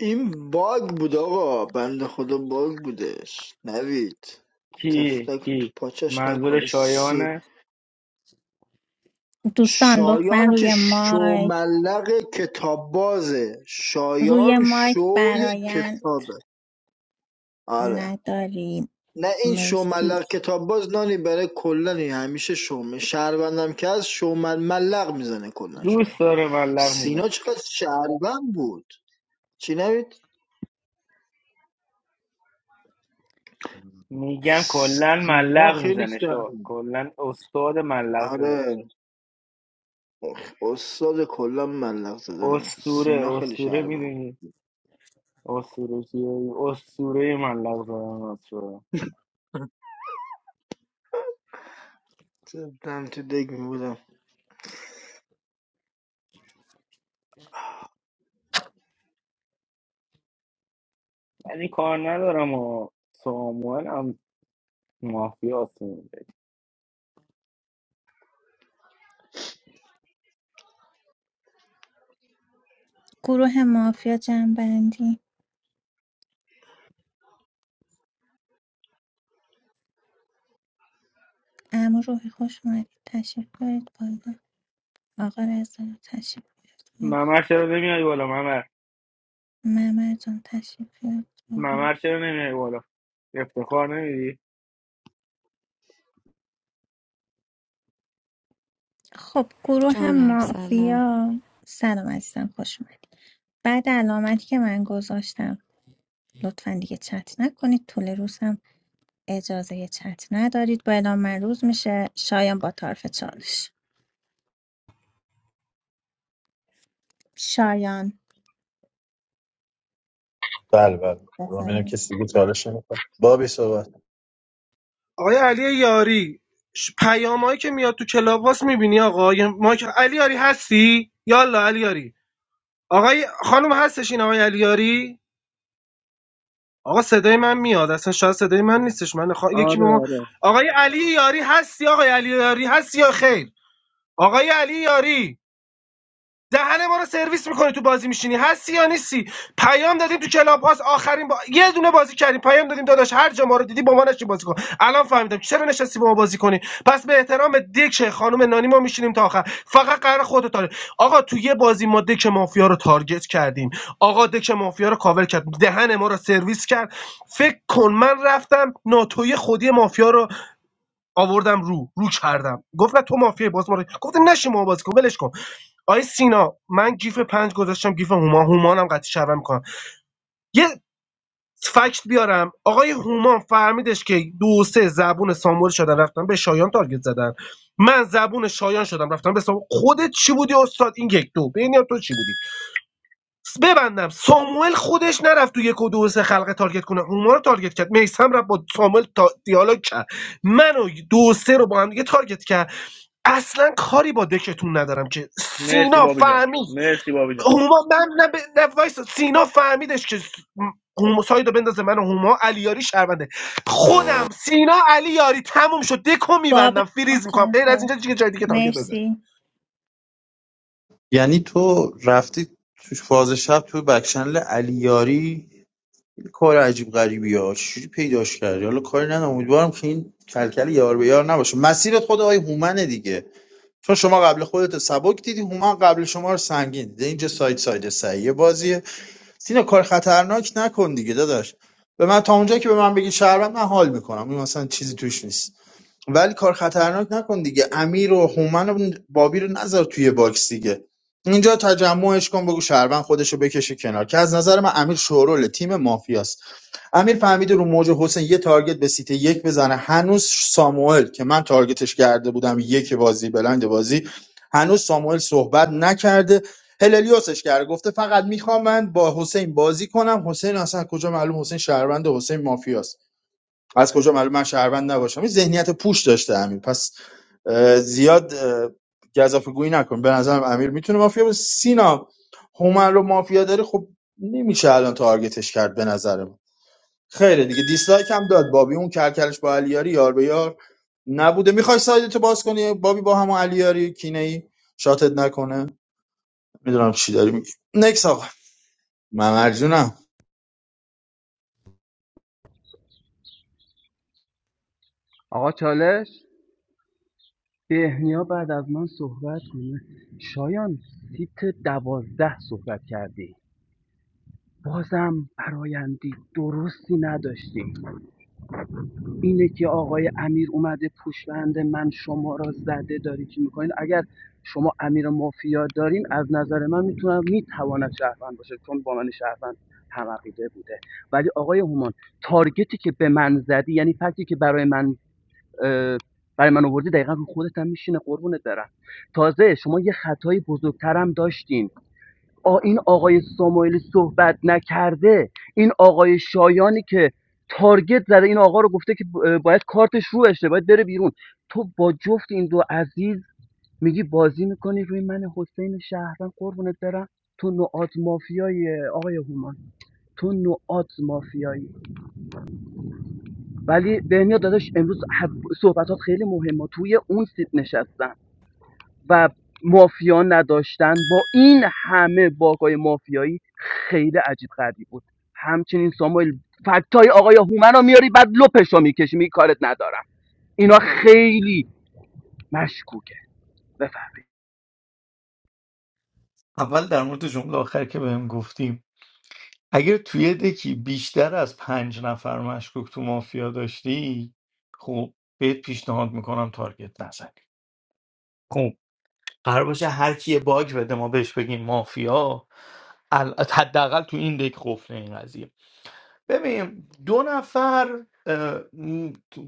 [SPEAKER 16] این باگ بود آقا بنده خدا باگ بودش نوید
[SPEAKER 10] کی
[SPEAKER 16] تفلک تو
[SPEAKER 10] کی
[SPEAKER 16] پاچش
[SPEAKER 10] منظور
[SPEAKER 16] نکنه سی
[SPEAKER 10] شایانه
[SPEAKER 2] دوستان لطفا
[SPEAKER 16] شایان که
[SPEAKER 2] روی مایک
[SPEAKER 16] شوملق کتاب بازه
[SPEAKER 2] روی
[SPEAKER 16] شایان
[SPEAKER 2] مایک
[SPEAKER 16] شوی
[SPEAKER 2] براین
[SPEAKER 16] کتابه آره
[SPEAKER 2] نداریم
[SPEAKER 16] نه این شو
[SPEAKER 2] مرسی
[SPEAKER 16] ملق کتابباز نانی برای کلا این همیشه شومه شهروندم که از شو مل- ملق میزنه کلا شاید
[SPEAKER 10] دوست داره ملق میزن
[SPEAKER 16] سینا چقدر شهروند بود چی نبید
[SPEAKER 10] میگم کلا
[SPEAKER 16] سینا
[SPEAKER 10] ملق
[SPEAKER 16] خیلی
[SPEAKER 10] میزنه شو
[SPEAKER 16] شهروند
[SPEAKER 10] کلا استاد ملق زدن
[SPEAKER 16] آره استاد کلا ملق زدنه سینا
[SPEAKER 10] اسطوره
[SPEAKER 16] خیلی
[SPEAKER 10] اسطوره
[SPEAKER 16] شهروند
[SPEAKER 10] میدونی اسطوره کیه اسطوره ملق زدن
[SPEAKER 16] جدا تو دگ میبودم
[SPEAKER 10] ولی کار ندارم و ساموئل هم مافیا سونده
[SPEAKER 2] گروه مافیا جنبندی اما روحی خوش اومدید تشریف بیارید بالا آقا رضا تشریف بیارید بالا.
[SPEAKER 10] ممر چرا نمیای بالا ممر
[SPEAKER 2] ممر جان تشریف بیارید بالا.
[SPEAKER 10] ممر چرا نمیای بالا افتخار نمیدی
[SPEAKER 2] خب گروه
[SPEAKER 17] John, salaam.
[SPEAKER 2] مافیا سلام عزیزم خوش اومدید بعد علامتی که من گذاشتم لطفا دیگه چت نکنید طول روز هم اجازه چت ندارید با اعلام من روز میشه شایان با طرف چالش شایان
[SPEAKER 3] بله بله خدا ببینم
[SPEAKER 2] بفرمایید.
[SPEAKER 3] کسی دیگه چالش نمیخواد بابی صحبت
[SPEAKER 6] آقای علی یاری ش- پیامایی که میاد تو کلاباس میبینی آقا یه مایک علی یاری هستی یالا علی یاری آقای خانم هستش این آقای علی یاری آقا صدای من میاد اصلا شاید صدای من نیستش من خوا... یکی به
[SPEAKER 14] آره
[SPEAKER 6] ما
[SPEAKER 14] آره
[SPEAKER 6] آقای علی یاری هستی آقای علی یاری هستی یا خیر آقای علی یاری دهن ما رو سرویس میکنی تو بازی میشینی هستی یا نیستی پیام دادیم تو کلاب هاست آخرین با... یه دونه بازی کردیم پیام دادیم داداش هر جا ما رو دیدی با ما نشین بازی کن الان فهمیدم چرا نشستی با ما بازی کنی پس به احترام دک خانم نانی ما میشینیم تا آخر فقط قرار خودت تاره آقا تو یه بازی ما دک مافیا رو تارگت کردیم آقا دک مافیا رو کاور کرد دهن ما رو سرویس کرد فکر کن من رفتم ناتوی خودی مافیا رو آوردم رو رو کردم گفت نه تو مافیای باز ما رو- گفتم نشی ما بازی کن ولش کن آی سینا من گیف پنج گذاشتم گیف هما هومانم قطعی شبم میکنم یه فکت بیارم آقای هومان فهمیدش که دو سه زبون ساموئل شدن رفتن به شایان تارگت زدن من زبون شایان شدم رفتم به ساموئل خودت چی بودی استاد این یک دو بین یا تو چی بودی ببندم ساموئل خودش نرفت تو یک و دو و سه خلقه تارگت کنه اونا رو تارگت کرد میسم رفت با ساموئل تا دیالوگ کرد منو دو و سه رو با هم دیگه تارگت کرد اصلا کاری با دکتون ندارم که
[SPEAKER 10] مرسی
[SPEAKER 6] سینا
[SPEAKER 10] بابی جان
[SPEAKER 6] فهمید
[SPEAKER 10] مرسی بابی جان
[SPEAKER 6] هما من نه, ب... نه وایسا. سینا فهمیدش که س- هما سایدو بندازه من و هما علیاری شرمنده خودم سینا علیاری تموم شد دکو میبندم
[SPEAKER 2] بابک
[SPEAKER 6] فریز میکنم غیر از
[SPEAKER 2] متشکرم
[SPEAKER 6] اینجا دیگه جای دیگه تارگت بزن
[SPEAKER 2] مرسی
[SPEAKER 3] یعنی تو رفتی تو فاز شب تو بکشنل علیاری کار عجیب غریبی ها چجوری پیداش کردی حالا کاری ندارم امیدوارم که این کلکل یار به یار نباشه مسیرت خود آقای هومنه دیگه چون شما قبل خودت رو سبک دیدی هومن قبل شما رو سنگین دیده اینجا ساید ساید سعیه بازیه، سینا کار خطرناک نکن دیگه داداش به من تا اونجا که به من بگی شهروند من حال میکنم این مثلا چیزی توش نیست ولی کار خطرناک نکن دیگه امیر و هومن و بابی رو نذار توی باکس دیگه اینجا تجمعش کن بگو شهروند خودش رو بکشه کنار که از نظر من امیر شورول تیم مافیاست امیر فهمیده رو موج حسین یه تارگت به سیت یک بزنه هنوز ساموئل که من تارگتش کرده بودم یک بازی بلند بازی هنوز ساموئل صحبت نکرده هللیوسش کرده گفته فقط میخوام من با حسین بازی کنم حسین اصلا کجا معلوم حسین شهروند حسین مافیاست از کجا معلوم من شهروند نباشم این ذهنیت پوش داشته امیر پس اه، زیاد گزافه گویی نکن به نظرم امیر میتونه مافیا باشه سینا هومن رو مافیا داری خب نمیشه الان تارگتش کرد به نظرم خیره دیگه دیسلایک هم داد بابی اون کرکرش با علیاری یار به یار نبوده میخوای سایدتو باز کنی بابی با همون علیاری کینه ای شاتت نکنه میدونم چی داری میگی نکس آقا ممر جونم.
[SPEAKER 15] آقا چالش بهنیا بعد از من صحبت کنه شایان سیت دوازده صحبت کردی بازم برایندی درستی نداشتی اینه که آقای امیر اومده پشبند من شما را زده داری چی میکنید اگر شما امیر مافیا دارین از نظر من میتونم میتواند شهروند باشه چون با من شهروند هم عقیده بوده ولی آقای هومان تارگتی که به من زدی یعنی فکتی که برای من برای من آوردی دقیقا رو خودت هم میشینه قربونت برم تازه شما یه خطای بزرگترم داشتین آ این آقای ساموئلی صحبت نکرده این آقای شایانی که تارگت زده این آقا رو گفته که باید کارتش رو بشه باید بره بیرون تو با جفت این دو عزیز میگی بازی میکنی روی من حسین شهرم قربونت برم تو نوعات مافیایی آقای هومان تو نوعات مافیایی ولی بهنیا داداش امروز صحبتات خیلی مهمه توی اون سیت نشستم و مافیا نداشتن با این همه باگای مافیایی خیلی عجیب غریب بود همچنین ساموئل فکتای آقای هومن رو میاری بعد لپش رو میکشی می کارت ندارم اینا خیلی مشکوکه بفهمید
[SPEAKER 9] اول در مورد جمله آخر که بهم گفتیم اگر توی دکی بیشتر از پنج نفر مشکوک تو مافیا داشتی خب بهت پیشنهاد میکنم تارگت نزنی خب قرار باشه هر کی یه باگ بده ما بهش بگیم مافیا ال- حداقل تو این دک قفله این قضیه ببین دو نفر اه،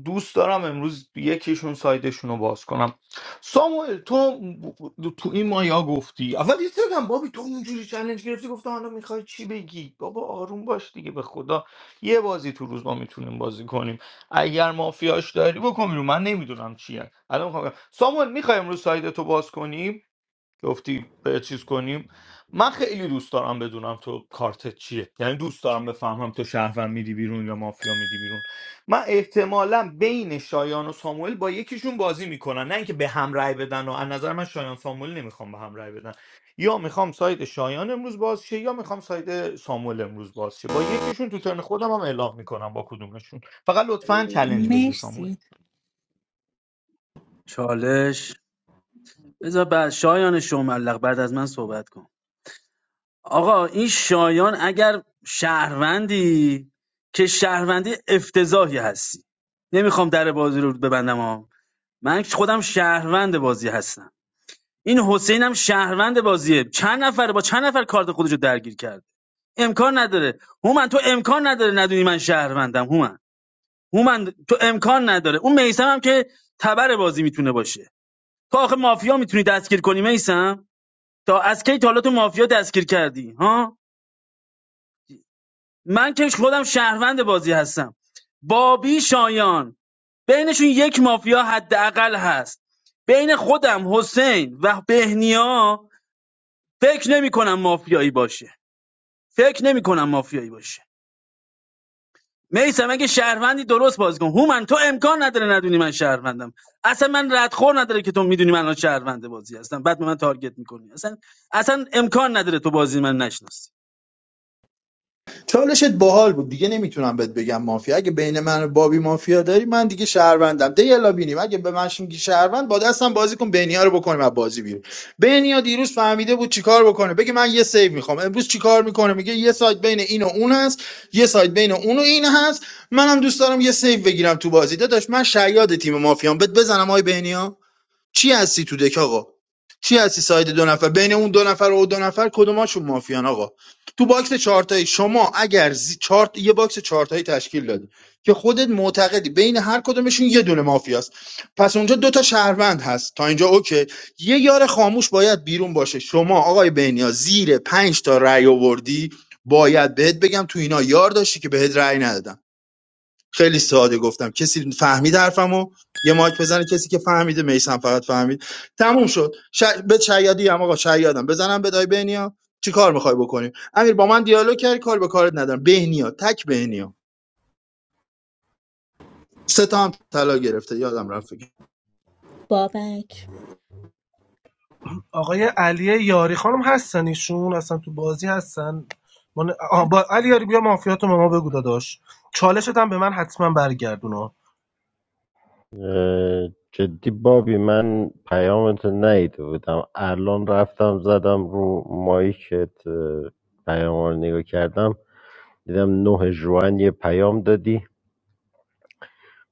[SPEAKER 9] دوست دارم امروز یکیشون سایدشون رو باز کنم ساموئل تو تو این مایا گفتی اول یه سرگم بابی تو اونجوری چلنج گرفتی گفتم حالا میخوای چی بگی بابا آروم باش دیگه به خدا یه بازی تو روز ما میتونیم بازی کنیم اگر مافیاش داری بکن بیرون. من نمیدونم چیه الان میخوام ساموئل میخوای امروز سایدتو باز کنی گفتی به چیز کنیم من خیلی دوست دارم بدونم تو کارتت چیه یعنی دوست دارم بفهمم تو شهروند میدی بیرون یا مافیا میدی بیرون من احتمالا بین شایان و ساموئل با یکیشون بازی میکنن نه اینکه به هم رأی بدن و از نظر من شایان ساموئل نمیخوام به هم رأی بدن یا میخوام ساید شایان امروز باز شه یا میخوام ساید ساموئل امروز باز شه با یکیشون تو ترن خودم هم اعلام میکنم با کدومشون فقط لطفا چلنج بگیر ساموئل
[SPEAKER 2] مرسی
[SPEAKER 5] چالش بذار بعد شایان شوملق بعد از من صحبت کن آقا این شایان اگر شهروندی که شهروندی افتضاحی هستی نمیخوام در بازی رو ببندم ها من خودم شهروند بازی هستم این حسین هم شهروند بازیه چند نفر با چند نفر کارت خودشو درگیر کرده امکان نداره هومن تو امکان نداره ندونی من شهروندم هومن هومن تو امکان نداره اون میسم هم که تبر بازی میتونه باشه تو آخه مافیا میتونی دستگیر کنی میسم تا از کی تا حالا تو مافیا دستگیر کردی ها من که خودم شهروند بازی هستم بابی شایان بینشون یک مافیا حداقل هست بین خودم حسین و بهنیا فکر نمی‌کنم مافیایی باشه فکر نمی کنم مافیایی باشه میسم اگه شهروندی درست بازی کن هومن تو امکان نداره ندونی من شهروندم اصلا من ردخور نداره که تو میدونی من الان شهروند بازی هستم بعد به من تارگت میکنی اصلا اصلا امکان نداره تو بازی من نشناسی
[SPEAKER 3] چالشت باحال بود دیگه نمیتونم بهت بگم مافیا اگه بین من و بابی مافیا داری من دیگه شهروندم دیالا بینیم اگه به من میگی شهروند با دستم بازی کن بینیا رو بکنیم از بازی بیرون بینیا دیروز فهمیده بود چیکار بکنه بگه من یه سیو میخوام امروز چیکار میکنه میگه یه سایت بین این و اون هست یه سایت بین اون و این هست منم دوست دارم یه سیو بگیرم تو بازی داداش من شیاد تیم مافیام بهت بزنم آی بینیا چی هستی تو دک آقا چی هستی ساید دو نفر بین اون دو نفر و دو نفر کدوماشون مافیان آقا تو باکس چهارتایی شما اگر زی... چارت... یه باکس چهارتایی تشکیل دادی که خودت معتقدی بین هر کدومشون یه دونه مافیاست پس اونجا دو تا شهروند هست تا اینجا اوکی یه یار خاموش باید بیرون باشه شما آقای بینیا زیر پنج تا رأی آوردی باید بهت بگم تو اینا یار داشتی که بهت رأی ندادم خیلی ساده گفتم کسی فهمید حرفمو یه مایک بزنه کسی که فهمیده میسم فقط فهمید تموم شد ش... به شیادی هم آقا شیادم بزنم به دای بهنیا چی کار میخوای بکنی امیر با من دیالوگ کردی کار به کارت ندارم بهنیا تک بهنیا سه تا هم طلا گرفته یادم رفت بگم.
[SPEAKER 2] بابک
[SPEAKER 6] آقای علی یاری خانم هستن ایشون اصلا تو بازی هستن ما ن- آه، با علی یاری بیا مافیاتو به ما بگو داداش چالشت هم به من حتما برگردونا
[SPEAKER 13] اه، جدی بابی من پیامت نیده بودم الان رفتم زدم رو مایکت پیام رو نگاه کردم دیدم نه جوان یه پیام دادی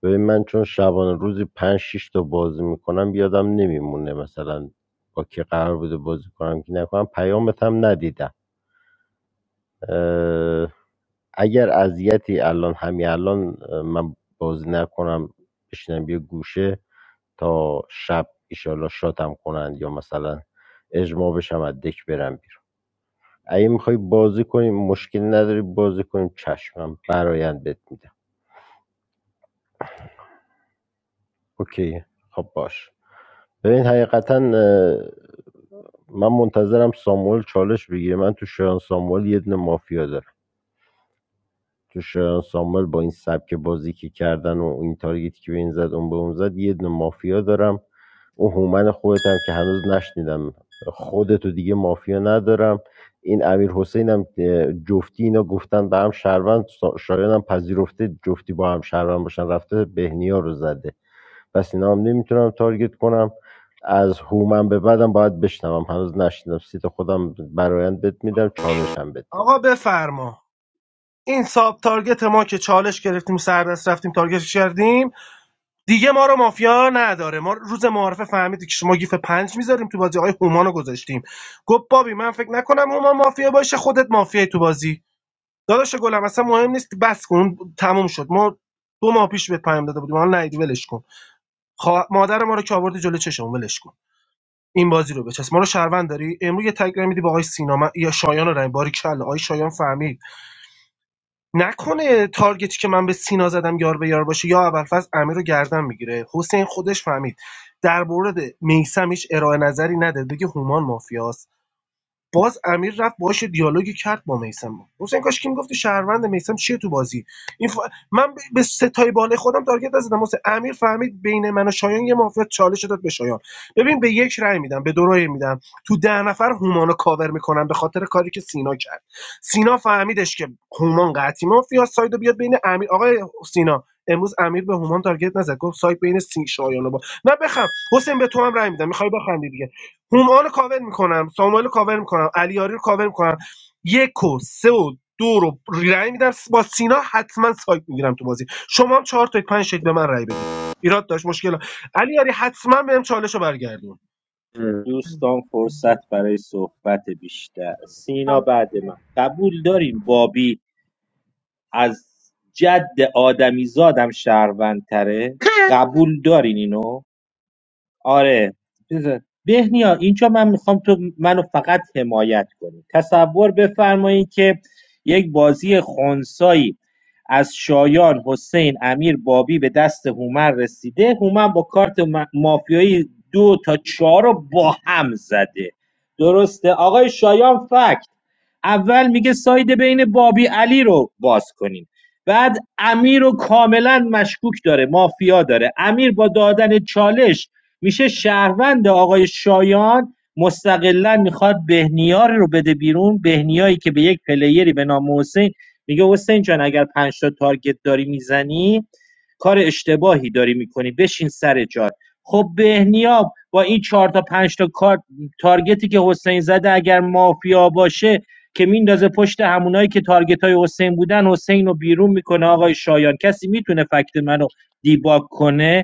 [SPEAKER 13] ببین من چون شبانه روزی پنج شیش تا بازی میکنم یادم نمیمونه مثلا با کی قرار بوده بازی کنم که نکنم پیامت هم ندیدم اگر اذیتی الان همین الان اه، من بازی نکنم بشینم یه گوشه تا شب ایشالله شاتم کنند یا مثلا اجماع بشم از دک برم بیرون اگه میخوای بازی کنیم مشکلی نداری بازی کنیم چشمم برایند بهت میدم اوکی خب باش ببین حقیقتا من منتظرم ساموئل چالش بگیره من تو شایان ساموئل یه دونه مافیا دارم تو شایان سامال با این سبک بازی که کردن و این تارگیتی که به این زد اون به اون زد یه دونه مافیا دارم اون هومن خودت هم که هنوز نشنیدم خودتو دیگه مافیا ندارم این امیر حسین هم جفتی اینا گفتن به هم شهروند شایان هم پذیرفته جفتی با هم شهروند باشن رفته بهنیا رو زده پس اینا هم نمیتونم تارگت کنم از هومن به بعدم باید بشنوم هنوز نشنیدم سیت خودم برایند بد میدم چالشم بد میدم
[SPEAKER 6] آقا بفرما این ساب تارگت ما که چالش گرفتیم سردست رفتیم تارگتش کردیم دیگه ما رو مافیا نداره ما روز معارفه فهمیدی که شما گیف پنج میذاریم تو بازی آقای هومان رو گذاشتیم گفت بابی من فکر نکنم هومان مافیا باشه خودت مافیای تو بازی داداش گلم اصلا مهم نیست بس کن تموم شد ما دو ماه پیش بهت پیام داده بودیم حالا نیدی ولش کن خوا... مادر ما رو که آوردی جلو چشم ولش کن این بازی رو بچس ما رو شهروند داری امروز یه تگ میدی با آقای سینا من... یا شایان رو رنگ باری کله آقای شایان فهمید نکنه تارگتی که من به سینا زدم یار به یار باشه یا ابوالفضل امیر رو گردن میگیره حسین خودش فهمید در مورد میسم هیچ ارائه نظری نده بگه هومان مافیاست باز امیر رفت باهاش دیالوگی کرد با میسم حسین کاش کی میگفتی شهروند میسم چیه تو بازی این ف... من ب- به ستای بالای خودم تارگت نزدم حسین امیر فهمید بین من و شایان یه مافیا چالش داد به شایان ببین به یک رأی میدم به دو رأی میدم تو ده نفر هومانو کاور میکنم به خاطر کاری که سینا کرد سینا فهمیدش که هومان قطعی مافیا سایدو بیاد بین امیر آقای سینا امروز امیر به هومان تارگت نزد گفت سایت بین سین شایان و با نه بخم حسین به تو هم رأی میدم میخوای بخندی دیگه هومان رو کاور میکنم ساموئل رو کاور میکنم علیاری رو کاور میکنم یک و سه و دو رو رأی میدم با سینا حتما سایت میگیرم تو بازی شما هم چهار تا پنج شید به من رأی بدید ایراد داشت مشکل ها. علیاری حتما بهم چالش رو برگردون
[SPEAKER 7] دوستان فرصت برای صحبت بیشتر سینا بعد من قبول داریم بابی از جد آدمیزادم شهروندتره قبول دارین اینو آره چیزه. بهنیا اینجا من میخوام تو منو فقط حمایت کنی تصور بفرمایید که یک بازی خونسایی از شایان حسین امیر بابی به دست هومن رسیده هومن با کارت ما- مافیایی دو تا چهار رو با هم زده درسته آقای شایان فکت اول میگه ساید بین بابی علی رو باز کنین بعد امیر رو کاملا مشکوک داره مافیا داره امیر با دادن چالش میشه شهروند آقای شایان مستقلا میخواد بهنیار رو بده بیرون بهنیایی که به یک پلیری به نام حسین میگه حسین جان اگر پنج تا تارگت داری میزنی کار اشتباهی داری میکنی بشین سر جات خب بهنیا با این چهار تا پنج تا کار تارگتی که حسین زده اگر مافیا باشه که میندازه پشت همونایی که تارگت های حسین بودن حسین رو بیرون میکنه آقای شایان کسی میتونه فکت منو دیباگ کنه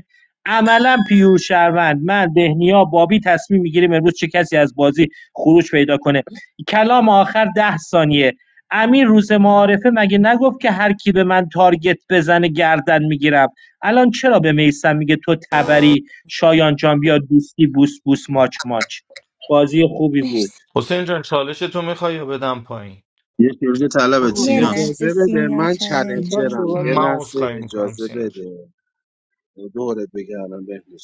[SPEAKER 7] عملا پیور شهروند من بهنیا بابی تصمیم میگیریم امروز چه کسی از بازی خروج پیدا کنه کلام آخر ده ثانیه امیر روز معارفه مگه نگفت که هر کی به من تارگت بزنه گردن میگیرم الان چرا به میسم میگه تو تبری شایان جان بیا دوستی بوس بوس ماچ ماچ بازی خوبی بود
[SPEAKER 2] مرسی
[SPEAKER 9] حسین جان چالش تو میخوای بدم پایین
[SPEAKER 3] یه شیرجه طلبت
[SPEAKER 14] آقا
[SPEAKER 2] یه
[SPEAKER 9] آه،
[SPEAKER 3] سیناست
[SPEAKER 2] لحظه
[SPEAKER 14] اجازه بده
[SPEAKER 2] سینا
[SPEAKER 14] من
[SPEAKER 16] سینا
[SPEAKER 2] چلنجر
[SPEAKER 14] چلنجرم
[SPEAKER 16] صحبت
[SPEAKER 14] یه
[SPEAKER 9] من
[SPEAKER 16] نکرد.
[SPEAKER 14] لحظه
[SPEAKER 9] عذرخواهی میکنم
[SPEAKER 14] اجازه
[SPEAKER 9] سینا جان.
[SPEAKER 14] بده دورت بگردم بهنوش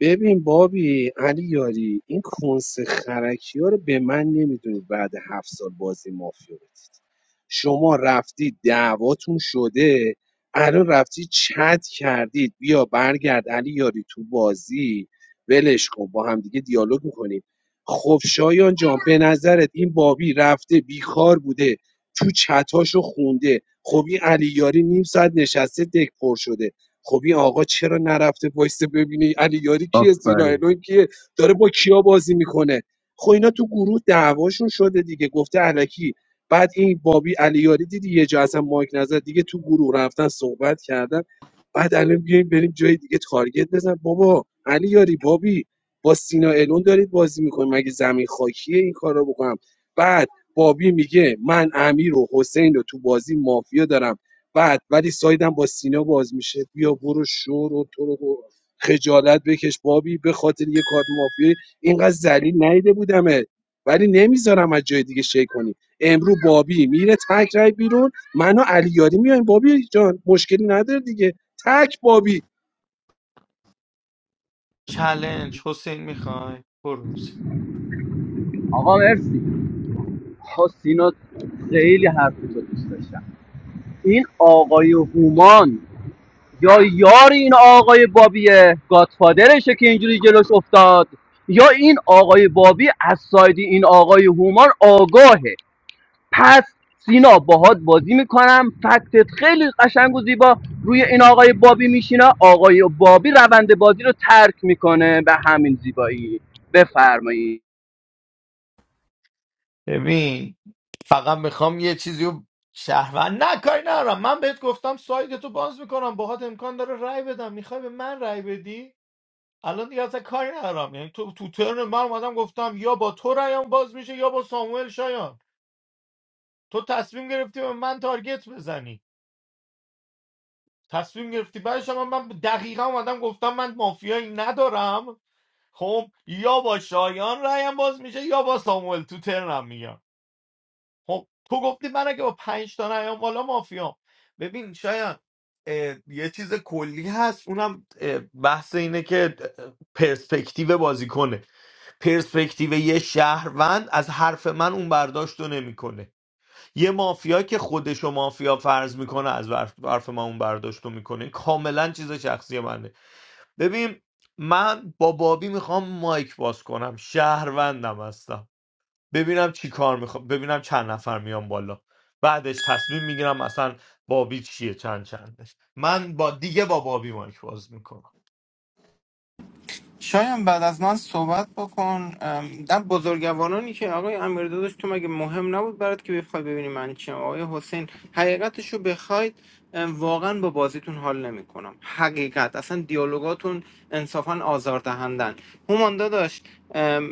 [SPEAKER 14] ببین بابی علی یاری این کنس خرکی ها رو به من نمیدونید بعد هفت سال بازی مافیا بدید شما رفتی دعواتون شده الان رفتی چت کردید بیا برگرد علی یاری تو بازی ولش کن با همدیگه دیالوگ میکنیم خب شایان جان به نظرت این بابی رفته بیکار بوده تو چتاشو خونده خب این علی یاری نیم ساعت نشسته دک پر شده خب این آقا چرا نرفته وایسه ببینه علی یاری کیه سینا
[SPEAKER 3] آفرین
[SPEAKER 14] الون کیه داره با کیا بازی میکنه خب اینا تو گروه دعواشون شده دیگه گفته الکی بعد این بابی علی یاری دیدی یه جا اصلا مایک نظر دیگه تو گروه رفتن صحبت کردن بعد الان بیایم بریم جای دیگه تارگت بزن بابا علی یاری بابی با سینا الون دارید بازی میکنیم مگه زمین خاکیه این کار رو بکنم بعد بابی میگه من امیر و حسین رو تو بازی مافیا دارم بعد ولی سایدم با سینا باز میشه بیا برو شور و تو رو گو- خجالت بکش بابی به خاطر یه کارت مافیایی اینقدر ذلیل نیده بودمت ولی نمیذارم از جای دیگه شی کنی امرو بابی میره تک رای بیرون من و علیاری میایم بابی جان مشکلی نداره دیگه تک بابی
[SPEAKER 9] چلنج حسین میخوای برو حسین.
[SPEAKER 15] آقا مرسی آقا سینا خیلی حرف دوست داشتم این آقای هومان یا یار این آقای بابی گادفادرشه که اینجوری جلوش افتاد یا این آقای بابی از ساید این آقای هومان آگاهه پس سینا باهات بازی میکنم فکتت خیلی قشنگ و زیبا روی این آقای بابی میشینه آقای بابی روند بازی رو ترک میکنه به همین زیبایی بفرمایید
[SPEAKER 9] ببین فقط میخوام یه چیزی رو شهروند نه کاری ندارم من بهت گفتم ساید تو باز میکنم باهات امکان داره رای بدم میخوای به من رای بدی الان دیگه اصلا کاری ندارم یعنی تو تو ترن من اومدم گفتم یا با تو رایم باز میشه یا با ساموئل شایان تو تصمیم گرفتی به من تارگت بزنی تصمیم گرفتی بعدش هم من دقیقا اومدم گفتم من مافیایی ندارم خب یا با شایان رایم باز میشه یا با ساموئل تو ترنم میگم خب تو گفتی من اگه با پنج تا نیام بالا مافیام ببین شاید اه، یه چیز کلی هست اونم اه، بحث اینه که اه، پرسپکتیو بازیکنه پرسپکتیو یه شهروند از حرف من اون برداشت رو نمیکنه یه مافیا که خودش و مافیا فرض میکنه از حرف حرف من اون برداشت رو میکنه کاملا چیز شخصی منه ببین من با بابی میخوام مایک باز کنم شهروندم هستم ببینم چی کار میخوام ببینم چند نفر میان بالا بعدش تصمیم میگیرم اصلا بابی چیه چند چندش من با دیگه با بابی مایک باز میکنم
[SPEAKER 11] شاید بعد از من صحبت بکن ام، در بزرگوارانی که آقای امیر داداش تو مگه مهم نبود برات که بخوای ببینی من چیم آقای حسین حقیقتش بخواید ام، واقعا با بازیتون حال نمیکنم حقیقت اصلا دیالوگاتون انصافا آزاردهندن هومان داداش ام،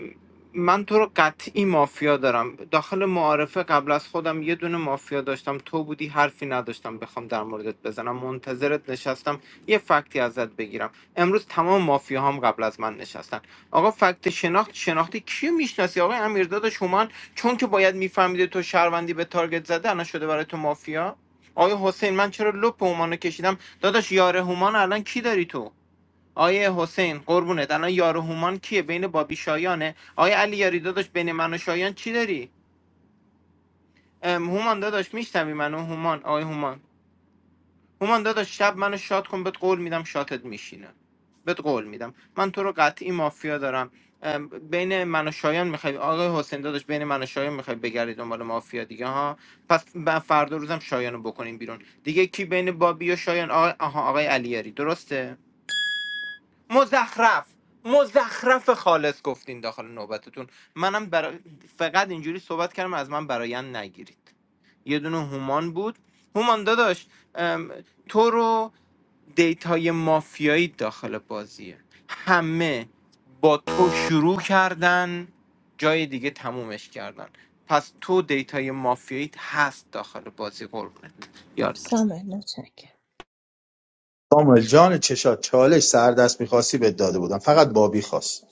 [SPEAKER 11] من تو رو قطعی مافیا دارم داخل معارفه قبل از خودم یه دونه مافیا داشتم تو بودی حرفی نداشتم بخوام در موردت بزنم منتظرت نشستم یه فکتی ازت بگیرم امروز تمام مافیا هم قبل از من نشستن آقا فکت شناخت شناختی کیو میشناسی آقای امیرداد شما چون که باید میفهمیده تو شهروندی به تارگت زده الان شده برای تو مافیا آقای حسین من چرا لپ هومانو کشیدم داداش یار هومان الان کی داری تو آیه حسین قربونت الان یار هومان کیه بین بابی شایانه آیه علی یاری داداش بین من و شایان چی داری ام، هومان داداش میشنوی منو هومان آقای هومان هومان داداش شب منو شاد کن بهت قول میدم شاتت میشینه بهت قول میدم من تو رو قطعی مافیا دارم ام، بین من و شایان میخوای آقای حسین داداش بین من و شایان میخوای بگردی دنبال مافیا دیگه ها پس ب- فردا روزم شایانو بکنیم بیرون دیگه کی بین بابی و شایان آقای آها آقای علیاری درسته مزخرف مزخرف خالص گفتین داخل نوبتتون منم برا... فقط اینجوری صحبت کردم از من برایند نگیرید یه دونه هومان بود هومان داداش ام، تو رو دیتای مافیایی داخل بازیه همه با تو شروع کردن جای دیگه تمومش کردن پس تو دیتای مافیایی هست داخل بازی قربونت یاد باش.
[SPEAKER 2] سامان متشکرم
[SPEAKER 3] ساموئل جان چشات چالش سر دست میخواستی بهت داده بودم فقط بابی خواست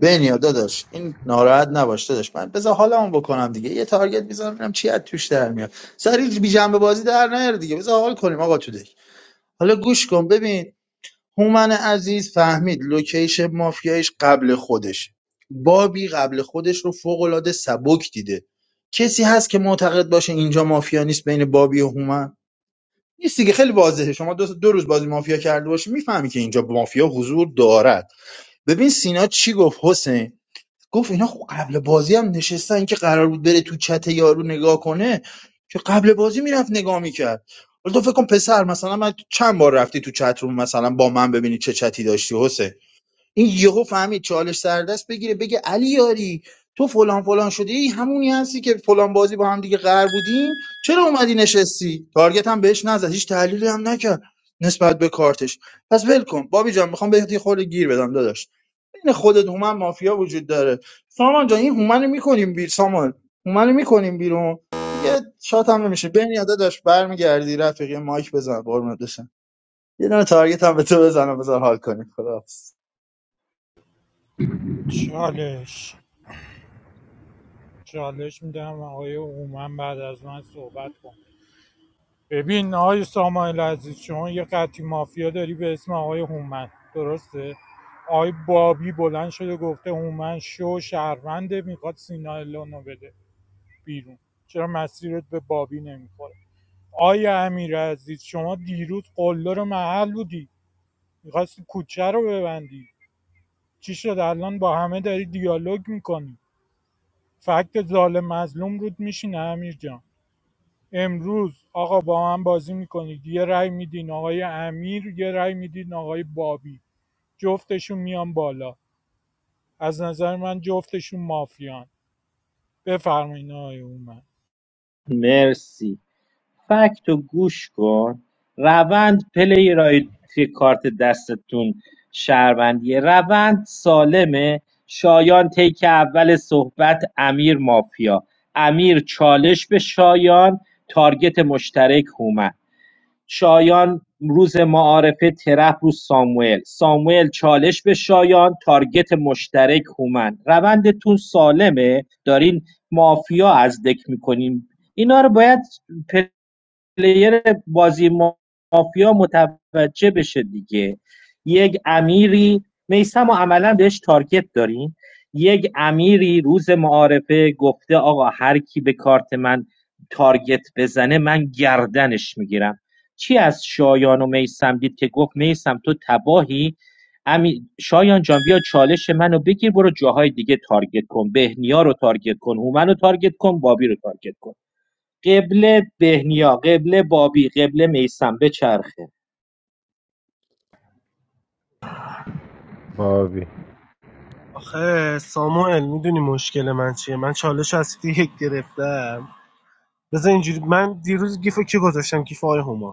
[SPEAKER 3] بنیا داداش این ناراحت نباش داداش من بذار حالمو بکنم دیگه یه تارگت میزنم ببینم چی از توش در میاد سری بی جنبه بازی در نیار دیگه بذار حال کنیم آقا تو دک حالا گوش کن ببین هومن عزیز فهمید لوکیشن مافیایش قبل خودش بابی قبل خودش رو فوق العاده سبک دیده کسی هست که معتقد باشه اینجا مافیا نیست بین بابی و هومن نیست دیگه خیلی واضحه شما دو, دو روز بازی مافیا کرده باشی میفهمی که اینجا مافیا حضور دارد ببین سینا چی گفت حسین گفت اینا خب قبل بازی هم نشستن که قرار بود بره تو چت یارو نگاه کنه که قبل بازی میرفت نگاه میکرد ولی تو فکر کن پسر مثلا من چند بار رفتی تو چت روم مثلا با من ببینی چه چتی داشتی حسین این یهو فهمید چالش سردست بگیره بگه علی یاری تو فلان فلان شدی ای همونی هستی که فلان بازی با هم دیگه قرار بودیم چرا اومدی نشستی تارگت هم بهش نزد هیچ تحلیلی هم نکرد نسبت به کارتش پس ول کن بابی جان میخوام بهت یه خورده گیر بدم داداش بین خودت هومن مافیا وجود داره سامان جان این هومن رو میکنیم بیرون سامان هومن رو میکنیم بیرون دیگه شات هم نمیشه بین یاده داشت برمیگردی رفیقی مایک بزن قربونت بشم یه دونه تارگت هم به تو بزنم بذار حال کنیم خدا
[SPEAKER 12] چالش چالش میدم آقای هومن بعد از من صحبت کن ببین آقای سامانل عزیز شما یه قطعی مافیا داری به اسم آقای هومن درسته آقای بابی بلند شده گفته هومن شو شهرونده میخواد سینا الانو بده بیرون چرا مسیرت به بابی نمیخوره آیا امیر عزیز شما دیروز قلدر محل بودی میخواستی کوچه رو ببندی چی شد الان با همه داری دیالوگ میکنی فکت ظالم مظلوم رود میشینه امیر جان امروز آقا با من بازی میکنید یه رای میدین آقای امیر یه رای میدین آقای بابی جفتشون میان بالا از نظر من جفتشون مافیان بفرمایین آقای اومد
[SPEAKER 7] مرسی فکت رو گوش کن روند پلیرای که کارت دستتون شهروندیه روند سالمه شایان تیک اول صحبت امیر مافیا امیر چالش به شایان تارگت مشترک هومن شایان روز معارفه ترپ رو ساموئل ساموئل چالش به شایان تارگت مشترک هومن روندتون سالمه دارین مافیا از دک میکنین اینا رو باید پلیر بازی مافیا متوجه بشه دیگه یک امیری میسم و عملا بهش تارگت داریم یک امیری روز معارفه گفته آقا هر کی به کارت من تارگت بزنه من گردنش میگیرم چی از شایان و میسم دید که گفت میسم تو تباهی امی... شایان جان بیا چالش منو بگیر برو جاهای دیگه تارگت کن بهنیا رو تارگت کن هومن رو تارگت کن بابی رو تارگت کن قبل بهنیا قبل بابی قبل میسم بچرخه
[SPEAKER 13] باوی
[SPEAKER 6] آخه ساموئل میدونی مشکل من چیه من چالش از یک گرفته بذار اینجوری من دیروز گیف کی گذاشتم گیف آقای هومان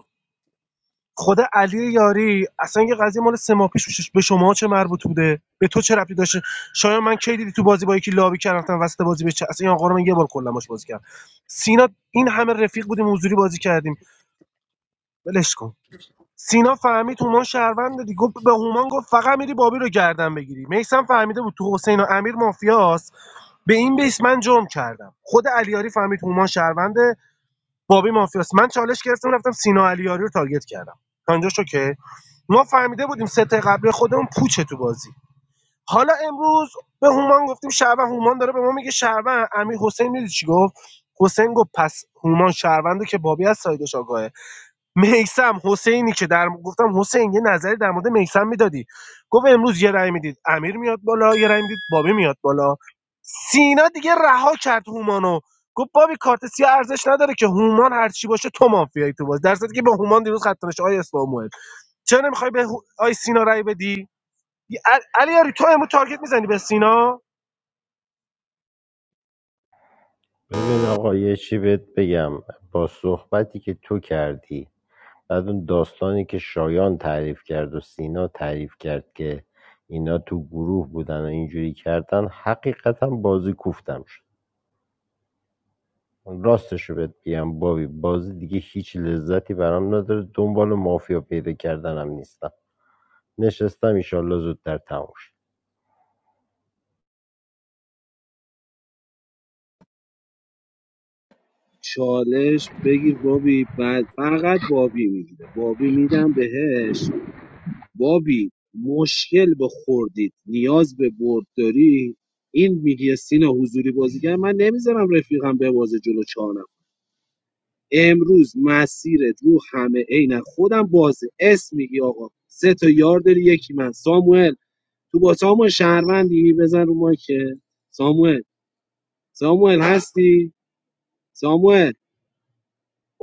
[SPEAKER 6] خود علی یاری اصلا یه قضیه مال سه ماه پیش به شما چه مربوط بوده به تو چه ربطی داشته شاید من کی دیدی تو بازی با یکی لابی کردم رفتم وسط بازی به چه اصلا این آقا رو من یه بار کلا بازی کردم سینا این همه رفیق بودیم حضوری بازی کردیم ولش کن سینا فهمید هومان شهروند دی گفت به هومان گفت فقط میری بابی رو گردن بگیری میسم فهمیده بود تو حسین و امیر مافیاست به این بیس من جرم کردم خود علیاری فهمید هومان شهروند بابی مافیاس من چالش گرفتم رفتم سینا علیاری رو تارگت کردم تا اینجاش اوکی ما فهمیده بودیم سه تا قبلی خودمون پوچه تو بازی حالا امروز به هومان گفتیم شهروند هومان داره به ما میگه شهروند امیر حسین میدید چی گفت حسین گفت پس هومان شهرونده که بابی از سایدش آگاهه میسم حسینی که در گفتم حسین یه نظری در مورد میسم میدادی گفت امروز یه رأی میدید امیر میاد بالا یه رأی میدید بابی میاد بالا سینا دیگه رها کرد هومانو گفت بابی کارت سیاه ارزش نداره که هومان هر چی باشه تو مافیایی تو باز در صورتی که به هومان دیروز خط نشه آی اسلاموئل چرا نمیخوای به هو- آی سینا رای بدی ی- ال- علی یاری تو امروز تارگت میزنی به سینا
[SPEAKER 13] ببین آقا یه چی بهت بگم با صحبتی که تو کردی بعد اون داستانی که شایان تعریف کرد و سینا تعریف کرد که اینا تو گروه بودن و اینجوری کردن حقیقتا بازی کوفتم شد راستش رو بهت بگم بابی بازی دیگه هیچ لذتی برام نداره دنبال مافیا پیدا کردنم نیستم نشستم ایشالله زودتر تموم شد
[SPEAKER 14] چالش بگیر بابی بعد فقط بابی میگیره بابی میدم بهش بابی مشکل به خوردید نیاز به برد داری این میگه سینا حضوری بازیگر من نمیذارم رفیقم به بازه جلو چانم امروز مسیرت رو همه عین خودم بازه اسم میگی آقا سه تا یار داری یکی من ساموئل تو با ساموئل شهروندی بزن رو مایکه ساموئل ساموئل هستی ساموئل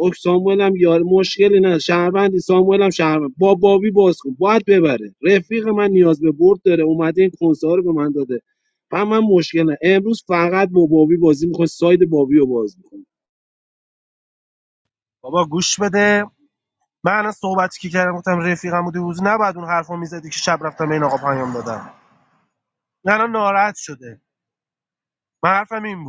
[SPEAKER 14] اوه ساموئل هم یار مشکلی نه شهروندی ساموئل هم شهروند با بابی باز کن باید ببره رفیق من نیاز به برد داره اومده این کنسه ها رو به من داده و من مشکل نه امروز فقط با بابی بازی میکنه ساید بابی رو باز میکنه
[SPEAKER 6] بابا گوش بده من الان صحبتی که کردم گفتم رفیقم بودی روز نباید اون حرفو میزدی که شب رفتم به این آقا پیام دادم نه الان ناراحت شده من حرفم این بود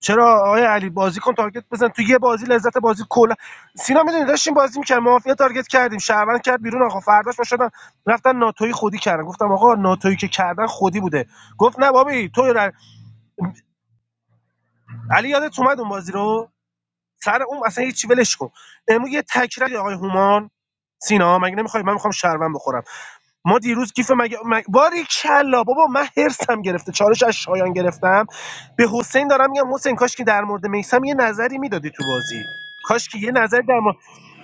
[SPEAKER 6] چرا آقای علی بازی کن تارگت بزن تو یه بازی لذت بازی کلا سینا میدونی داشتیم بازی میکردیم مافیا تارگت کردیم شهروند کرد بیرون آقا فرداش شدن رفتن ناتوی خودی کردن گفتم آقا ناتویی که کردن خودی بوده گفت نه بابی تو را- علی یادت اومد اون بازی رو سر اون اصلا هیچ ولش کن امروز یه تکراری آقای هومان سینا مگه نمیخوای من میخوام شهروند بخورم ما دیروز گیف مگه مگ... باری کلا بابا من هرسم گرفته چالش از شایان گرفتم به حسین دارم میگم حسین کاش که در مورد میسم یه نظری میدادی تو بازی کاش که یه نظر در مورد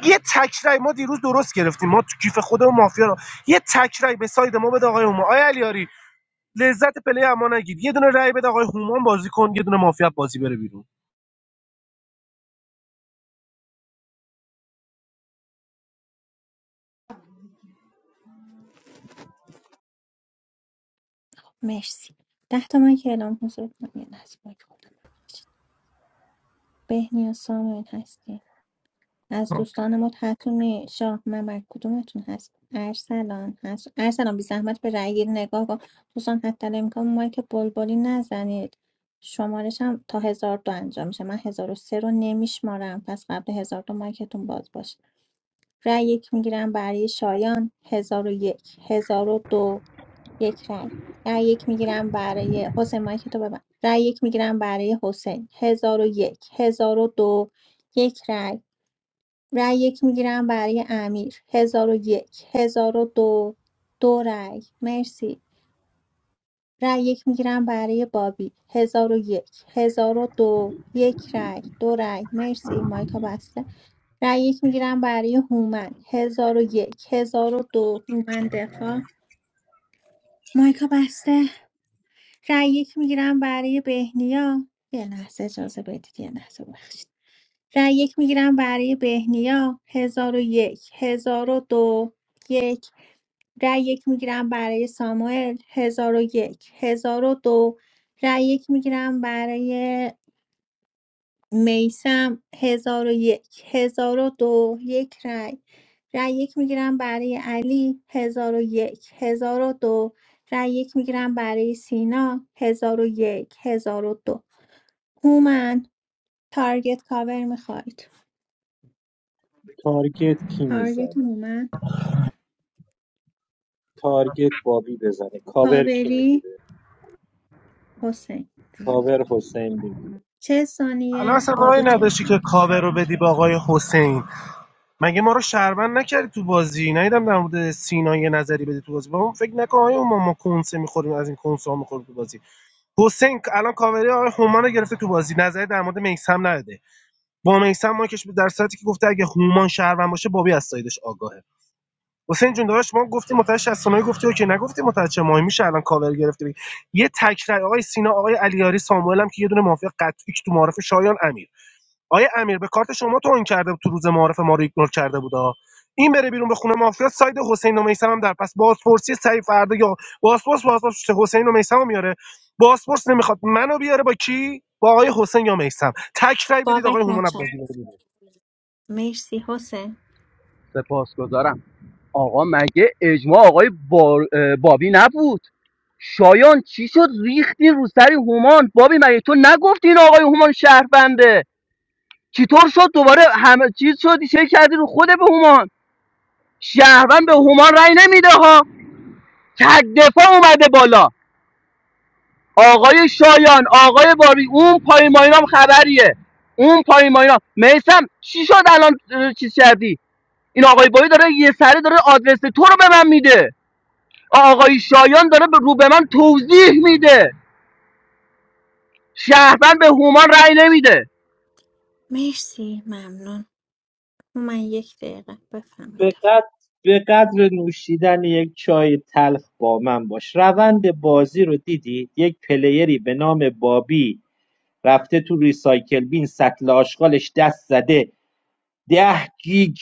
[SPEAKER 6] یه تکرای ما دیروز درست گرفتیم ما تو کیف خودمون مافیا رو یه تکرای به ساید ما بده آقای هومان آیا علیاری لذت پلی اما نگیر یه دونه رای بده آقای هومان بازی کن یه دونه مافیا بازی بره بیرون
[SPEAKER 2] مرسی مرسی ده تا من که اعلام حضور کنم یه لحظه باید خودم بهنیا سامن هستین از دوستان ما حتونی شاه ممر کدومتون هست ارسلان هست ارسلان بی زحمت به رأی گیری نگاه کن دوستان حتی الامکان مایک بلبلی نزنید شمارش هم تا هزار دو انجام میشه من هزار و سه رو نمیشمارم پس قبل هزار دو مایکتون باز باشه رأی یک میگیرم برای شایان هزار و یک هزار و دو یک رأی رأی یک میگیرم برای حسین مایکتو ببند رأی یک میگیرم برای حسین هزار و یک هزار و دو یک رأی رأی یک میگیرم برای امیر هزار و یک هزار و دو دو رأی مرسی رأی یک میگیرم برای بابی هزار و یک هزار و دو یک رأی دو رأی مرسی مایکا بسته رأی یک میگیرم برای هومن هزار و یک هزار و دو هومن دفاع مایکا بسته رأی یک میگیرم برای بهنیا یه لحظه اجازه بدید یه لحظه بخشید رای یک میگیرم برای بهنیا 1001 1002 یک هزار و دو یک. رای یک میگیرم برای ساموئل 1001 دو رای یک میگیرم برای میسم 1001 1002 یک هزار و دو یک رای رای یک میگیرم برای علی 1001 دو رای یک میگیرم برای سینا 1001 دو هومن تارگت کاور میخواید
[SPEAKER 7] تارگت کی
[SPEAKER 2] تارگت
[SPEAKER 7] میزنه
[SPEAKER 2] هومن
[SPEAKER 7] تارگت بابی بزنه کاور کی
[SPEAKER 2] کاوری
[SPEAKER 7] میگیره
[SPEAKER 2] حسین
[SPEAKER 7] کاور حسین بگیره
[SPEAKER 2] چه
[SPEAKER 6] الان
[SPEAKER 2] ثانیه
[SPEAKER 6] اصلا راهی
[SPEAKER 2] بابی چه
[SPEAKER 6] نداشتی که
[SPEAKER 2] ثانیه
[SPEAKER 6] کاور رو بدی به آقای حسین مگه ما رو شهروند نکردی تو بازی نیدم در مورد سینا یه نظری بدی تو بازی با اون فکر نکن آیا ما ما کنسه میخوریم از این کنسه ها میخوریم تو بازی حسین الان کاوری آقای هومان رو گرفته تو بازی نظری در مورد میسم نداده با میسم ما کش در صورتی که گفته اگه هومان شهروند باشه بابی از سایدش آگاهه حسین جون داداش ما گفتیم متعهد 69 گفتی اوکی نگفتی متعهد چه ماهی میشه الان کاور گرفته بگی. یه تکرای آقای سینا آقای علیاری ساموئل هم که یه دونه موافق قطعی تو معارف شایان امیر آیا امیر به کارت شما توهین کرده بود تو روز معارف ما رو ایگنور کرده بودا این بره بیرون به خونه مافیا ساید حسین و میثم هم در پس بازپرسی سعی فردا یا بازپرس بازپرس حسین و میثم میاره بازپرس نمیخواد منو بیاره با کی با آقای حسین یا میثم تک رأی بدید آقای
[SPEAKER 2] بابک
[SPEAKER 6] هومن
[SPEAKER 2] مچم
[SPEAKER 6] بازی
[SPEAKER 2] مرسی حسین
[SPEAKER 15] سپاسگزارم آقا مگه اجماع آقای بار- بابی نبود شایان چی شد ریختی رو سری هومان بابی مگه تو نگفتی این آقای هومان شهربنده چطور شد دوباره همه چیز شدی چه کردی رو خود به هومان شهروند به هومان رأی نمیده ها تک دفاع اومده بالا آقای شایان آقای باری اون پای ماینام خبریه اون پای ماینام میسم چی شد الان اه، چیز کردی این آقای باری داره یه سری داره آدرس تو رو به من میده آقای شایان داره به- رو به من توضیح میده شهروند به هومان رأی نمیده
[SPEAKER 2] مرسی ممنون من یک دقیقه
[SPEAKER 7] به
[SPEAKER 2] بفهمیدم
[SPEAKER 7] قدر, به قدر نوشیدن یک چای تلخ با من باش روند بازی رو دیدی یک پلیری به نام بابی رفته تو ریسایکل بین سطل آشغالش دست زده ده گیگ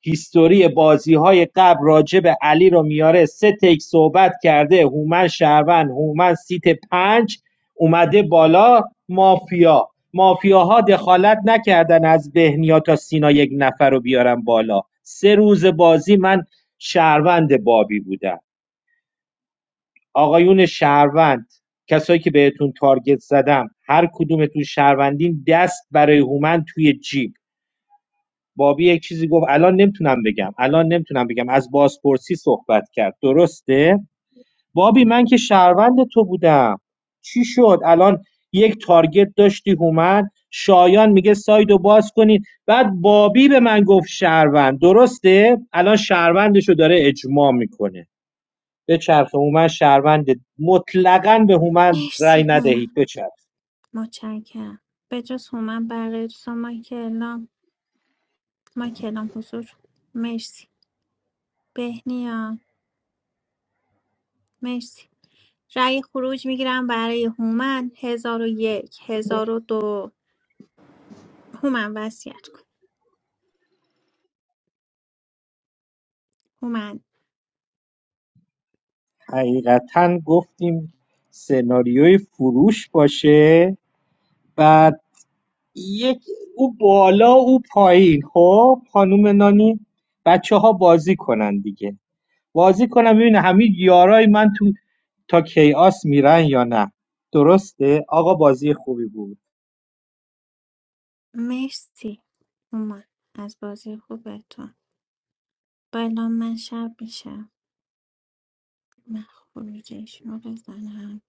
[SPEAKER 7] هیستوری بازی های قبل راجع به علی رو میاره سه تک صحبت کرده هومن شهروند هومن سیت پنج اومده بالا مافیا مافیاها دخالت نکردن از بهنیا تا سینا یک نفر رو بیارن بالا سه روز بازی من شهروند بابی بودم آقایون شهروند کسایی که بهتون تارگت زدم هر کدومتون شهروندین دست برای هومن توی جیب بابی یک چیزی گفت الان نمیتونم بگم الان نمیتونم بگم از بازپرسی صحبت کرد درسته بابی من که شهروند تو بودم چی شد الان یک تارگت داشتی هومن شایان میگه سایدو باز کنید بعد بابی به من گفت شهروند درسته الان شهروندشو داره اجماع میکنه به چرخ هومن شهروند مطلقا به هومن رأی
[SPEAKER 2] مرسی
[SPEAKER 7] ندهید
[SPEAKER 2] هومن
[SPEAKER 7] به چرخ
[SPEAKER 2] متشکرم به جز هومن بقیه دوستان ما کلام ما کلام حضور مرسی بهنیا مرسی رأی خروج میگیرم برای هومن هزار و یک هزار و دو هومن وصیت کن هومن
[SPEAKER 7] حقیقتا گفتیم سناریوی فروش باشه بعد یک او بالا او پایین خب خانم نانی بچه ها بازی کنن دیگه بازی کنن ببینه همه یارای من تو تا کیاس میرن یا نه درسته آقا بازی خوبی بود
[SPEAKER 2] مرسی اومد از بازی خوبتون بالا من شب میشم من خروجیشون رو بزنم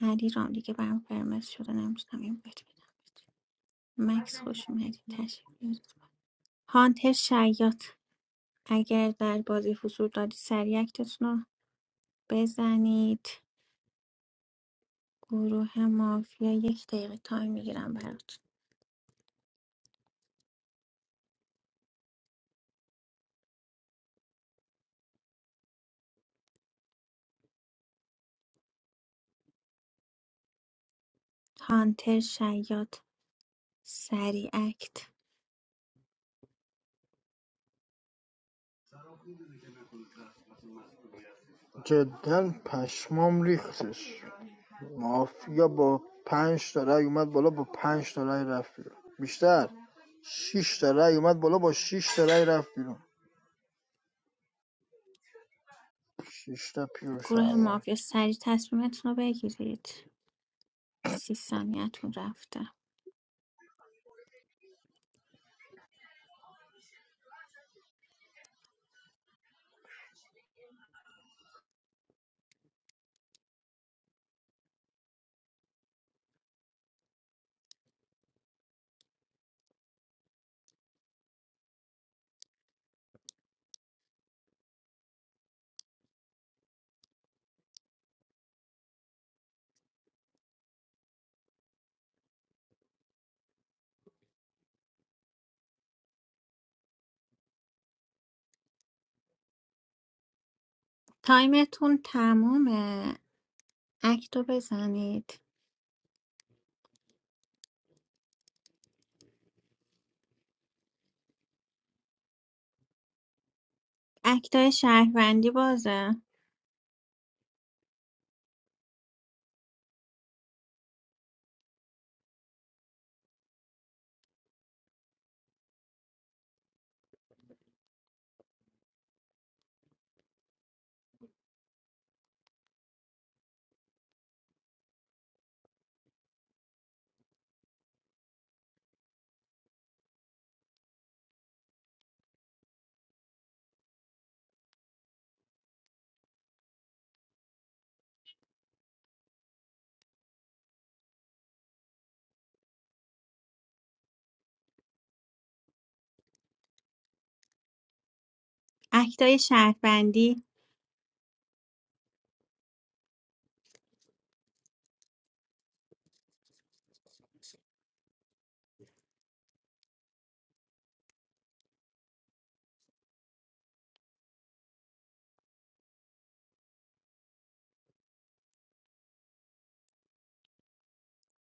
[SPEAKER 2] علی رام دیگه برام قرمز شده نمیتونم این بهت بدم مکس خوش اومدی تشریف بیارید هانتر شیاط اگر در بازی حضور دارید سریع اکتتون رو بزنید گروه مافیا یک دقیقه تایم میگیرم برات هانتر شیاط سریع اکت
[SPEAKER 16] جدا پشمام ریختش مافیا با پنج تا رای اومد بالا با پنج تا رای رفت بیرون. بیشتر شش تا رأی اومد بالا با 6 تا رأی رفت بیرون 6 تا پیور
[SPEAKER 2] گروه
[SPEAKER 16] شهروند
[SPEAKER 2] مافیا سریع تصمیمتون رو بگیرید سی ثانیتون رفته تایمتون تمومه اکتو بزنید اکتای شهروندی بازه اکتای شهروندی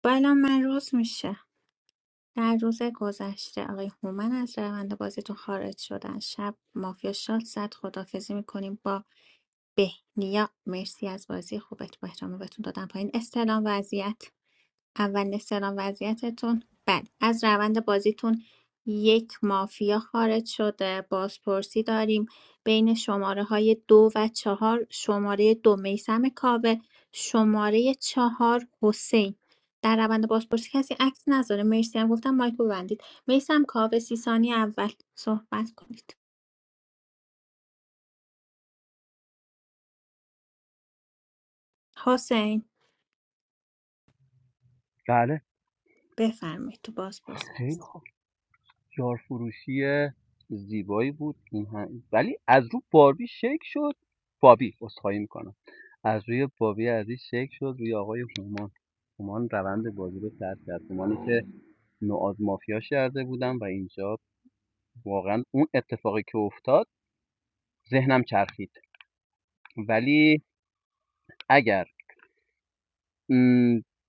[SPEAKER 2] بالا من روز میشه در روز گذشته آقای هومن از روند بازیتون خارج شدن شب مافیا شاد زد خدافزی میکنیم با بهنیا مرسی از بازی خوبت با احترام بهتون دادم پایین استلام وضعیت اول استلام وضعیتتون بله از روند بازیتون یک مافیا خارج شده بازپرسی داریم بین شماره های دو و چهار شماره دو میسم کاوه شماره چهار حسین در روند بازپرسی کسی عکس نذاره مرسی هم گفتم مایک رو ببندید میسم کاوه سی ثانی اول صحبت کنید حسین
[SPEAKER 15] بله
[SPEAKER 2] بفرمایید تو بازپرسی
[SPEAKER 15] یارفروشی زیبایی بود این هم. ولی از رو باربی شک شد بابی عذرخواهی میکنم از روی بابی عزیز شک شد روی آقای هومان هومان روند بازی رو ترک کرد هومانی که نوآز مافیا شرده بودم و اینجا واقعا اون اتفاقی که افتاد ذهنم چرخید ولی اگر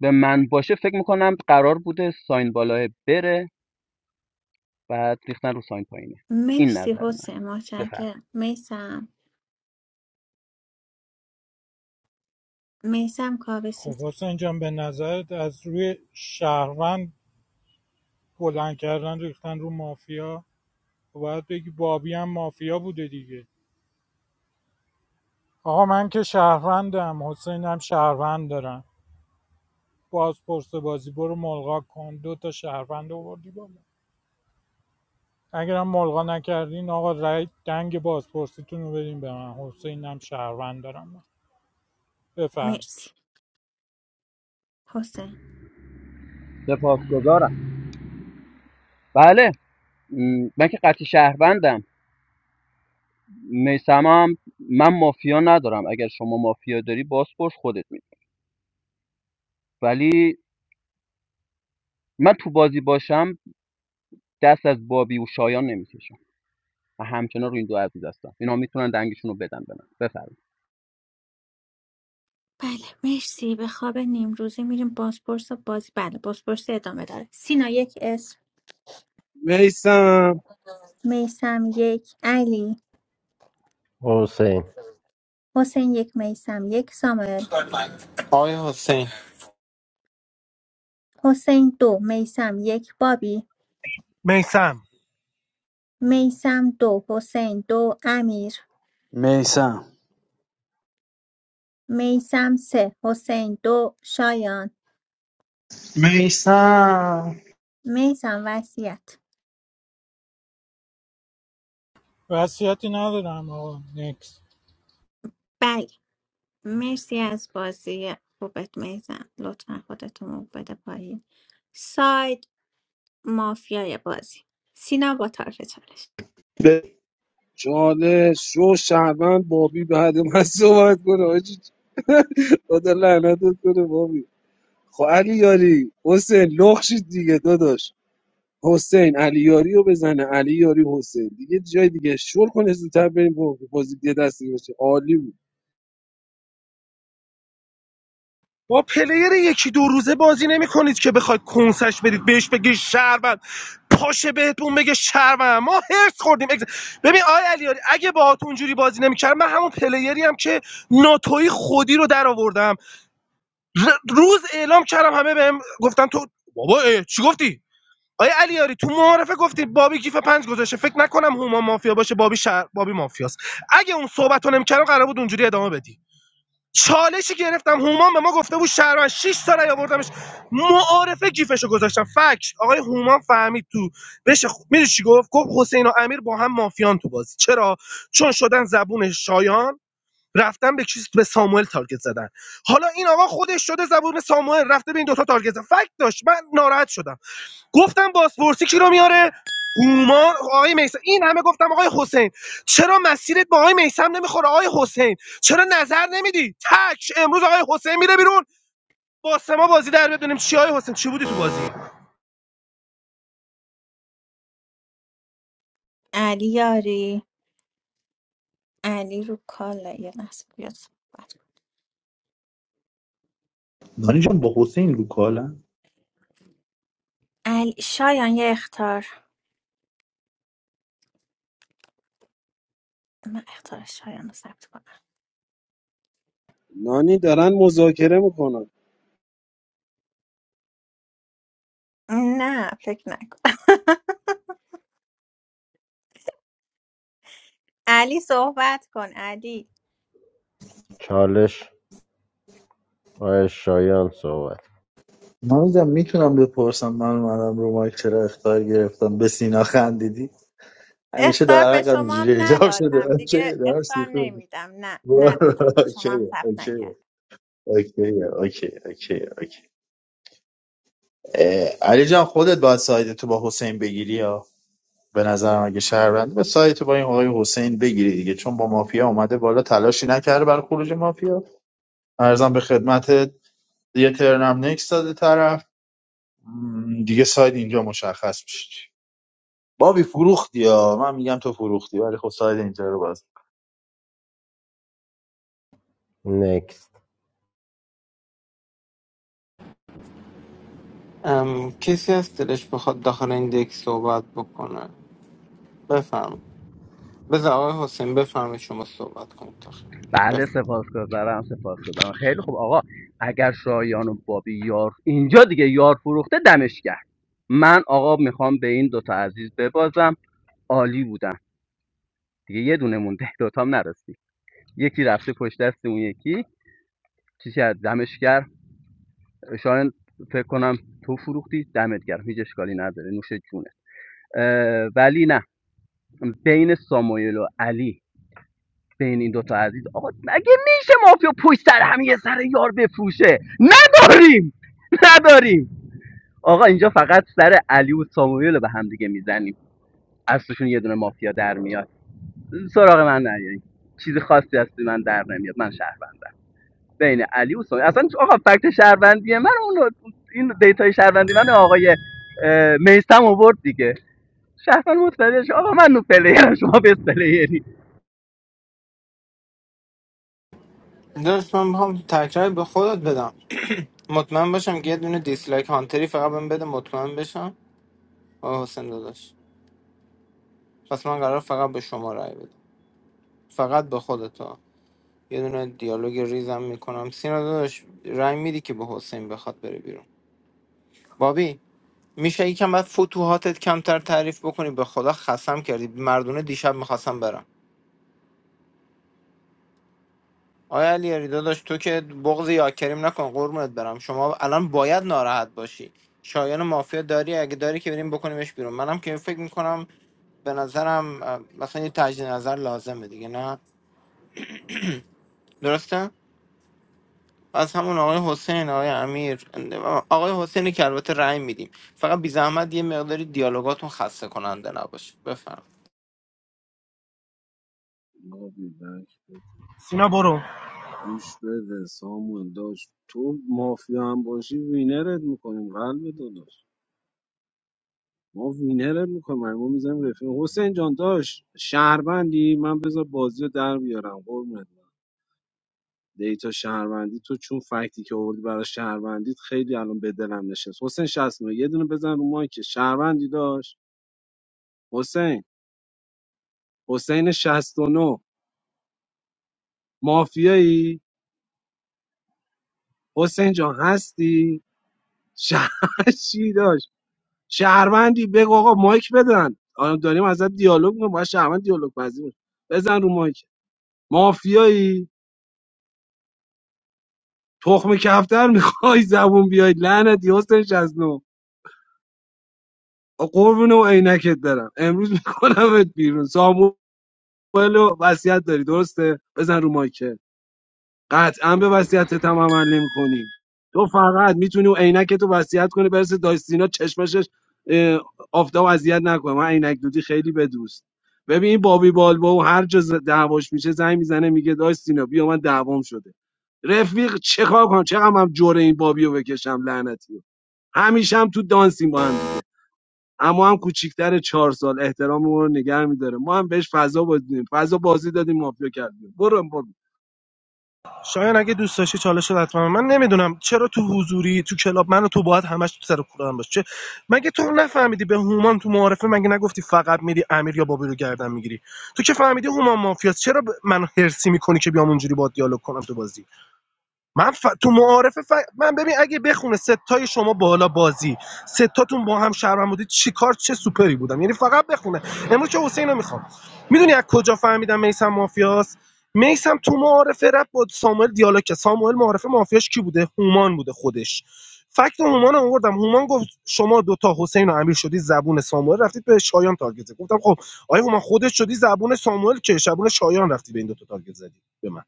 [SPEAKER 15] به من باشه فکر میکنم قرار بوده ساین بالاه بره بعد ریختن رو ساین پایینه این
[SPEAKER 2] مرسی
[SPEAKER 15] نظر من
[SPEAKER 2] حسین
[SPEAKER 15] بفرمایید
[SPEAKER 2] متشکرم میسم میسم کاوه سی
[SPEAKER 12] خب
[SPEAKER 2] ثانی.
[SPEAKER 12] حسین جان به نظرت از روی شهروند بلند کردن ریختن رو مافیا باید بگی بابی هم مافیا بوده دیگه آقا من که شهروندم حسین هم شهروند دارم بازپرس بازی برو ملغا کن دو تا شهروند آوردی بالا اگر اگرم ملغا نکردین آقا رای دنگ بازپرسیتون رو بدین به من حسینم شهروند دارم من. بفهم
[SPEAKER 2] مرسی حسین:
[SPEAKER 15] سپاسگزارم بله من که قطعی شهروندم میسمم من مافیا ندارم اگر شما مافیا داری باز پرس خودت می ولی من تو بازی باشم دست از بابی و شایان نمیکشم و همچنان روی این دو عزیز هستم اینا میتونن دنگشون رو بدن به من بفرمایید
[SPEAKER 2] بله مرسی به خواب نیم روزی میریم بازپرس و بازی بله بازپرسی ادامه داره سینا یک اسم
[SPEAKER 14] میسم
[SPEAKER 2] میسم یک علی
[SPEAKER 13] حسین
[SPEAKER 2] حسین یک میسم یک سامل
[SPEAKER 11] آقای حسین
[SPEAKER 2] حسین دو میسم یک بابی
[SPEAKER 6] میسم
[SPEAKER 2] میسم دو حسین دو امیر
[SPEAKER 5] میسم
[SPEAKER 2] میسم سه حسین دو شایان
[SPEAKER 3] میسم
[SPEAKER 2] میسم وصیت
[SPEAKER 12] وصیتی ندارم آقا نیکس
[SPEAKER 2] بله مرسی از بازی خوبت میسم لطفا خودتون رو بده پایین ساید مافیای بازی سینا با طرف چالش
[SPEAKER 3] به
[SPEAKER 14] چالش شو شهروند بابی بعد من صحبت کنه حاجی خدا لعنتت کنه بابی خب علی یاری حسین لخشید دیگه داداش حسین علی یاری رو بزنه علی یاری حسین دیگه جای دیگه شل کنه زودتر بریم با بازی دیگه دست دیگه بشه عالی بود
[SPEAKER 6] با پلیر یکی دو روزه بازی نمی کنید که بخواید کنسش بدید بهش بگی شهروند پاشه بهتون بگه شهروند ما هرس خوردیم اگز- ببین آی علیاری اگه باهاتون اونجوری بازی نمیکردم من همون پلیری هم که ناتوی خودی رو در آوردم روز اعلام کردم همه بهم گفتن تو بابا چی گفتی آیا علیاری تو معارفه گفتی بابی گیف پنج گذاشته فکر نکنم هوما مافیا باشه بابی شهر بابی مافیاست اگه اون صحبت رو نمیکردم قرار بود اونجوری ادامه بدی چالشی گرفتم هومان به ما گفته بود شهروند 6 سال آوردمش معارفه گیفشو گذاشتم فکش آقای هومان فهمید تو بشه خ... میدونی چی گفت گفت حسین و امیر با هم مافیان تو بازی چرا چون شدن زبون شایان رفتن به چیز به ساموئل تارگت زدن حالا این آقا خودش شده زبون ساموئل رفته به این دوتا تارگت زدن فکت داشت من ناراحت شدم گفتم بازپرسی کی رو میاره هومان آقای میسم این همه گفتم آقای حسین چرا مسیرت با آقای میسم نمیخوره آقای حسین چرا نظر نمیدی تک امروز آقای حسین میره بیرون با سما بازی در بدونیم چی آقای حسین چی بودی تو بازی
[SPEAKER 2] علی یاری علی رو کالا یه لحظه بیاد صحبت کن.
[SPEAKER 3] نانی جان با حسین رو کالا
[SPEAKER 2] علی شایان یه اختار من اختار شایان رو ثبت کنم
[SPEAKER 14] نانی دارن مذاکره میکنن
[SPEAKER 2] نه فکر نکن علی صحبت کن علی
[SPEAKER 13] چالش آقای شایان صحبت
[SPEAKER 3] نمیدونم میتونم بپرسم من اومدم رو مایک چرا اختار گرفتم به سینا خندیدی همیشه
[SPEAKER 2] اختار
[SPEAKER 3] در
[SPEAKER 2] به
[SPEAKER 3] حقم
[SPEAKER 2] شما هم
[SPEAKER 3] اینجوری ایجاب شده
[SPEAKER 2] ندادم
[SPEAKER 3] اوکی
[SPEAKER 2] دیگه
[SPEAKER 3] دارم
[SPEAKER 2] اختار
[SPEAKER 3] سیخ
[SPEAKER 2] نمیدم نه ندادم به شما
[SPEAKER 3] اوکی
[SPEAKER 2] هم ثبت
[SPEAKER 3] اوکی
[SPEAKER 2] نکرد
[SPEAKER 3] اوکی اوکی اوکی اوکی اه، علی جان خودت باید سایت تو با حسین بگیری یا به نظرم اگه شهروندی به سایت تو با این آقای حسین بگیری دیگه چون با مافیا اومده بالا تلاشی نکرده برای خروج مافیا ارزم به خدمتت یه ترنم نکس داده طرف م، دیگه سایت اینجا مشخص میشه بابی فروختی یا من میگم تو فروختی ولی خب سایت اینجا رو باز
[SPEAKER 13] نکست
[SPEAKER 11] ام، کسی از دلش بخواد داخل این دک صحبت بکنه بفهم بذار آقای حسین بفهمه شما صحبت کنید داخل
[SPEAKER 15] بله
[SPEAKER 11] بفهم
[SPEAKER 15] سپاسگزارم سپاسگزارم خیلی خوب آقا اگر شایان و بابی یار اینجا دیگه یار فروخته دمش کرد من آقا میخوام به این دوتا عزیز ببازم عالی بودن دیگه یه دونه مونده دوتام نرسید یکی رفته پشت دست اون یکی چیز کرد دمش گرم شاید فکر کنم تو فروختی دمت گرم هیچ اشکالی نداره نوش جونه ولی نه بین ساموئل و علی بین این دوتا عزیز آقا مگه میشه مافیا پشت سر هم یه سر یار بفروشه نداریم نداریم آقا اینجا فقط سر علی و ساموئل به هم دیگه میزنیم از توشون یه دونه مافیا در میاد سراغ من نیاریم چیزی خاصی هستی من در نمیاد من شهر بین علی و سوnia اصلا آقا فکت شهروندی من اون این دیتای شهروندی من آقای میستم آورد دیگه شهروند متوجه آقا من نو پلیرم شما بیس پلیری
[SPEAKER 11] داشت من میخوام تکرار به خودت بدم مطمئن باشم که یه دونه دیسلایک هانتری فقط بهم بده مطمئن بشم آه حسین داداش پس من قرار فقط به شما رأی بدم فقط به خودتا یه دونه دیالوگ ریزم میکنم سینا داداش رأی میدی که به حسین بخواد بره بیرون بابی میشه یکم بعد فتوحاتت کمتر تعریف بکنی به خدا خسم کردی مردونه دیشب میخواستم برم آیا علیاری داداش تو که بغض یاکریم نکن قربونت برم شما الان باید ناراحت باشی شایان مافیا داری اگه داری که بریم بکنیمش بیرون منم که فکر میکنم به نظرم اه، مثلا یه تجدید نظر لازمه دیگه نه درسته از همون آقای حسین آقای امیر آقای حسینی که البته رأی میدیم فقط بی زحمت یه مقداری دیالوگاتون خسته کننده نباشه بفهم
[SPEAKER 14] آبی بک بده.
[SPEAKER 6] سینا برو
[SPEAKER 14] گوش بده سامون داشت تو مافیا هم باشی وینرت میکنیم قلب داداش ما وینرت میکنیم ما میزنیم رفیق حسین جان داشت شهروندی من بذار بازی رو در بیارم قربونت دیتا شهروندی تو چون فکتی که آوردی برای شهروندیت خیلی الان به دلم نشست حسین 69 یه دونه بزن رو مایک شهروندی داشت حسین حسین 69 مافیایی حسین جان هستی شهرشی داشت شهروندی بگو آقا مایک بدن الان داریم ازت دیالوگ می‌کنیم باید شهروند دیالوگ پذیر باشه. بزن رو مایک مافیایی تخم کفتر میخوای زبون بیاید لعنتی حسین 69 قربون و عینکت دارم امروز میکنمت بیرون سامو ولو وصیت داری درسته بزن رو مایکل قطعا به وصیتت هم عمل نمی‌کنی تو فقط میتونی اون عینک تو وصیت کنی برسه دایستینا چشمشش اه، آفتاب اذیت نکنه من عینک دودی خیلی به دوست ببین این بابی بالبا و هر جا ز- دعواش میشه زنگ میزنه میگه دایستینا بیا من دعوام شده رفیق چه کار کنم چقدر هم جوره این بابیو بکشم لعنتی رو. همیشه هم تو دانسیم با هم دیگه اما هم کوچیکتر چهار سال احتراممون رو نگه میداره ما هم بهش فضا بدیم فضا بازی دادیم مافیا کردیم برو برو
[SPEAKER 6] شایان اگه دوست داشتی چالش رو حتما من نمیدونم چرا تو حضوری تو کلاب منو تو باید همش تو سر کولم باشه چه- مگه تو نفهمیدی به هومان تو معارفه مگه نگفتی فقط میری امیر یا بابی رو گردن میگیری تو که فهمیدی هومان مافیاست چرا ب- منو هرسی میکنی که بیام اونجوری با دیالوگ کنم تو بازی من ف... تو معارفه ف... من ببین اگه بخونه ستای شما بالا بازی ستاتون با هم شهرم بودید چی کار چه سوپری بودم یعنی فقط بخونه امروز چه حسین رو میخوام میدونی از کجا فهمیدم میسم مافیاست میسم تو معارفه رفت با ساموئل دیالوگ کرد. ساموئل معارفه مافیاش کی بوده هومان بوده خودش فکت هومان رو آوردم هومان گفت شما دوتا حسین و امیر شدی زبون ساموئل رفتید به شایان تارگت زدید. گفتم خب آیا هومان خودت شدی زبون ساموئل که زبون شایان رفتی به این دوتا تارگت زدی به من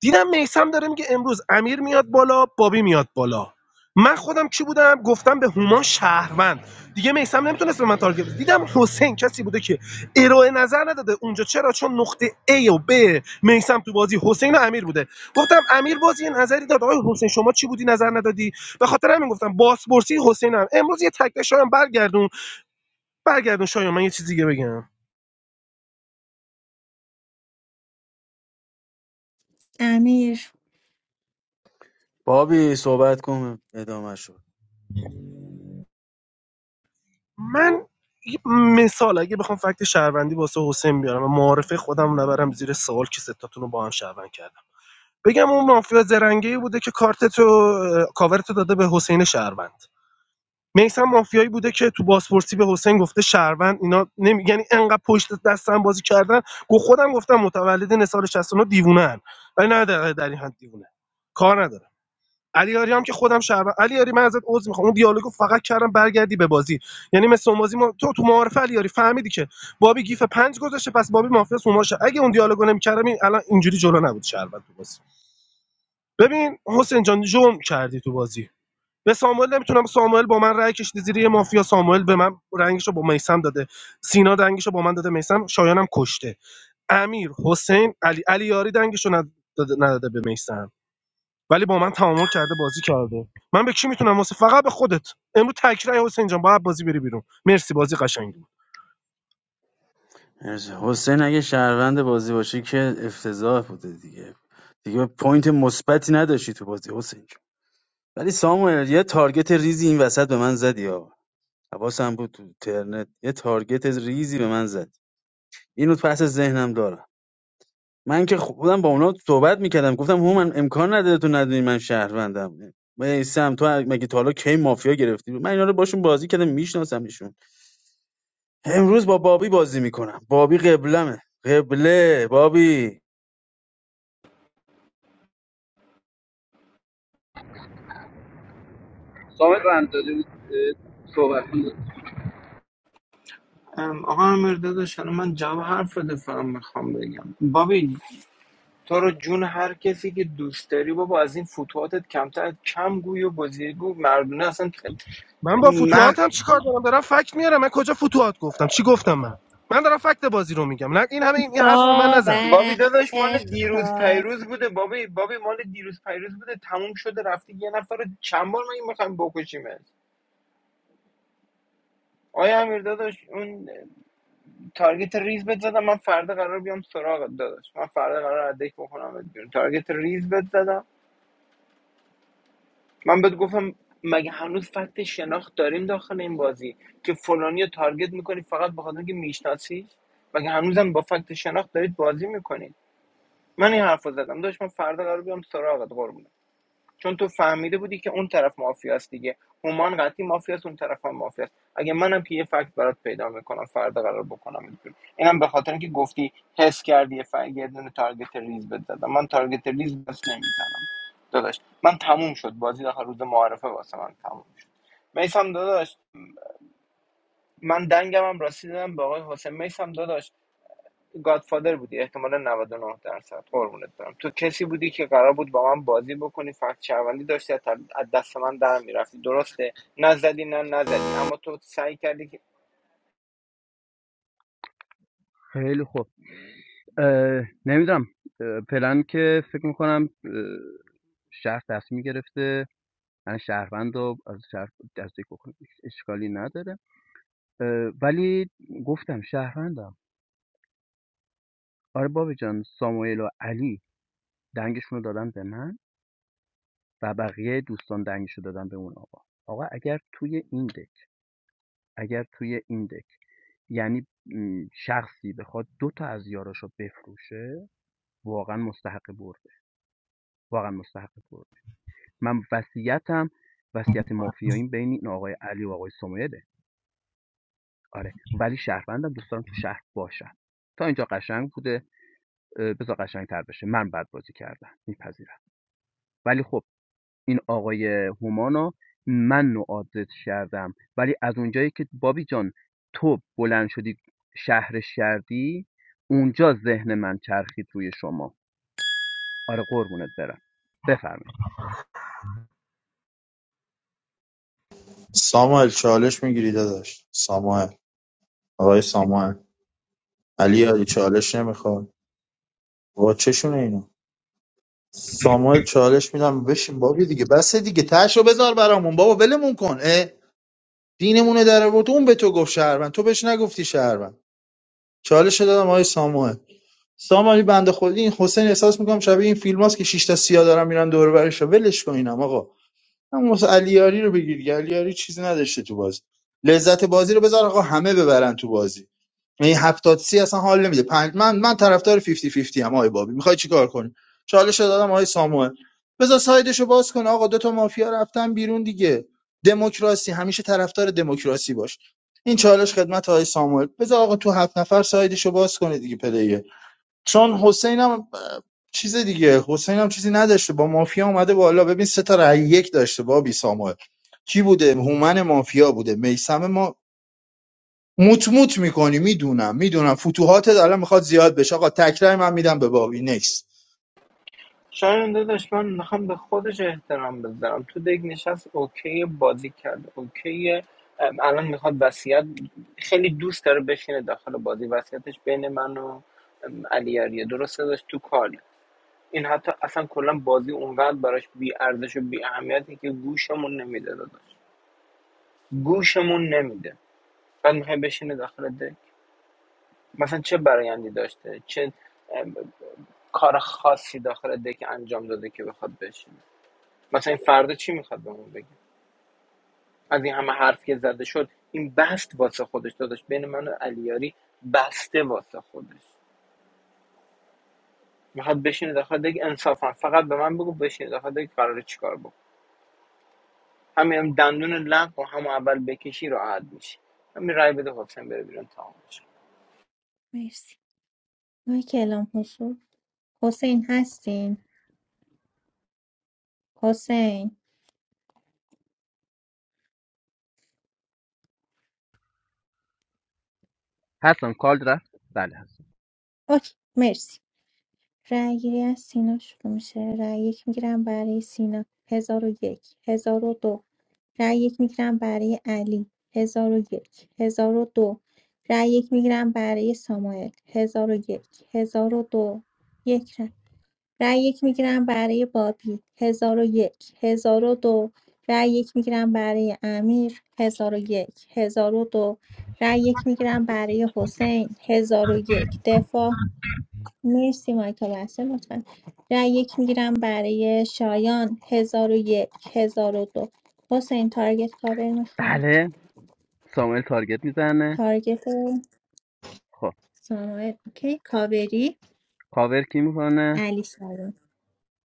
[SPEAKER 6] دیدم میسم داره میگه امروز امیر میاد بالا بابی میاد بالا من خودم چی بودم گفتم به هومان شهروند دیگه میسم نمیتونست به من تارگت بزنه. دیدم حسین کسی بوده که ارائه نظر نداده اونجا چرا چون نقطه A و B میسم تو بازی حسین و امیر بوده گفتم امیر بازی یه نظری داد آقای حسین شما چی بودی نظر ندادی به خاطر همین گفتم باسپورسی حسینم امروز یه تکل شایم برگردون برگردون شایم من یه چیز دیگه بگم
[SPEAKER 2] امیر
[SPEAKER 5] بابی صحبت کن ادامه شد
[SPEAKER 6] من یه مثال اگه بخوام فکت شهروندی واسه حسین بیارم و معارفه خودم نبرم زیر سوال که ستاتون رو با هم شهروند کردم بگم اون مافیا زرنگی بوده که کارت رو کاورت رو داده به حسین شهروند میسم مافیایی بوده که تو بازپرسی به حسین گفته شهروند اینا نمی... یعنی انقدر پشت دستم بازی کردن گو خودم گفتم متولد نسال 69 دیوونن ولی نه در, در این حد دیوونه کار نداره علیاری هم که خودم شهر علیاری من ازت عذر میخوام اون دیالوگو فقط کردم برگردی به بازی یعنی مثل اون بازی ما تو تو معارف علیاری فهمیدی که بابی گیف پنج گذاشته پس بابی مافیا سوماشه اگه اون دیالوگو نمیکردم این الان اینجوری جلو نبود شهر تو بازی ببین حسین جان جرم کردی تو بازی به ساموئل نمیتونم ساموئل با من رای کشیده زیر یه مافیا ساموئل به من رنگش رو با میسم داده سینا دنگش رو با من داده میسم شایانم کشته امیر حسین علی علیاری دنگش رو نداده نداده به میثم. ولی با من تعامل کرده بازی کرده من به کی میتونم واسه فقط به خودت امروز تکرای حسین جان باید بازی بری بیرون مرسی بازی قشنگی بود
[SPEAKER 5] حسین اگه شهروند بازی باشه که افتضاح بوده دیگه دیگه پوینت مثبتی نداشتی تو بازی حسین جون. ولی ساموئل یه تارگت ریزی این وسط به من زدی ها حواسم بود تو ترنت یه تارگت ریزی به من زد اینو پس ذهنم دارم من که خودم با اونا صحبت میکردم گفتم هومن امکان نداره تو ندونی من شهروندم میسم تو مگه تا حالا کی مافیا گرفتی من اینا رو باشون بازی کردم میشناسم ایشون امروز با بابی بازی میکنم بابی قبلمه قبله بابی
[SPEAKER 15] سامت رندادی بود اه، صحبت کن
[SPEAKER 11] ام، آقا امیر داداش الان من جواب حرف بده فقط میخوام بگم بابی تو رو جون هر کسی که دوست داری بابا از این فتوحاتت کمتر کم گوی و گزیگو مردونه اصلا
[SPEAKER 6] من با
[SPEAKER 11] من
[SPEAKER 6] فتوحاتم چیکار دارم دارم فکت میارم من کجا فتوحات گفتم چی گفتم من من دارم فکت بازی رو میگم نه این همه این این حرفو به من نزن
[SPEAKER 11] بابی
[SPEAKER 2] بابک
[SPEAKER 11] داداش مال دیروز
[SPEAKER 2] اختار
[SPEAKER 11] پیروز بوده بابی بابی مال دیروز پیروز بوده تموم شده رفته یه نفر رو چند بار من میخوام بکشیمت آیا امیر داداش اون تارگت ریز بهت زدم من فردا قرار بیام سراغت داداش من فردا قرار ادک بکنم بیرون تارگت ریز بهت زدم من بهت گفتم مگه هنوز فکت شناخت داریم داخل این بازی که فلانی رو تارگت میکنی فقط به خاطر اینکه میشناسی مگه هنوزم با فکت شناخت دارید بازی میکنید من این حرف رو زدم داشت من فردا قرار بیام سراغت قربونت چون تو فهمیده بودی که اون طرف مافیاست دیگه هومان قطعی مافیاست اون طرف هم مافیاست اگه منم که یه فکت برات پیدا میکنم فردا قرار بکنم بیرون. اینم به خاطر اینکه گفتی حس کردی یه فکت یه دونه تارگت ریز بهت زدم من تارگت ریز بس نمیزنم داداش من تموم شد بازی داخل روز معارفه واسه من تموم شد میسم داداش من دنگم هم راستی دادم به آقای حسین میسم داداش گادفادر بودی احتمالا 99 درصد قربونت برم تو کسی بودی که قرار بود با من بازی بکنی فقط شهروندی داشتی از از دست من در میرفتی درسته نزدی نه نزدی اما تو سعی کردی که
[SPEAKER 15] خیلی خوب اه، نمیدونم اه، پلن که فکر میکنم شهر تصمیم گرفته من شهروند رو از شهر دستگیر بکنه اشکالی نداره ولی گفتم شهروندم آره بابا جان ساموئل و علی دنگشون رو دادن به من و بقیه دوستان دنگشو دادن به اون آقا آقا اگر توی این دک اگر توی این دک یعنی شخصی بخواد دو تا از یاراشو بفروشه واقعا مستحق برده واقعا مستحق برده من وصیتم وصیت مافیاییم بین این آقای علی و آقای سمیده آره ولی شهروندم دوست دارم تو شهر باشم تا اینجا قشنگ بوده بذار قشنگ تر بشه من بد بازی کردم میپذیرم ولی خب این آقای هومانو من نوعاتت کردم ولی از اونجایی که بابی جان تو بلند شدی شهر شردی اونجا ذهن من چرخید روی شما آره قربونت برم بفرمایید
[SPEAKER 3] ساموئل چالش میگیری داداش ساموئل آقای ساموئل علی علی چالش نمیخواد با چشونه اینا ساموئل چالش میدم بشین بابی دیگه بسه دیگه تاشو بذار برامون بابا ولمون کن اه دینمونه در آورد اون به تو گفت شهروند تو بهش نگفتی شهروند چالش دادم آقای ساموئل ساموئل بنده خودی این حسین احساس میکنم شبیه این فیلم هاست که شش تا سیاه دارن میرن دور و برش ولش کن اینم آقا همون واسه علیاری رو بگیر دیگه. علیاری چیزی نداشته تو بازی لذت بازی رو بذار آقا همه ببرن تو بازی یعنی هفتاد سی اصلا حال نمیده پنج من من طرفدار 50 50 ام آقای بابی میخوای چیکار کنی چالش دادم آقای ساموئل بذار سایدشو باز کن آقا دو تا مافیا رفتن بیرون دیگه دموکراسی همیشه طرفدار دموکراسی باش این چالش خدمت آقای ساموئل بذار آقا تو هفت نفر سایدشو باز کنه دیگه پلیه چون حسینم چیز دیگه حسینم چیزی نداشته با مافیا اومده بالا ببین سه تا رأی یک داشته بابی ساموئل کی بوده هومن مافیا بوده میسم موت موت میکنی میدونم میدونم فتوحاتت الان میخواد زیاد بشه آقا تکرار من میدم به بابی نکس
[SPEAKER 11] شایان داداش من میخوام به خودش احترام بذارم تو دیگه نشست اوکی بازی کرد اوکی الان میخواد وصیت خیلی دوست داره بشینه داخل بازی وصیتش بین من و علی آریه درسته داشت تو کاله این حتی اصلا کلا بازی اونقدر براش بی ارزش و بی اهمیته که گوشمون نمیده داداش گوشمون نمیده بعد میخوای بشینه داخل دک مثلا چه برایندی داشته چه ام، کار خاصی داخل دک انجام داده که بخواد بشینه مثلا این فردا چی میخواد بهمون بگه از این همه حرف که زده شد این بست واسه خودش داداش بین من و علیاری بسته واسه خودش میخواد بشینه داخل دک انصافا فقط به من بگو بشینه داخل دک قراره چیکار بکنه همین دندون لق و همون اول بکشی راحت میشی همین رای بده حسین بره بیرون تمامش
[SPEAKER 2] مرسی مایکل هم حضور حسین هستین حسین
[SPEAKER 15] هستم کال رفت بله هستم
[SPEAKER 2] اوکی مرسی رأی گیری از سینا شروع میشه رأی یک میگیرم برای سینا هزار و یک هزار و دو رأی یک میگیرم برای علی هزار و یک هزار و دو رأی یک میگیرم برای ساموئل هزار و یک هزار و دو یک رأی رأی یک میگیرم برای بابی هزار و یک هزار و دو رأی یک میگیرم برای امیر هزار و یک هزار و دو رأی یک میگیرم برای حسین هزار و یک دفاع مرسی مایکل بسته لطفا رأی یک میگیرم برای شایان هزار و یک هزار و دو حسین تارگت کاور میخواید
[SPEAKER 15] بله ساموئل تارگت میزنه
[SPEAKER 2] تارگت
[SPEAKER 15] خب
[SPEAKER 2] ساموئل اوکی کاوری
[SPEAKER 15] کاور کی میکنه
[SPEAKER 2] علی سلام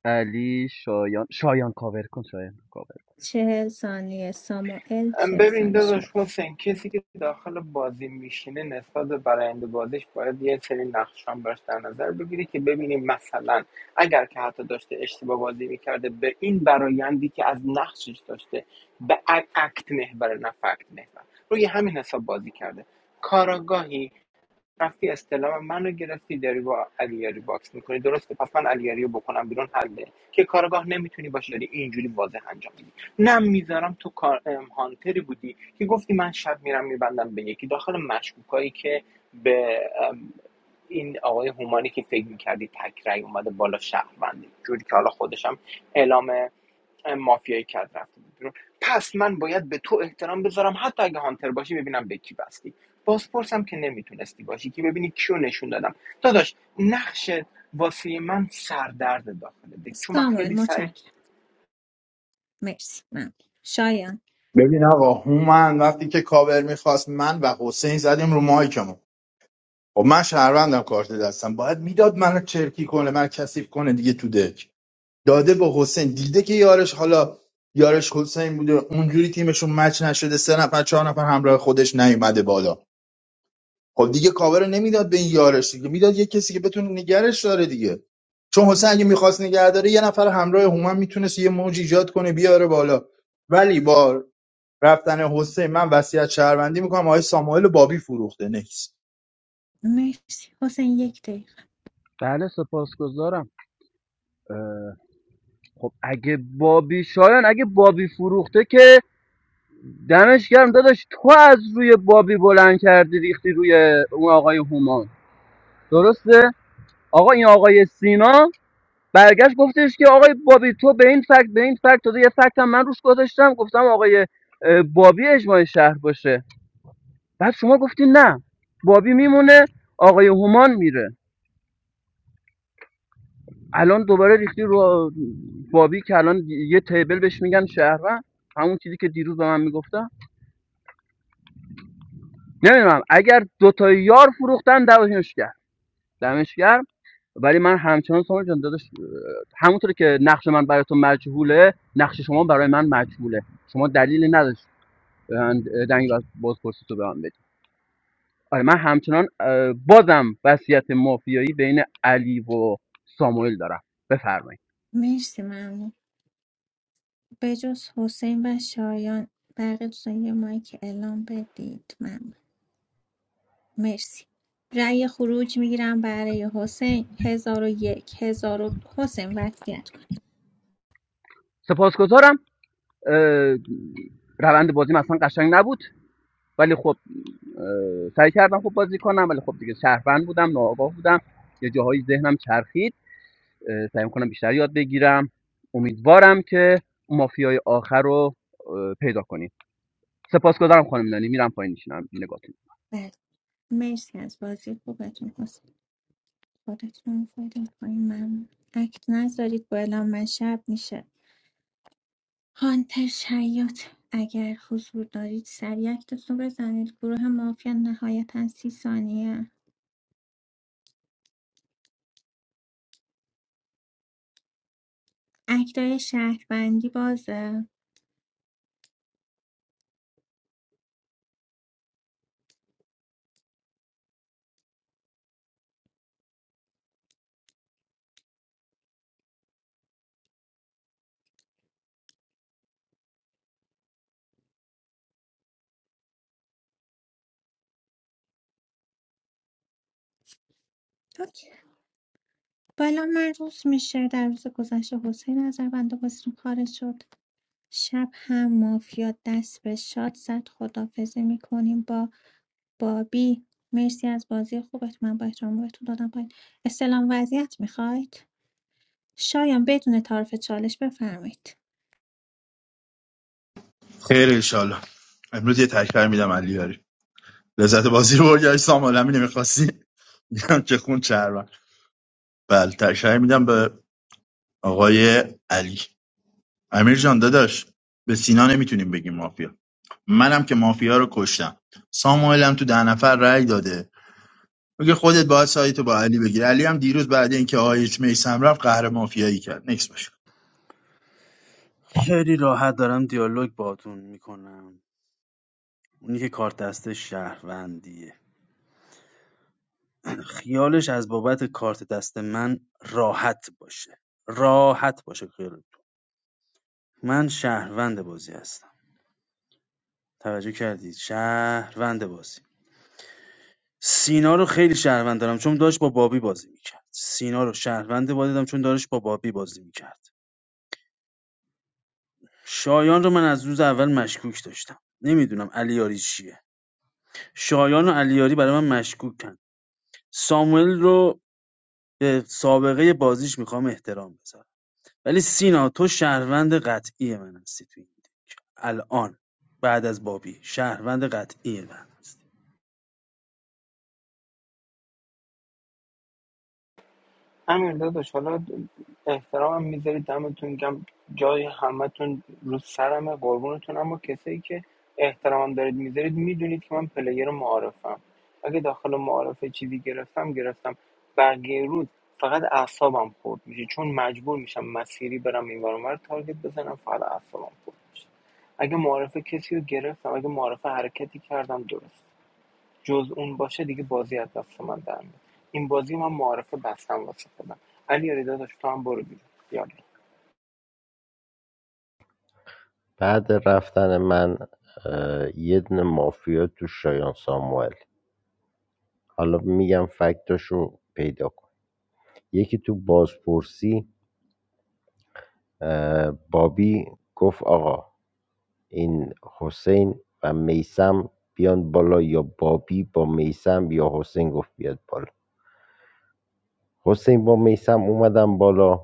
[SPEAKER 15] علی شایان شایان کاور کن شایان کاور
[SPEAKER 2] چهل ثانیه ساموئل
[SPEAKER 11] ام،
[SPEAKER 2] چهل
[SPEAKER 11] ببین
[SPEAKER 2] ثانیه
[SPEAKER 11] داداش
[SPEAKER 2] شایان
[SPEAKER 11] حسین کسی که داخل بازی میشینه نسبت به براینده بازیش باید یه سری نقشان براش در نظر بگیری که ببینیم مثلا اگر که حتی داشته اشتباه بازی میکرده به این برایندی که از نقشش داشته به ا- اکت محور نه فکت محور روی همین حساب بازی کرده کاراگاهی رفتی استلام منو گرفتی داری با علیاری باکس میکنی درسته پس من علیاری رو بکنم بیرون حله که کارگاه نمیتونی باشی داری اینجوری واضح انجام میدی نه میذارم تو کار ام، هانتری بودی که گفتی من شب میرم میبندم به یکی داخل مشکوکایی که به ام، این آقای هومانی که فکر میکردی تک رأی اومده بالا شهروندی جوری که حالا خودشم اعلام مافیای کت رفته بود بیرون پس من باید به تو احترام بذارم حتی اگه هانتر باشی ببینم به کی بستی بازپرسم که نمیتونستی باشی که ببینی کیو نشون دادم داداش نقش واسه من سردرد داخل دک چون من
[SPEAKER 2] ساموئل
[SPEAKER 11] خیلی سعی
[SPEAKER 2] متشکرم مرسی ممنون شایان
[SPEAKER 3] ببین آقا هومن وقتی که کاور میخواست من و حسین زدیم رو مایکمون خب من شهروندم کارت دستم باید میداد منو چرکی کنه من کثیف کنه دیگه تو دک داده به حسین دیده که یارش حالا یارش حسین بوده اونجوری تیمشون مچ نشده سه نفر چهار نفر همراه خودش نیومده بالا خب دیگه کاور نمیداد به این یارش دیگه میداد یه کسی که بتونه نگرش داره دیگه چون حسین اگه میخواست نگه داره یه نفر همراه هومن میتونست یه موج ایجاد کنه بیاره بالا ولی با رفتن حسین من وصیت شهروندی میکنم آقای ساموئل بابی فروخته نکس
[SPEAKER 2] مرسی حسین یک دقیقه
[SPEAKER 15] بله سپاسگزارم خب اگه بابی شایان اگه بابی فروخته که دمش گرم داداش تو از روی بابی بلند کردی ریختی روی اون آقای هومان درسته آقا این آقای سینا برگشت گفتش که آقای بابی تو به این فکت به این فکت داده یه فکت هم من روش گذاشتم گفتم آقای اه، بابی اجماع شهر باشه بعد شما گفتی نه بابی میمونه آقای هومان میره الان دوباره ریختی رو بابی که الان یه تیبل بهش میگن شهروند همون چیزی که دیروز به من میگفتن نمیدونم اگر دوتا یار فروختن دعواشون دمش گرم ولی من همچنان سامان جان داداش همونطور که نقش من برای تو مجهوله نقش شما برای من مجهوله شما دلیلی نداشت به من دنگ باز بازپرسی تو به من بدی آره من همچنان بازم وصیت مافیایی بین علی و ساموئل دارم بفرمایید
[SPEAKER 2] مرسی ممنون به جز حسین و شایان بقیه دوستان یه مایک اعلام بدید ممنون مرسی رأی خروج میگیرم برای حسین هزار و یک هزار و حسین وصیت کن
[SPEAKER 15] سپاسگزارم اه، روند بازیم اصلا قشنگ نبود ولی خب سعی کردم خوب بازی کنم ولی خب دیگه شهروند بودم ناآگاه بودم یه جاهایی ذهنم چرخید سعی کنم بیشتر یاد بگیرم امیدوارم که مافیای آخر رو پیدا کنیم سپاسگزارم خانم نانی میرم پایین میشینم نگاهتون
[SPEAKER 2] بله مرسی از بازی خوبتون حسین خودتون فایدم پایین من اکت نذارید با اعلام من شب میشه هانتر شیاط اگر حضور دارید سریع اکتتون رو بزنید گروه مافیا نهایتا سی ثانیه اکتای شهروندی بازه اوکی. بالا من روز میشه در روز گذشته حسین از روند بازیتون خارج شد شب هم مافیا دست به شاد زد خدافزی میکنیم با بابی مرسی از بازی خوبت من با احترام بهتون دادم پایین استلام وضعیت میخواید شایان بدون تعارف چالش بفرمایید
[SPEAKER 3] خیر انشالله امروز یه تکرار میدم علی یاری لذت بازی رو برگشت ساموئل همین نمیخواستی میگم که خون شهروند بله تکرار میدم به آقای علی امیر جان داداش به سینا نمیتونیم بگیم مافیا منم که مافیا رو کشتم ساموئلم تو ده نفر رأی داده میگه خودت باید سایتو با علی بگیر علی هم دیروز بعد اینکه آیچ میسم رفت قهر مافیایی کرد نکس باشه
[SPEAKER 5] خیلی راحت دارم دیالوگ باتون میکنم اونی که کارت دست شهروندیه خیالش از بابت کارت دست من راحت باشه راحت باشه خیالتون من شهروند بازی هستم توجه کردید شهروند بازی سینا رو خیلی شهروند دارم چون داشت با بابی بازی میکرد سینا رو شهروند بازی دارم چون داشت با بابی بازی میکرد شایان رو من از روز اول مشکوک داشتم نمیدونم علیاری چیه شایان و علیاری برای من مشکوکن ساموئل رو به سابقه بازیش میخوام احترام بذارم ولی سینا تو شهروند قطعی من هستی تو این دک الان بعد از بابی شهروند قطعی من هستی
[SPEAKER 11] امیر داداش حالا احترامم میذاری دمتون گم جای همتون رو سرمه قربونتون اما کسایی که احترامم دارید میذارید میدونید که من پلیر معارفم اگه داخل معارفه چیزی گرفتم گرفتم بقیه روز فقط اعصابم خورد میشه چون مجبور میشم مسیری برم این ور رو تارگت بزنم فقط اعصابم خورد میشه اگه معارفه کسی رو گرفتم اگه معارفه حرکتی کردم درست جز اون باشه دیگه بازی از دست من در میاد این بازی من معارفه بستم واسه خودم علی علی داداش تو هم برو بیرون یالا
[SPEAKER 13] بعد رفتن من اه، یه دونه مافیا تو شایان ساموئل حالا میگم فکتاشو پیدا کن یکی تو بازپرسی بابی گفت آقا این حسین و میسم بیان بالا یا بابی با میسم یا حسین گفت بیاد بالا حسین با میسم اومدم بالا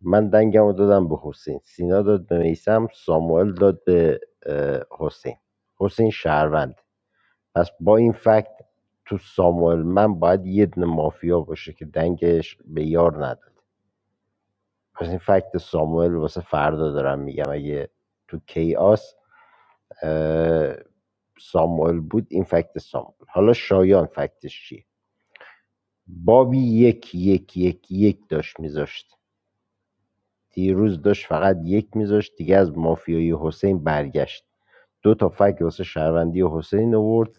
[SPEAKER 13] من دنگم دادم به حسین سینا داد به میسم ساموئل داد به حسین حسین شهروند پس با این فکت تو ساموئل من باید یه دونه مافیا باشه که دنگش به یار نداد پس این فکت ساموئل واسه فردا دارم میگم اگه تو کیاس اه، ساموئل بود این فکت ساموئل حالا شایان فکتش چیه بابی یک یک یک یک داشت میذاشت دیروز داشت فقط یک میذاشت دیگه از مافیای حسین برگشت دو تا فکت واسه شهروندی حسین آورد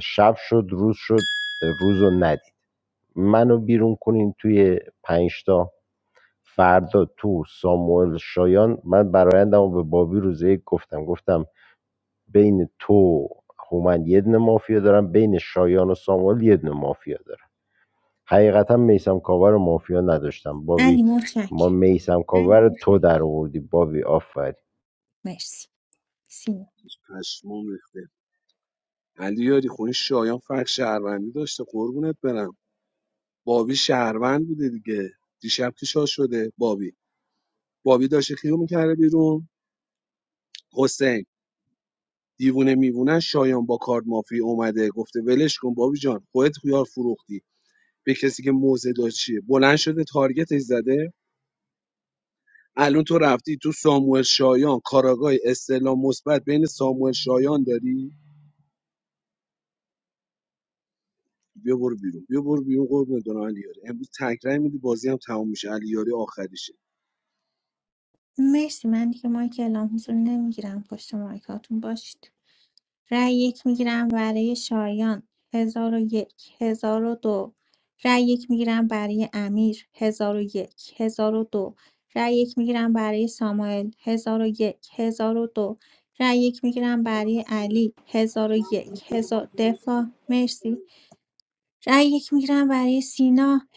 [SPEAKER 13] شب شد روز شد روز رو ندید منو بیرون کنین توی پنجتا فردا تو ساموئل شایان من برایندم و به بابی روزه یک گفتم گفتم بین تو هومن یه دونه مافیا دارم بین شایان و ساموئل یه دونه مافیا دارم حقیقتا میسم کاور و مافیا نداشتم بابی
[SPEAKER 2] علی
[SPEAKER 13] ما
[SPEAKER 2] متشکرم
[SPEAKER 13] میسم کاور رو تو در آوردی بابی آفرین
[SPEAKER 2] مرسی سینا
[SPEAKER 14] پشمام ریخته علی یاری خونی شایان فرق شهروندی داشته قربونت برم بابی شهروند بوده دیگه دیشب که شاد شده بابی بابی داشته خیو می‌کرده بیرون حسین دیوونه میوونه شایان با کارد مافیا اومده گفته ولش کن بابی جان خودت خیار فروختی به کسی که موزه داشت چیه بلند شده تارگتش زده الان تو رفتی تو ساموئل شایان کاراگاه استعلام مثبت بین ساموئل شایان داری بیا برو بیرون بیا برو بیرون قربون دون علیاری امروز تکرای میدی بازی هم تموم میشه علیاری آخریشه
[SPEAKER 2] مرسی من دیگه مایک اعلام حضور نمیگیرم پشت مایکاتون باشید رأی یک میگیرم برای شایان 1001 دو رأی یک میگیرم برای امیر 1001 دو رأی یک میگیرم برای ساموئل 1001 دو رأی یک میگیرم برای علی هزار و یک هزار دفاع مرسی رأی یک میگیرم برای سینا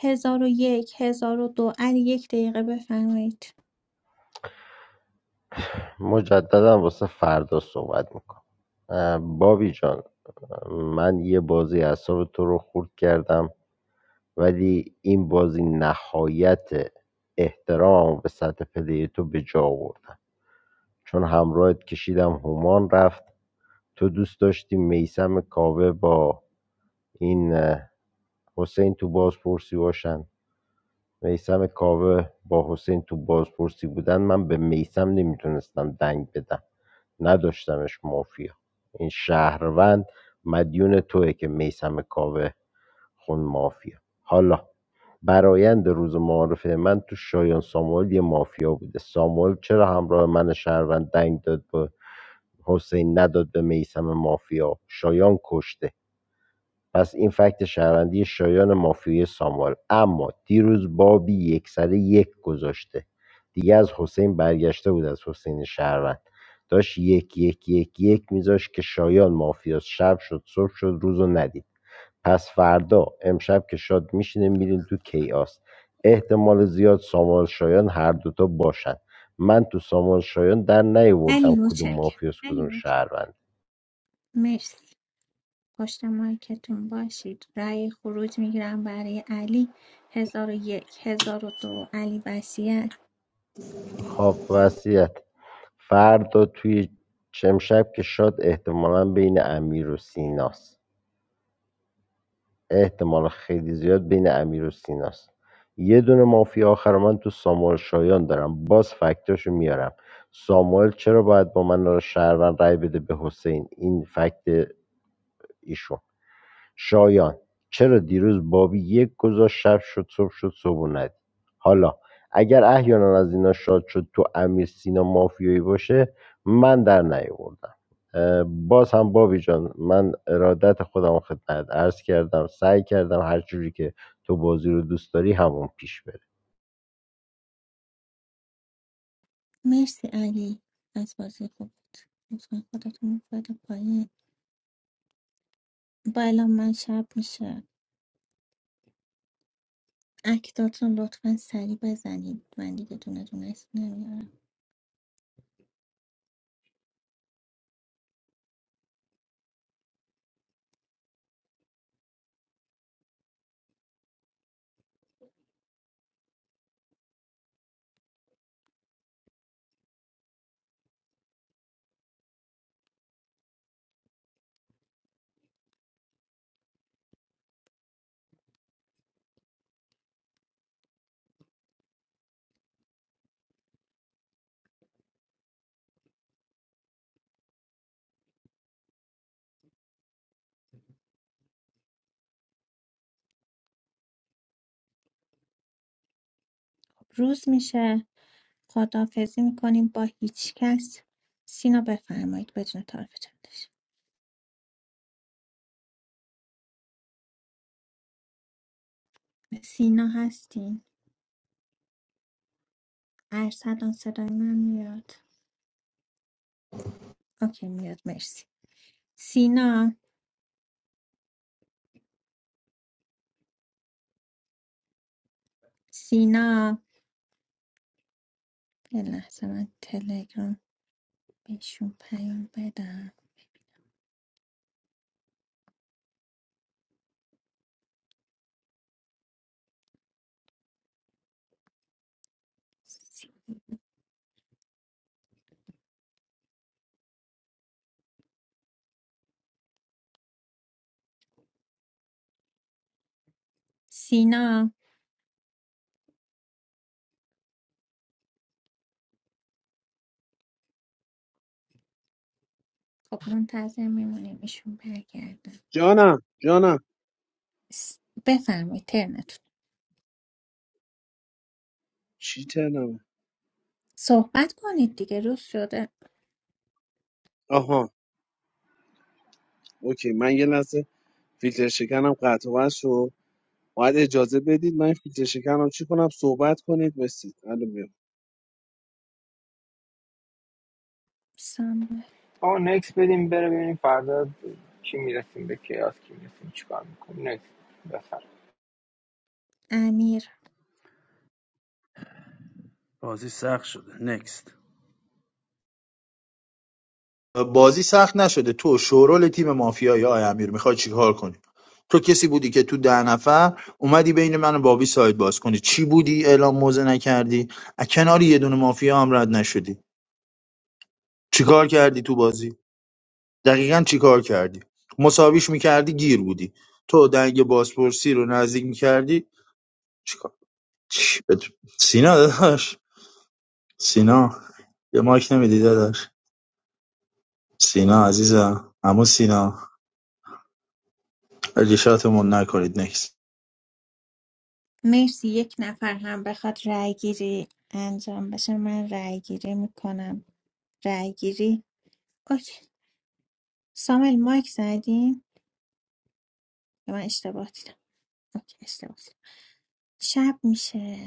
[SPEAKER 2] 1001 دو علی یک دقیقه بفرمایید
[SPEAKER 13] مجددا واسه فردا صحبت میکنم بابی جان من یه بازی اعصاب تو رو خورد کردم ولی این بازی نهایت احترام به سطح پلی تو به جا آوردم چون همراهت کشیدم هومان رفت تو دوست داشتی میسم کاوه با این حسین تو بازپرسی باشن میسم کاوه با حسین تو بازپرسی بودن من به میسم نمیتونستم دنگ بدم نداشتمش مافیا این شهروند مدیون توه که میسم کاوه خون مافیا حالا برایند روز معارفه من تو شایان ساموئل یه مافیا بوده ساموئل چرا همراه من شهروند دنگ داد به حسین نداد به میسم مافیا شایان کشته پس این فکت شهروندی شایان مافیای ساموئل اما دیروز بابی یک سره یک گذاشته دیگه از حسین برگشته بود از حسین شهروند داشت یک یک یک یک میذاش که شایان مافیاست شب شد صبح شد روزو ندید پس فردا، امشب که شاد میشینه میرین تو کیاس احتمال زیاد سامان شایان هر دوتا باشن من تو سامان شایان در
[SPEAKER 2] علی
[SPEAKER 13] نیاوردم کدوم
[SPEAKER 2] متشکرم
[SPEAKER 13] مافیاس کدوم شهروند
[SPEAKER 2] مرسی پشت مایکتون باشید رأی خروج میگیرم برای علی هزار و یک هزار و دو علی وسیعت
[SPEAKER 13] خب وصیت فردا توی امشب که شاد احتمالا بین امیر و سیناست احتمال خیلی زیاد بین امیر و سیناست یه دونه مافیا آخر من تو ساموئل شایان دارم باز فکتاشو میارم ساموئل چرا باید با من را شهروند رای بده به حسین این فکت ایشون شایان: چرا دیروز بابی یک گذاشت شب شد صبح شد صبح و ندید حالا اگر احیانا از اینا شاد شد تو امیر سینا مافیایی باشه من در نیاوردم اه، باز هم بابی جان من ارادت خودم رو خدمت عرض کردم سعی کردم هر جوری که تو بازی رو دوست داری همون پیش بره
[SPEAKER 2] مرسی علی از بازی خوب بود. لطفا خودتون رو بده پایین با اعلام من شب میشه اکتاتون لطفا سریع بزنید من دیگه دونه دونه اسم نمیارم روز میشه خداحافظی میکنیم با هیچ کس سینا بفرمایید بدون تعارف چندش سینا هستین ارسلان صدای من میاد اوکی میاد مرسی سینا سینا یه لحظه من تلگرام بهشون پیام بدم سی- سینا خب منتظر میمونیم ایشون برگردن
[SPEAKER 14] جانم جانم
[SPEAKER 2] س- بفرمایید ترنتون
[SPEAKER 14] چی تنم
[SPEAKER 2] صحبت کنید دیگه روز شده
[SPEAKER 14] آها اوکی من یه لحظه فیلتر شکنم قطع و وصل شد باید اجازه بدید من فیلتر شکنم چی کنم صحبت کنید مرسی الان میام
[SPEAKER 2] سام
[SPEAKER 11] آقا نکس بدیم بره ببینیم فردا کی میرسیم به کیاس کی میرسیم چیکار میکنیم نکس بفر
[SPEAKER 2] امیر
[SPEAKER 5] بازی سخت شده نکست
[SPEAKER 3] بازی سخت نشده تو شورول تیم مافیایی آی امیر میخوای چیکار کنی تو کسی بودی که تو ده نفر اومدی بین من و بابی سایت باز کنی چی بودی اعلام موزه نکردی از کنار یه دونه مافیا هم رد نشدی چیکار کردی تو بازی دقیقا چیکار کردی مساویش میکردی گیر بودی تو دنگ بازپرسی رو نزدیک میکردی چیکار چی بت... سینا داداش سینا یه مایک نمیدی داداش سینا عزیزم عمو سینا اجیشاتمون نکنید نکس
[SPEAKER 2] مرسی یک نفر هم بخواد رای گیری انجام بشه من رای گیری میکنم رای گیری اوکی سامل مایک زدیم یا من اشتباه دیدم اوکی اشتباه دیدم. شب میشه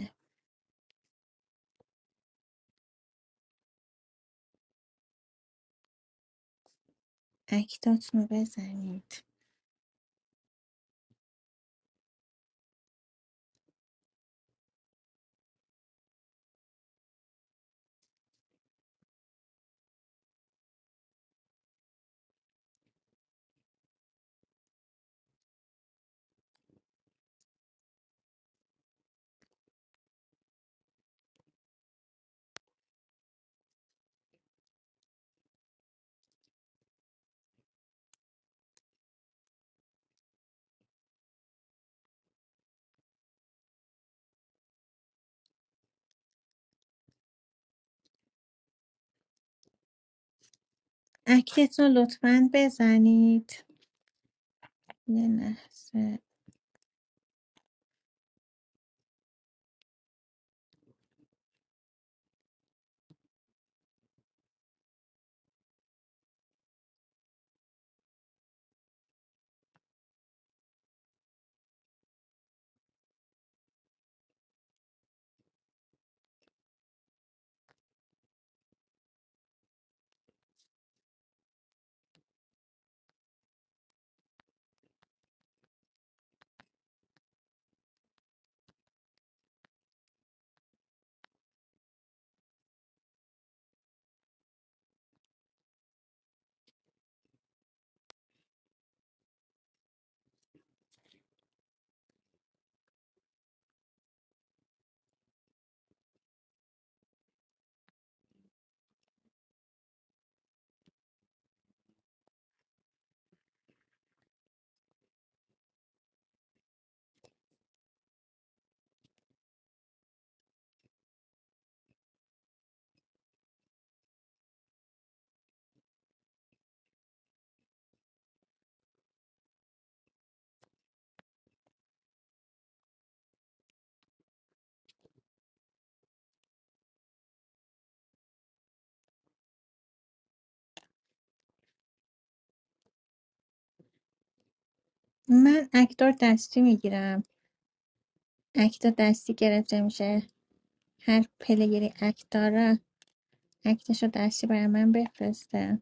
[SPEAKER 2] اکتاتون رو بزنید اکتتون رو لطفاً بزنید یه لحظه من اکتار دستی میگیرم اکتا دستی گرفته میشه هر پلیگری اکتارا، اکتش رو دستی برای من بفرسته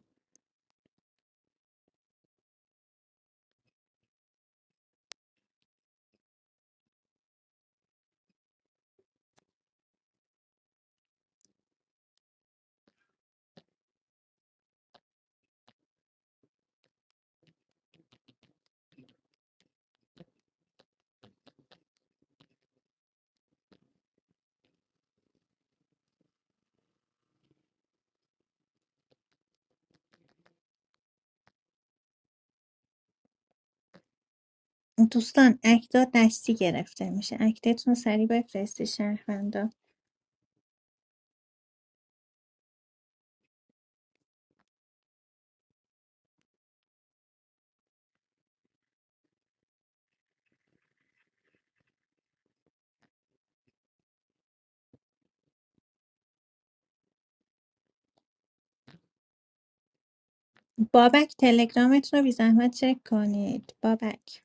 [SPEAKER 2] دوستان اکتا دستی گرفته میشه اکتتون رو سریع بفرستی شهروندا بابک تلگرامتون رو بی زحمت چک کنید بابک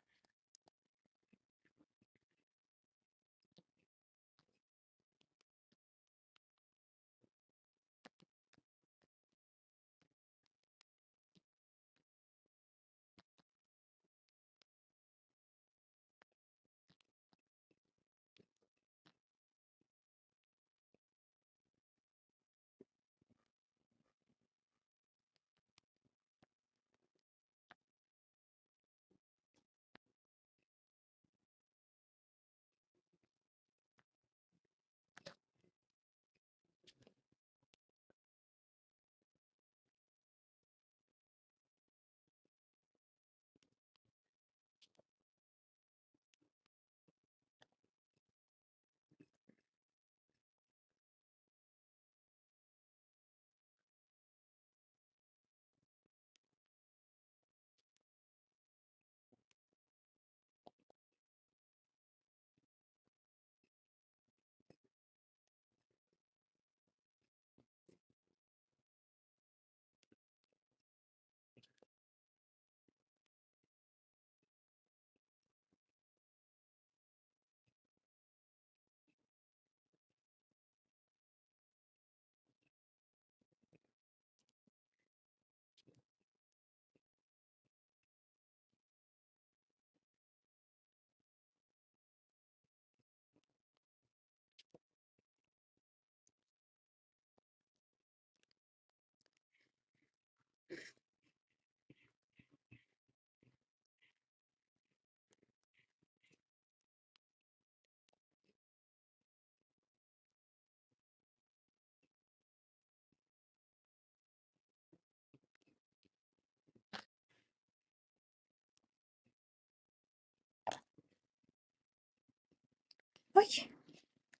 [SPEAKER 2] اوکی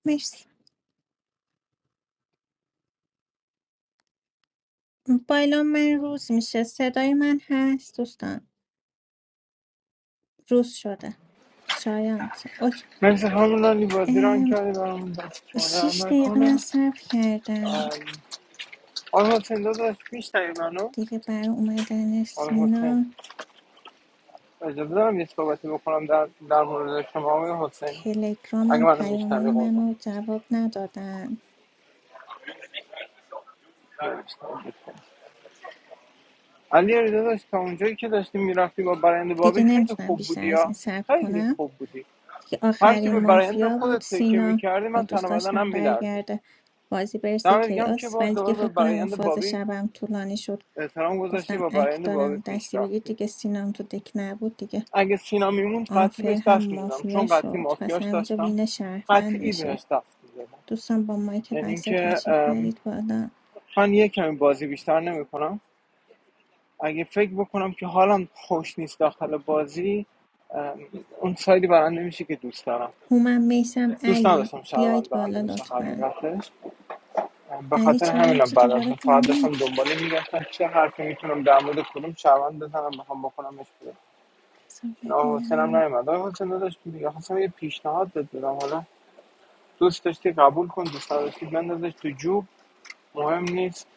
[SPEAKER 2] مرسی بایلا من روز میشه صدای من هست دوستان روز شده شایان اوکی.
[SPEAKER 11] مرسی خانم لالی بازی ران
[SPEAKER 2] ام،
[SPEAKER 11] کردی برام دست شما در
[SPEAKER 2] شیش دقیقه من
[SPEAKER 11] نکنه
[SPEAKER 2] صرف کردم
[SPEAKER 11] آقا حسین داداش میشنوی منو
[SPEAKER 2] دیگه برای اومدن
[SPEAKER 11] آقا حسین
[SPEAKER 2] سینا
[SPEAKER 11] اجازه دارم یه صحبتی بکنم در, در مورد شما آقای حسین اگه
[SPEAKER 2] تلگرامم
[SPEAKER 11] منو
[SPEAKER 2] پیامای
[SPEAKER 11] میشنوی قربان
[SPEAKER 2] منو جواب ندادن
[SPEAKER 11] علی داداش تا اونجایی که داشتیم میرفتی با برند
[SPEAKER 2] دیگه
[SPEAKER 11] بابی خیلی
[SPEAKER 2] نمیتونم
[SPEAKER 11] خوب
[SPEAKER 2] بیشتر
[SPEAKER 11] بودی
[SPEAKER 2] از
[SPEAKER 11] یا
[SPEAKER 2] این صبر
[SPEAKER 11] خیلی
[SPEAKER 2] کنم
[SPEAKER 11] خوب بودی
[SPEAKER 2] دیگه
[SPEAKER 11] هرچی
[SPEAKER 2] آخرین
[SPEAKER 11] به برایند
[SPEAKER 2] مافیا بود
[SPEAKER 11] خودت تکیه
[SPEAKER 2] سینا
[SPEAKER 11] میکردی
[SPEAKER 2] حالا
[SPEAKER 11] من تن
[SPEAKER 2] دوست
[SPEAKER 11] و بدنم
[SPEAKER 2] داشتم
[SPEAKER 11] میلرزه
[SPEAKER 2] برگرده بازی برسه
[SPEAKER 11] دم دیگه هم که
[SPEAKER 2] کیاس
[SPEAKER 11] باز
[SPEAKER 2] ولی دیگه
[SPEAKER 11] دوباره به
[SPEAKER 2] فکر کنم این
[SPEAKER 11] برایند
[SPEAKER 2] فاز
[SPEAKER 11] بابی
[SPEAKER 2] شبم طولانی شد
[SPEAKER 11] احترام گذاشتی
[SPEAKER 2] گفتم
[SPEAKER 11] با
[SPEAKER 2] اک
[SPEAKER 11] برایند بابی
[SPEAKER 2] دارم
[SPEAKER 11] پیش
[SPEAKER 2] دستی بگیر
[SPEAKER 11] رفتی
[SPEAKER 2] دیگه سینام تو دک نبود دیگه
[SPEAKER 11] اگه سینا میموند قطعی
[SPEAKER 2] آنفر
[SPEAKER 11] بهش
[SPEAKER 2] هم
[SPEAKER 11] دست میدادم
[SPEAKER 2] مافیا
[SPEAKER 11] چون قطعی
[SPEAKER 2] شد پس
[SPEAKER 11] مافیاش
[SPEAKER 2] همینجا
[SPEAKER 11] داشتم
[SPEAKER 2] وین شهروند
[SPEAKER 11] قطعی
[SPEAKER 2] میشه
[SPEAKER 11] بهش دست میدادم
[SPEAKER 2] دوستان با مایک
[SPEAKER 11] یعنی
[SPEAKER 2] بسته
[SPEAKER 11] اینکه
[SPEAKER 2] تشریف
[SPEAKER 11] ام،
[SPEAKER 2] بیارید بالا
[SPEAKER 11] من یه کمی بازی بیشتر نمیکنم اگه فکر بکنم که حالم خوش نیست داخل بازی ام، اون سایدی برنده میشه که دوست دارم
[SPEAKER 2] هومم میسم
[SPEAKER 11] دوست
[SPEAKER 2] علی
[SPEAKER 11] نداشتم شهروند
[SPEAKER 2] بیایید
[SPEAKER 11] برنده
[SPEAKER 2] بالا
[SPEAKER 11] بشه
[SPEAKER 2] لطفا
[SPEAKER 11] حقیقتش ام، به
[SPEAKER 2] علی
[SPEAKER 11] خاطر
[SPEAKER 2] چرا
[SPEAKER 11] همینم
[SPEAKER 2] رفتی
[SPEAKER 11] بعد از
[SPEAKER 2] دوباره
[SPEAKER 11] اون فقط داشتم
[SPEAKER 2] پایین
[SPEAKER 11] دنباله میگشتم چه حرفی میتونم در مورد کدوم شهروند بزنم بخوام بکنمش بیرون
[SPEAKER 2] بذار
[SPEAKER 11] این آقا حسین هم
[SPEAKER 2] ببینم
[SPEAKER 11] نیومد آقا حسین داداش دیگه خواستم یه پیشنهاد بهت بدم حالا دوست داشتی قبول کن دوست نداشتی بندازش تو جوب مهم نیست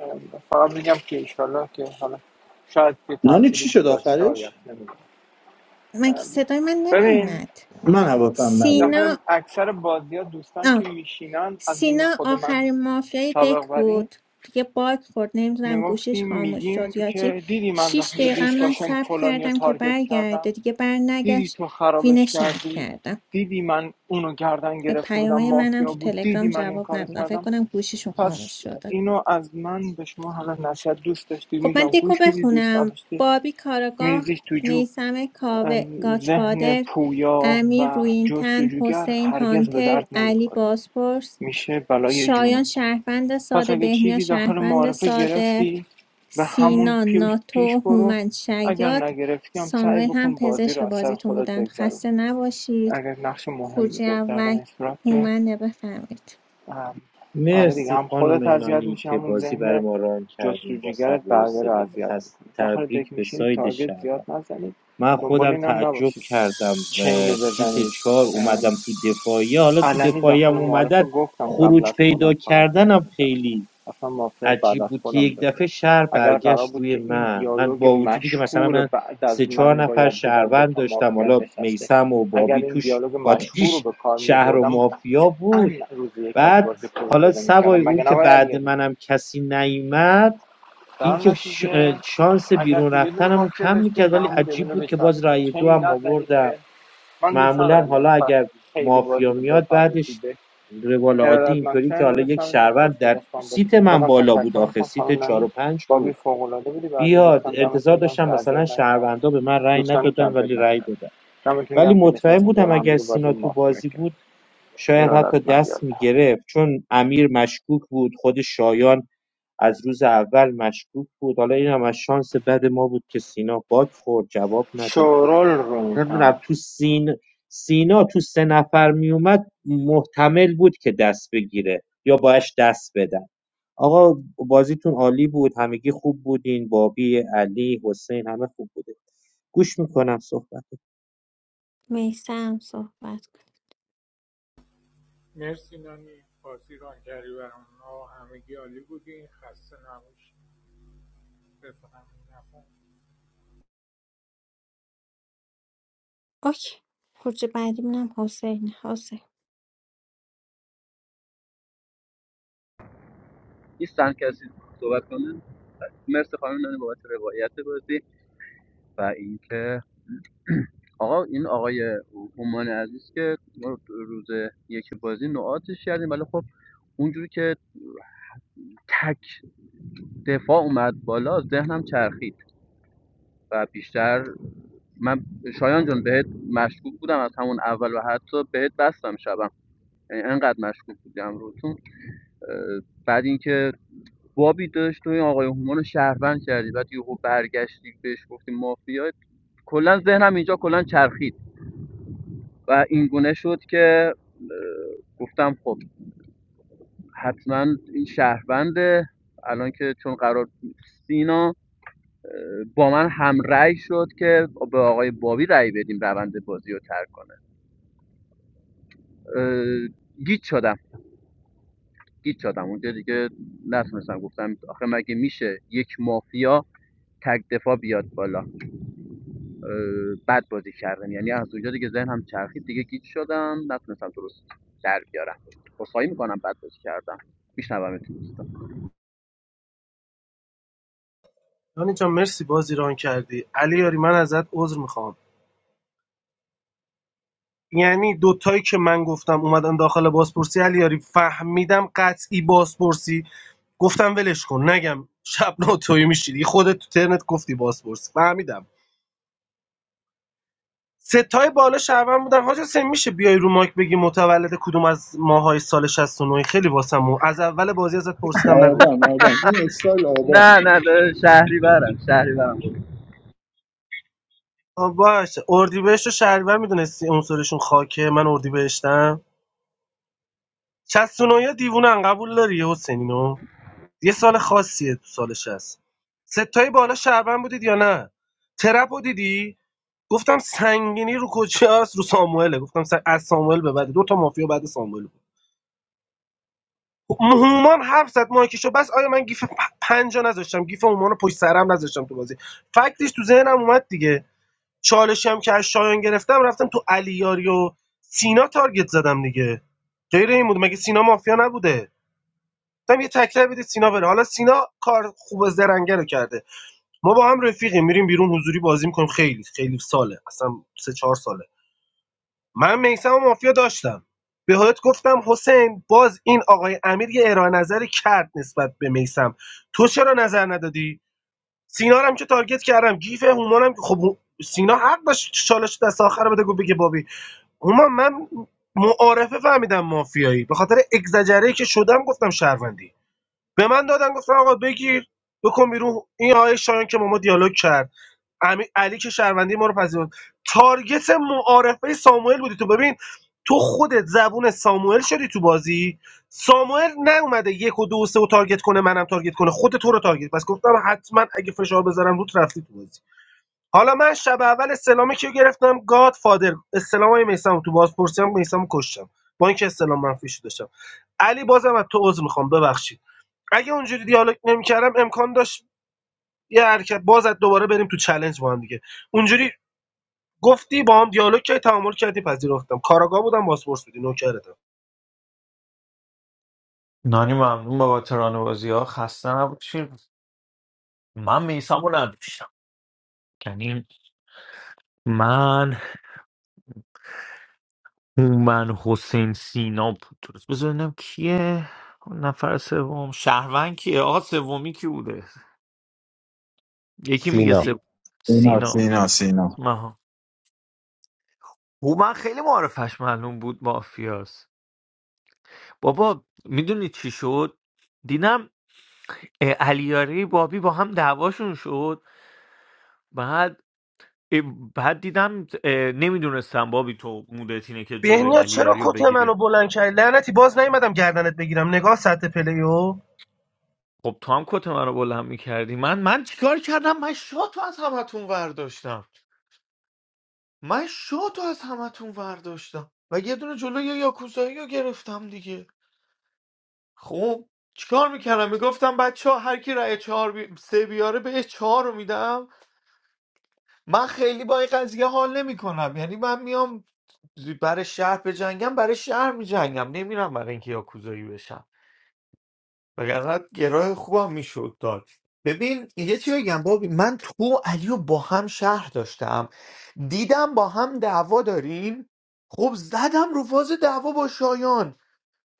[SPEAKER 11] ام، فقط میگم که ایشالله که حالا شاید یه
[SPEAKER 3] نانی
[SPEAKER 11] تأثیری
[SPEAKER 3] چی شد
[SPEAKER 11] گذاشت شاید
[SPEAKER 3] آخرش؟
[SPEAKER 11] نمیدونم
[SPEAKER 2] مگه صدای من
[SPEAKER 11] ببین
[SPEAKER 2] نمیومد
[SPEAKER 3] من حواسم نبود
[SPEAKER 11] دفعه
[SPEAKER 2] سینا
[SPEAKER 11] اکثر بازی ها دوستان
[SPEAKER 2] آه
[SPEAKER 11] که میشینن از جمله
[SPEAKER 2] سینا
[SPEAKER 11] خود من
[SPEAKER 2] آخرین مافیای
[SPEAKER 11] سابق
[SPEAKER 2] دک
[SPEAKER 11] برین
[SPEAKER 2] بود دیگه باگ خورد نمیدونم گوشیش
[SPEAKER 11] میگفتیم
[SPEAKER 2] خاموش
[SPEAKER 11] میگیم
[SPEAKER 2] شد یا چی
[SPEAKER 11] که دیدی من
[SPEAKER 2] شیش
[SPEAKER 11] داخل
[SPEAKER 2] دقیقه من
[SPEAKER 11] دیسکاشن
[SPEAKER 2] صبر
[SPEAKER 11] فلانی رو
[SPEAKER 2] کردم که
[SPEAKER 11] تارگت
[SPEAKER 2] برگرده
[SPEAKER 11] کردم
[SPEAKER 2] دیگه بر
[SPEAKER 11] دیدی
[SPEAKER 2] نگشت
[SPEAKER 11] تو
[SPEAKER 2] وین
[SPEAKER 11] خرابش
[SPEAKER 2] شهر
[SPEAKER 11] کردی
[SPEAKER 2] کردم
[SPEAKER 11] دیدی من اونو گردن
[SPEAKER 2] به
[SPEAKER 11] گرفته بودم
[SPEAKER 2] پیامای منم
[SPEAKER 11] مافیا
[SPEAKER 2] تو
[SPEAKER 11] بود
[SPEAKER 2] تلگرام
[SPEAKER 11] دیدی من این
[SPEAKER 2] جواب
[SPEAKER 11] کارو
[SPEAKER 2] ندادم فکر
[SPEAKER 11] کردم
[SPEAKER 2] کنم گوشیشون خاموش
[SPEAKER 11] پس
[SPEAKER 2] شده
[SPEAKER 11] اینو از من به شما حالا نصیحت دوست داشتی
[SPEAKER 2] خب من
[SPEAKER 11] میگم
[SPEAKER 2] دکو
[SPEAKER 11] گوش میدی دوست
[SPEAKER 2] بخونم
[SPEAKER 11] نداشتی
[SPEAKER 2] بابی کاراگاه
[SPEAKER 11] میریزیش تو جوب
[SPEAKER 2] میسم کاوه
[SPEAKER 11] ذهن
[SPEAKER 2] گاتفادر
[SPEAKER 11] پویا
[SPEAKER 2] امیر
[SPEAKER 11] و
[SPEAKER 2] روینتن
[SPEAKER 11] جستجوگر
[SPEAKER 2] حسین
[SPEAKER 11] هرگز به
[SPEAKER 2] هانتر
[SPEAKER 11] درد
[SPEAKER 2] علی
[SPEAKER 11] نمیخوره
[SPEAKER 2] بازپرس
[SPEAKER 11] میشه بلای جونت
[SPEAKER 2] شایان شهروند
[SPEAKER 11] پس
[SPEAKER 2] ساده
[SPEAKER 11] اگه
[SPEAKER 2] بهنیا
[SPEAKER 11] چیزی داخل
[SPEAKER 2] شهروند
[SPEAKER 11] معارفه
[SPEAKER 2] ساده
[SPEAKER 11] گرفتی به همون
[SPEAKER 2] سینا
[SPEAKER 11] پیش
[SPEAKER 2] ناتو
[SPEAKER 11] برو
[SPEAKER 2] هومن
[SPEAKER 11] اگر
[SPEAKER 2] شیاد
[SPEAKER 11] نگرفتی هم سعی
[SPEAKER 2] ساموئل هم
[SPEAKER 11] بکن بازی
[SPEAKER 2] پزشک
[SPEAKER 11] رو از سر
[SPEAKER 2] بازیتون
[SPEAKER 11] خودت
[SPEAKER 2] بودن
[SPEAKER 11] بگذرون
[SPEAKER 2] خسته نباشید
[SPEAKER 11] اگر نقش مهم
[SPEAKER 2] خروجی
[SPEAKER 11] بوده در
[SPEAKER 2] اول
[SPEAKER 11] این صورت که
[SPEAKER 2] هومنه بفرمایید
[SPEAKER 11] ام، آره دیگه
[SPEAKER 7] مرسی
[SPEAKER 11] هم خودت
[SPEAKER 7] خانم
[SPEAKER 11] اذیت
[SPEAKER 7] نانی
[SPEAKER 11] میشه
[SPEAKER 7] که
[SPEAKER 11] همون
[SPEAKER 7] بازی برای
[SPEAKER 11] ذهن
[SPEAKER 7] ما ران کردیم با
[SPEAKER 11] جستجوگرت
[SPEAKER 7] صبر و
[SPEAKER 11] بقیه رو
[SPEAKER 7] حوصله
[SPEAKER 11] اذیت
[SPEAKER 7] خست
[SPEAKER 11] میکنه داخل دک
[SPEAKER 7] تبریک به
[SPEAKER 11] میشینید
[SPEAKER 7] ساید
[SPEAKER 11] تارگت زیاد
[SPEAKER 7] شهروند
[SPEAKER 11] نزنید
[SPEAKER 7] من
[SPEAKER 11] دنبال
[SPEAKER 7] خودم
[SPEAKER 11] این هم
[SPEAKER 7] تعجب
[SPEAKER 11] نباشید
[SPEAKER 7] کردم
[SPEAKER 11] چین رو
[SPEAKER 7] اه، سیت چهار
[SPEAKER 11] بزنید
[SPEAKER 7] اومدم تو دفاعیه حالا تو
[SPEAKER 11] علنی
[SPEAKER 7] دفاعیه هم
[SPEAKER 11] داخل
[SPEAKER 7] اومدن
[SPEAKER 11] معارفه گفتم قبل
[SPEAKER 7] خروج
[SPEAKER 11] از
[SPEAKER 7] پیدا
[SPEAKER 11] خودم فقط یه دونه
[SPEAKER 7] کردنم
[SPEAKER 11] دارم
[SPEAKER 7] خیلی
[SPEAKER 11] اصلا مافیا بعد
[SPEAKER 7] عجیب
[SPEAKER 11] از
[SPEAKER 7] بود که
[SPEAKER 11] خودم
[SPEAKER 7] یک دفعه
[SPEAKER 11] داشتم
[SPEAKER 7] شهر
[SPEAKER 11] اگر قرار
[SPEAKER 7] برگشت
[SPEAKER 11] بود
[SPEAKER 7] روی
[SPEAKER 11] که این
[SPEAKER 7] من من
[SPEAKER 11] دیالوگ
[SPEAKER 7] با وجودی که مثلا
[SPEAKER 11] مشهور
[SPEAKER 7] من
[SPEAKER 11] بعد
[SPEAKER 7] سه
[SPEAKER 11] از
[SPEAKER 7] چهار
[SPEAKER 11] من
[SPEAKER 7] نفر
[SPEAKER 11] باید بگم
[SPEAKER 7] شهروند
[SPEAKER 11] دوتا
[SPEAKER 7] داشتم
[SPEAKER 11] مافیا
[SPEAKER 7] حالا
[SPEAKER 11] نشسته
[SPEAKER 7] میسم و
[SPEAKER 11] اگر
[SPEAKER 7] بابی
[SPEAKER 11] این
[SPEAKER 7] توش
[SPEAKER 11] دیالوگ مشهور رو
[SPEAKER 7] قاتلیش
[SPEAKER 11] به کار می
[SPEAKER 7] شهر و
[SPEAKER 11] بردم
[SPEAKER 7] مافیا
[SPEAKER 11] قطعا
[SPEAKER 7] بود
[SPEAKER 11] روز یک از
[SPEAKER 7] بعد
[SPEAKER 11] بازی خروج
[SPEAKER 7] حالا
[SPEAKER 11] پیدا می کردم
[SPEAKER 7] سوای اون
[SPEAKER 11] مگه نه
[SPEAKER 7] که
[SPEAKER 11] آقای
[SPEAKER 7] بعد
[SPEAKER 11] علیعلی
[SPEAKER 7] منم کسی نیومد این
[SPEAKER 11] در
[SPEAKER 7] که ش-
[SPEAKER 11] نتیجه
[SPEAKER 7] شانس
[SPEAKER 11] اگر
[SPEAKER 7] بیرون
[SPEAKER 11] که یه دونه
[SPEAKER 7] رفتنمو
[SPEAKER 11] مافیا
[SPEAKER 7] کم
[SPEAKER 11] داشتیم
[SPEAKER 7] میکرد
[SPEAKER 11] به
[SPEAKER 7] ولی
[SPEAKER 11] همون یه
[SPEAKER 7] عجیب
[SPEAKER 11] دونه
[SPEAKER 7] بود که باز
[SPEAKER 11] بچسبید
[SPEAKER 7] رأی دو
[SPEAKER 11] چین
[SPEAKER 7] هم
[SPEAKER 11] نزنید
[SPEAKER 7] آوردم
[SPEAKER 11] که من دوست
[SPEAKER 7] معمولا
[SPEAKER 11] ندارم یه
[SPEAKER 7] حالا
[SPEAKER 11] نفر
[SPEAKER 7] اگر
[SPEAKER 11] خیلی بازی
[SPEAKER 7] مافیا
[SPEAKER 11] رو
[SPEAKER 7] میاد
[SPEAKER 11] بفهمه تو
[SPEAKER 7] بعدش
[SPEAKER 11] دک.
[SPEAKER 7] روال عادی
[SPEAKER 11] ارادت
[SPEAKER 7] اینطوری که
[SPEAKER 11] مکشن
[SPEAKER 7] حالا
[SPEAKER 11] داداش
[SPEAKER 7] یک
[SPEAKER 11] دمتون خوش
[SPEAKER 7] شهروند
[SPEAKER 11] به
[SPEAKER 7] در
[SPEAKER 11] دستان بازی
[SPEAKER 7] سیت
[SPEAKER 11] کنم
[SPEAKER 7] من
[SPEAKER 11] بازم
[SPEAKER 7] بالا بود
[SPEAKER 11] تشکر
[SPEAKER 7] آخه
[SPEAKER 11] میکنم خانم
[SPEAKER 7] سیت چهار
[SPEAKER 11] نانی
[SPEAKER 7] و پنج
[SPEAKER 11] بابی
[SPEAKER 7] بود
[SPEAKER 11] فوقالعاده بودی بقیه
[SPEAKER 7] بیاد
[SPEAKER 11] دوستان
[SPEAKER 7] انتظار
[SPEAKER 11] دمتون گم
[SPEAKER 7] داشتم
[SPEAKER 11] که
[SPEAKER 7] مثلا
[SPEAKER 11] اذیت نکردیم
[SPEAKER 7] شهروندا به من رأی
[SPEAKER 11] دوستانی که
[SPEAKER 7] ندادن
[SPEAKER 11] اذیت
[SPEAKER 7] ولی رأی
[SPEAKER 11] نکردیم
[SPEAKER 7] دادن
[SPEAKER 11] دمتون
[SPEAKER 7] ولی
[SPEAKER 11] گم که
[SPEAKER 7] مطمئن
[SPEAKER 11] نشستیم دور
[SPEAKER 7] بودم
[SPEAKER 11] هم
[SPEAKER 7] اگر
[SPEAKER 11] دیگه بازی
[SPEAKER 7] سینا تو
[SPEAKER 11] مافیا
[SPEAKER 7] بازی
[SPEAKER 11] کرد
[SPEAKER 7] بود شاید
[SPEAKER 11] ارادت
[SPEAKER 7] حتی
[SPEAKER 11] من
[SPEAKER 7] دست
[SPEAKER 11] یالله
[SPEAKER 7] میگرفت چون امیر مشکوک بود خود شایان از روز اول مشکوک بود حالا این هم از شانس بد ما بود که سینا باک خورد جواب نداد
[SPEAKER 11] شورال رو میکنم
[SPEAKER 7] نمیدونم تو سین سینا تو سه نفر میومد محتمل بود که دست بگیره یا باش دست بدن آقا بازیتون عالی بود همگی خوب بودین بابی علی حسین همه خوب بودین گوش میکنم صحبت
[SPEAKER 2] میسم صحبت کن
[SPEAKER 12] مرسی نانی بازی ران کردی برام آقا همگی عالی بودین خسته نباشین بفهم نفهم
[SPEAKER 2] اوکی خروج بعدیمون هم حسین حسین
[SPEAKER 15] نیستن کسی صحبت کنه مرسی خانم نانی بابت روایت بازی و اینکه آقا این آقای هومان عزیز که ما روز یک بازی نوعاتش کردیم ولی خب اونجوری که تک دفاع اومد بالا ذهنم چرخید و بیشتر من شایان جان بهت مشکوک بودم از همون اول و حتی بهت بستم شبم یعنی انقدر مشکوک بودی امروتون بعد اینکه بابی داشت تو این آقای هومان رو شهروند کردی بعد یهو برگشتی بهش گفتی مافیا کلا ذهنم اینجا کلا چرخید و این گونه شد که گفتم خب حتما این شهرونده الان که چون قرار سینا با من هم رأی شد که به آقای بابی رأی بدیم روند بازی رو ترک کنه اه، گیج شدم گیج شدم اونجا دیگه نتونستم گفتم آخه مگه میشه یک مافیا تک دفاع بیاد بالا اه، بد بازی کردم یعنی از اونجا دیگه که هم چرخید دیگه گیج شدم نتونستم درست در بیارم عذرخواهی میکنم بد بازی کردم میشنوم دوستان
[SPEAKER 6] دانی جان مرسی بازی ران کردی علی یاری من ازت عذر میخوام یعنی دوتایی که من گفتم اومدن داخل بازپرسی علیاری فهمیدم قطعی بازپرسی گفتم ولش کن نگم شب ناتوی میشی دیگه خودت تو ترنت گفتی بازپرسی فهمیدم ستای بالا شهروند بودن حاج حسین میشه بیای رو مایک بگی متولد کدوم از ماهای سال 69 خیلی واسمو از اول بازی ازت پرسیدم
[SPEAKER 3] آبان
[SPEAKER 6] نگفتی
[SPEAKER 3] آبان این استایل آبان
[SPEAKER 15] نه نه ده- شهری برم شهری برم بود
[SPEAKER 6] آه، باشه اردیبهشت و شهریور میدونستی عنصرشون خاکه من اردیبهشتم 69 دیوونن قبول داری حسینینو یه سال خاصیه تو سال 60 ستای بالا شهروند بودید یا نه ترپ رو دیدی گفتم سنگینی رو کجاست رو ساموئله گفتم سن... از ساموئل به بعد دو تا مافیا بعد ساموئل بود مومان حرف زد مایکشو بس آیا من گیف پ- پنجا نذاشتم گیف مومان رو پشت سرم نذاشتم تو بازی فکتش تو ذهنم اومد دیگه چالشی هم که از شایان گرفتم رفتم تو علیاری و سینا تارگت زدم دیگه غیر این بود مگه سینا مافیا نبوده گفتم یه تکرار بدید سینا بره حالا سینا کار خوب زرنگه رو کرده ما با هم رفیقیم میریم بیرون حضوری بازی میکنیم خیلی خیلی ساله اصلا سه چهار ساله من میسم و مافیا داشتم به حالت گفتم حسین باز این آقای امیر یه ارائه نظری کرد نسبت به میسم تو چرا نظر ندادی سینا رو هم که تارگت کردم گیف هومانم که خب سینا حق داشت چالش دست آخر رو بده گفت بگه بابی هومان من معارفه فهمیدم مافیایی به خاطر اگزجری که شدم گفتم شهروندی به من دادن گفتن آقا بگیر بکن بیرون این آقای شایان که با ما دیالوگ کرد امی- علی که شهروندی ما رو پذیرفت تارگت معارفه ساموئل بودی تو ببین تو خودت زبون ساموئل شدی تو بازی ساموئل نیومده یک و دو و سه و تارگت کنه منم تارگت کنه خود تو رو تارگت پس گفتم حتما اگه فشار بذارم روت رفتی تو بازی حالا من شب اول استلام کیو گرفتم گاد فادر استلام های میسم تو بازپرسی هم میسم کشتم با اینکه استلام منفی شده داشتم علی بازم از تو عذر میخوام ببخشید اگه اونجوری دیالوگ نمیکردم امکان داشت یه حرکت باز از دوباره بریم تو چلنج با هم دیگه اونجوری گفتی با هم دیالوگ کردی تعامل کردی پذیرفتم کاراگاه بودم پاسپورت بودی نوکرتم
[SPEAKER 9] نانی ممنون بابت بازی ها خسته نباشین من میسم رو نداشتم یعنی من هومن حسین سینا بود درست بذار ببینم کیه خب، نفر سوم شهروند کیه آقا سومی کی بوده یکی میگه
[SPEAKER 13] سینا
[SPEAKER 9] سو...
[SPEAKER 3] سینا
[SPEAKER 9] سینا
[SPEAKER 3] سینا سینا
[SPEAKER 9] مها هومن خیلی معرفش معلوم بود مافیاست بابا میدونی چی شد دیدم اه، علیاری بابی با هم دعواشون شد بعد اه، بعد دیدم نمیدونستم بابی تو مودت اینه که جلوی
[SPEAKER 6] بهنیا چرا
[SPEAKER 9] علیاری رو
[SPEAKER 6] کت منو
[SPEAKER 9] بگیریم
[SPEAKER 6] بلند کردی لعنتی باز نیومدم گردنت بگیرم نگاه سطح پلیو
[SPEAKER 9] خب تو هم کت من رو بلند میکردی من من چیکار کردم من شاتو از همتون ورداشتم من شاتو از همتون ورداشتم و یه دونه جلوی یاکوزایی رو گرفتم دیگه خب چیکار میکردم میگفتم بچه ها هر کی رأی چهار بی... سه بیاره بهش چهار رو میدم من خیلی با این قضیه حال نمیکنم یعنی من میام برای شهر بجنگم برای شهر میجنگم نمیرم برای اینکه یاکوزایی بشم وگرنه گراه خوبم میشد داد ببین یه چی بگم بابی من تو و علی رو با هم شهر داشتم دیدم با هم دعوا دارین خب زدم رو فاز دعوا با شایان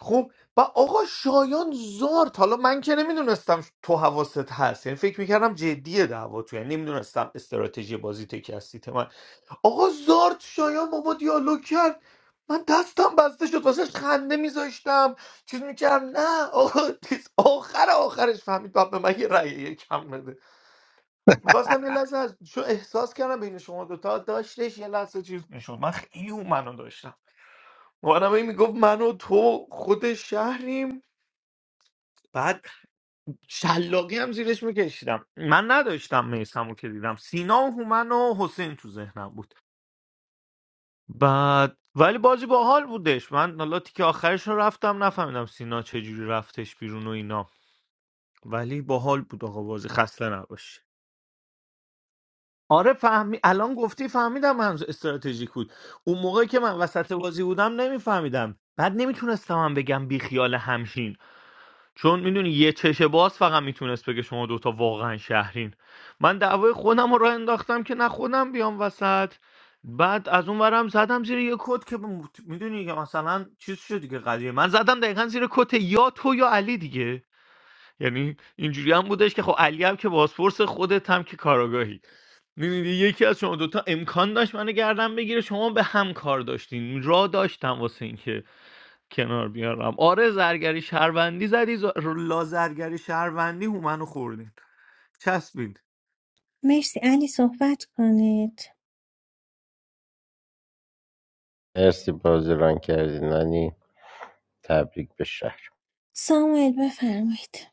[SPEAKER 9] خب و آقا شایان زارت حالا من که نمیدونستم تو حواست هست یعنی فکر میکردم جدیه دعوا تو یعنی نمیدونستم استراتژی بازی تکی هستی آقا زارت شایان با ما دیالوگ کرد من دستم بسته شد واسهش خنده میذاشتم چیز میکردم نه آقا چیز آخر آخرش فهمید باید به من یه رأی یکم بده میخواستم یه لحظه از چون احساس کردم بین شما دوتا داشتش یه لحظه چیز میشد من خیلی اون منو داشتم مامانم این میگفت من و تو خود شهریم بعد شلاقی هم زیرش میکشیدم من نداشتم میسمو که دیدم سینا و هومن و حسین تو ذهنم بود بعد ولی بازی باحال بودش من حالا تیک آخرش رو رفتم نفهمیدم سینا چجوری رفتش بیرون و اینا ولی باحال بود آقا بازی خسته نباشی آره فهمی الان گفتی فهمیدم هنوز استراتژیک بود اون موقع که من وسط بازی بودم نمیفهمیدم بعد نمیتونستم هم بگم بیخیال همشین چون میدونی یه چشه باز فقط میتونست بگه شما دوتا واقعا شهرین من دعوای خودم رو راه انداختم که نه خودم بیام وسط بعد از اون ورم زدم زیر یه کت که م- میدونی که مثلا چیز شد دیگه قضیه من زدم دقیقا زیر کت یا تو یا علی دیگه یعنی اینجوری هم بودش که خب علی هم که بازپرس خودت هم که کاراگاهی میدونی یکی از شما دوتا امکان داشت منو گردن بگیره شما به هم کار داشتین را داشتم واسه اینکه کنار بیارم آره زرگری شهروندی زدی ز... لا زرگری شهروندی هومنو خوردین چسبید
[SPEAKER 2] مرسی علی صحبت کنید
[SPEAKER 13] مرسی بازی ران کردی نانی تبریک به شهر
[SPEAKER 2] ساموئل بفرمایید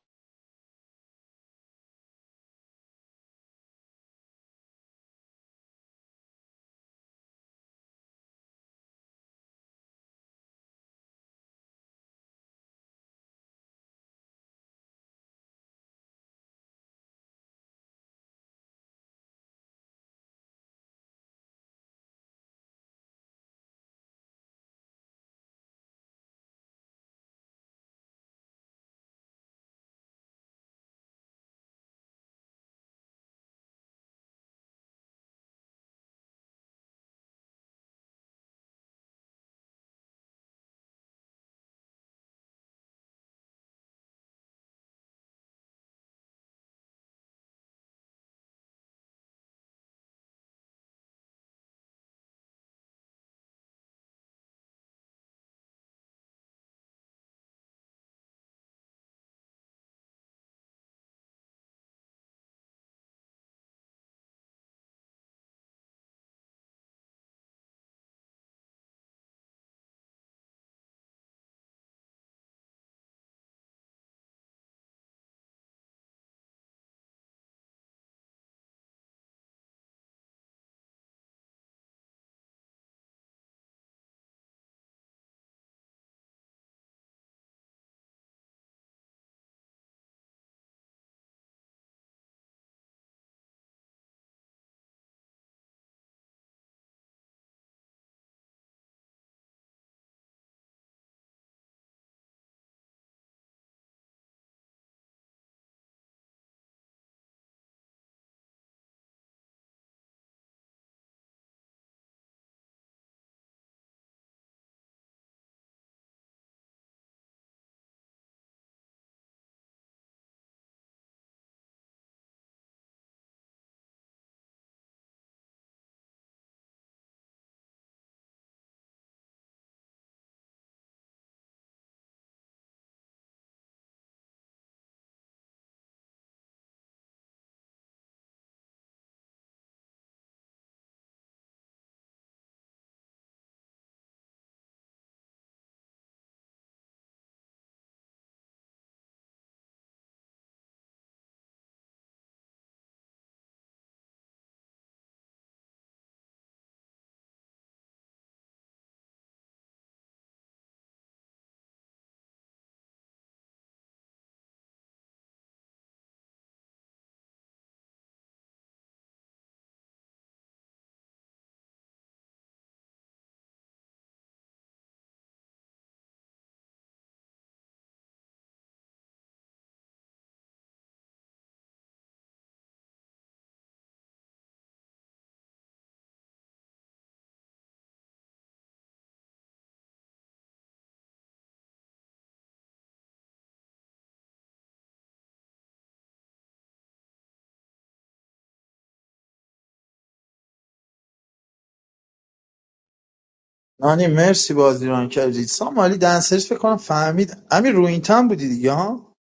[SPEAKER 3] نانی مرسی بازی ران کردی سامالی دنسرز فکر کنم فهمید امیر رو این تن بودی دیگه ها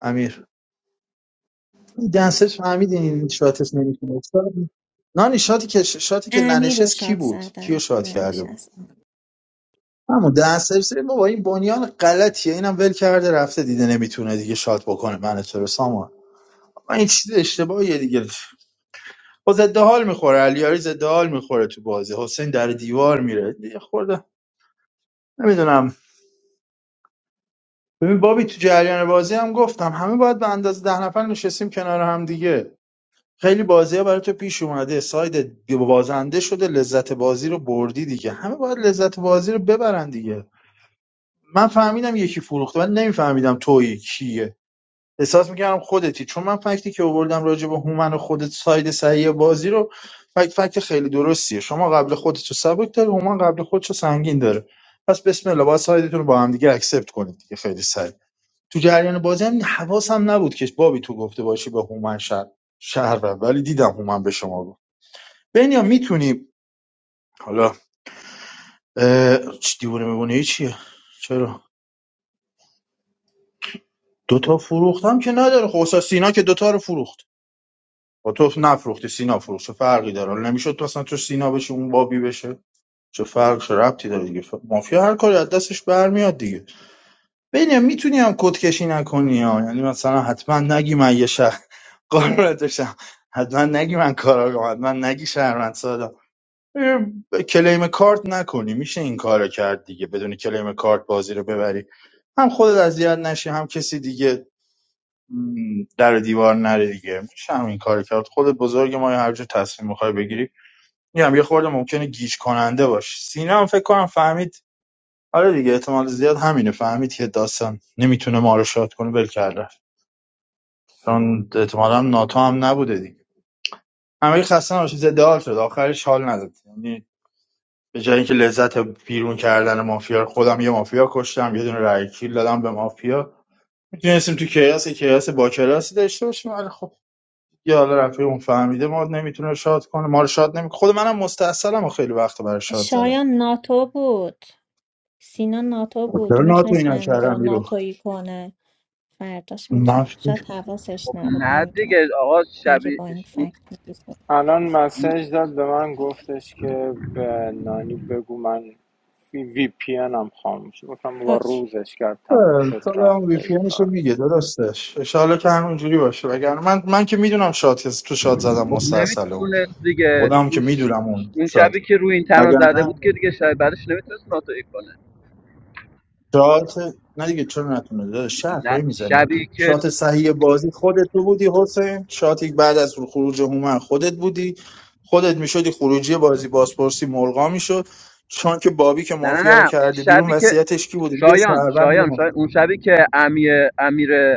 [SPEAKER 3] امیر دنسرز فهمید این شاتش نمیتونه نانی شاتی که شاتی که
[SPEAKER 2] امیر رو
[SPEAKER 3] ننشست کی
[SPEAKER 2] شاد
[SPEAKER 3] بود کیو
[SPEAKER 2] زدن
[SPEAKER 3] شات کرده بود
[SPEAKER 2] ننشست
[SPEAKER 3] همون ده سرسری سری بابا این بنیان غلطیه اینم ول کرده رفته دیده نمیتونه دیگه شات بکنه من تو رو سامان این چیز اشتباهیه دیگه با ضد حال میخوره علیاری ضد حال میخوره تو بازی حسین در دیوار میره دیگه خورده نمیدونم ببین بابی تو جریان بازی هم گفتم همه باید به اندازه ده نفر نشستیم کنار هم دیگه خیلی بازی ها برای تو پیش اومده ساید بازنده شده لذت بازی رو بردی دیگه همه باید لذت بازی رو ببرن دیگه من فهمیدم یکی فروخته من نمیفهمیدم تویی کیه احساس میکردم خودتی چون من فکتی که آوردم راجع به هومن و خودت ساید صحیح بازی رو فکت فکت خیلی درستیه شما قبل خودت رو سبک داره هومن قبل خودش رو سنگین داره پس بسم الله باید سایدتون رو با هم دیگه اکسپت کنید دیگه خیلی سریع تو جریان بازی هم حواسم نبود که بابی تو گفته باشی به هومن شهر شهر بر. ولی دیدم هومن به شما گفت بنیا میتونی حالا چی دیوونه میبونه چیه چرا دوتا فروختم که نداره خب استاد سینا که دوتا رو فروخت با تو نفروختی سینا فروخت چه فرقی داره حالا نمیشد تو اصلا تو سینا بشه اون بابی بشه چه فرق چه ربطی داره دیگه ف- مافیا هر کاری از دستش برمیاد دیگه ببین میتونی هم کد کشی نکنی ها یعنی مثلا حتما نگی من یه شهر قارتشم حتما نگی من کاراگام حتما نگی شهروند سادا کلیم کارت نکنی میشه این کارو کرد دیگه بدون کلیم کارت بازی رو ببری هم خودت اذیت نشی هم کسی دیگه م، در و دیوار نره دیگه میشه همین کار کرد خود بزرگ ما یا هر جور تصمیم میخوای بگیری میگم یه خورده ممکنه گیج کننده باش سینا هم فکر کنم فهمید آره دیگه احتمال زیاد همینه فهمید که داستان نمیتونه ما رو شاد کنه ول کرده چون احتمالا هم ناتو هم نبوده دیگه همه خسته نباشید ضد حال شد آخرش حال نداد یعنی به جای اینکه لذت بیرون کردن مافیا رو- خودم یه مافیا کشتم یه دونه رای کیل دادم به مافیا میتونستیم تو کیاس کیاس با کلاسی داشته باشیم ولی خب یا حالا رفیق اون فهمیده ما نمیتونه شاد کنه ما رو شاد نمی خود منم مستاصلم و خیلی وقت برای شاد زدم
[SPEAKER 2] شایان ناتو بود سینا ناتو بود
[SPEAKER 3] چرا ناتو
[SPEAKER 2] میتونست
[SPEAKER 3] اینا
[SPEAKER 2] امیر رو
[SPEAKER 3] کردم بیرو
[SPEAKER 2] ناتویی کنه فرداش میتونه
[SPEAKER 3] من
[SPEAKER 2] شاید حواسش
[SPEAKER 15] خب
[SPEAKER 2] نبود
[SPEAKER 15] نه
[SPEAKER 2] نمیدونه
[SPEAKER 15] دیگه آقا
[SPEAKER 2] اگه
[SPEAKER 15] شبیه
[SPEAKER 2] با این
[SPEAKER 15] اون-
[SPEAKER 2] فکت می‌دید.
[SPEAKER 11] الان
[SPEAKER 15] اون-
[SPEAKER 11] مسیج داد به من گفتش که به نانی بگو من وی پی هم خاموشه گفتم با
[SPEAKER 2] اوکی
[SPEAKER 11] روزش کرد تموم شد
[SPEAKER 3] سال هم
[SPEAKER 11] رفت به
[SPEAKER 3] وی
[SPEAKER 11] این
[SPEAKER 3] پی رو
[SPEAKER 11] کار
[SPEAKER 3] میگه درستش انشالله که همونجوری باشه وگرنه من من که میدونم شاد کس- تو شاد زدم
[SPEAKER 15] خب
[SPEAKER 3] مستاصلم
[SPEAKER 15] نمیتونست دیگه
[SPEAKER 3] خودم که
[SPEAKER 15] اون,
[SPEAKER 3] میدونم اون
[SPEAKER 15] اون
[SPEAKER 3] شاد
[SPEAKER 15] شبی که روی این تنها
[SPEAKER 3] وگرنه
[SPEAKER 15] زده بود که دیگه شاید بعدش نمیتونست ناتوی کنه
[SPEAKER 3] شات نه دیگه چرا نتونه داره حرفایی
[SPEAKER 15] نه
[SPEAKER 3] میزنی
[SPEAKER 15] شبی که
[SPEAKER 3] شات صحیح بازی خودت تو بودی حسین شاتی بعد از خروج هومن خودت بودی خودت میشدی خروجی بازی بازپرسی ملغا میشد چون که بابی که
[SPEAKER 15] نه نه
[SPEAKER 3] مافیا رو
[SPEAKER 15] نه اون
[SPEAKER 3] کرده بیرون
[SPEAKER 15] شبی که
[SPEAKER 3] وصیتش کی بوده یه
[SPEAKER 15] شایان
[SPEAKER 3] شهروند یه
[SPEAKER 15] شایان
[SPEAKER 3] مافیا
[SPEAKER 15] شایان اون شبی که امیر امیر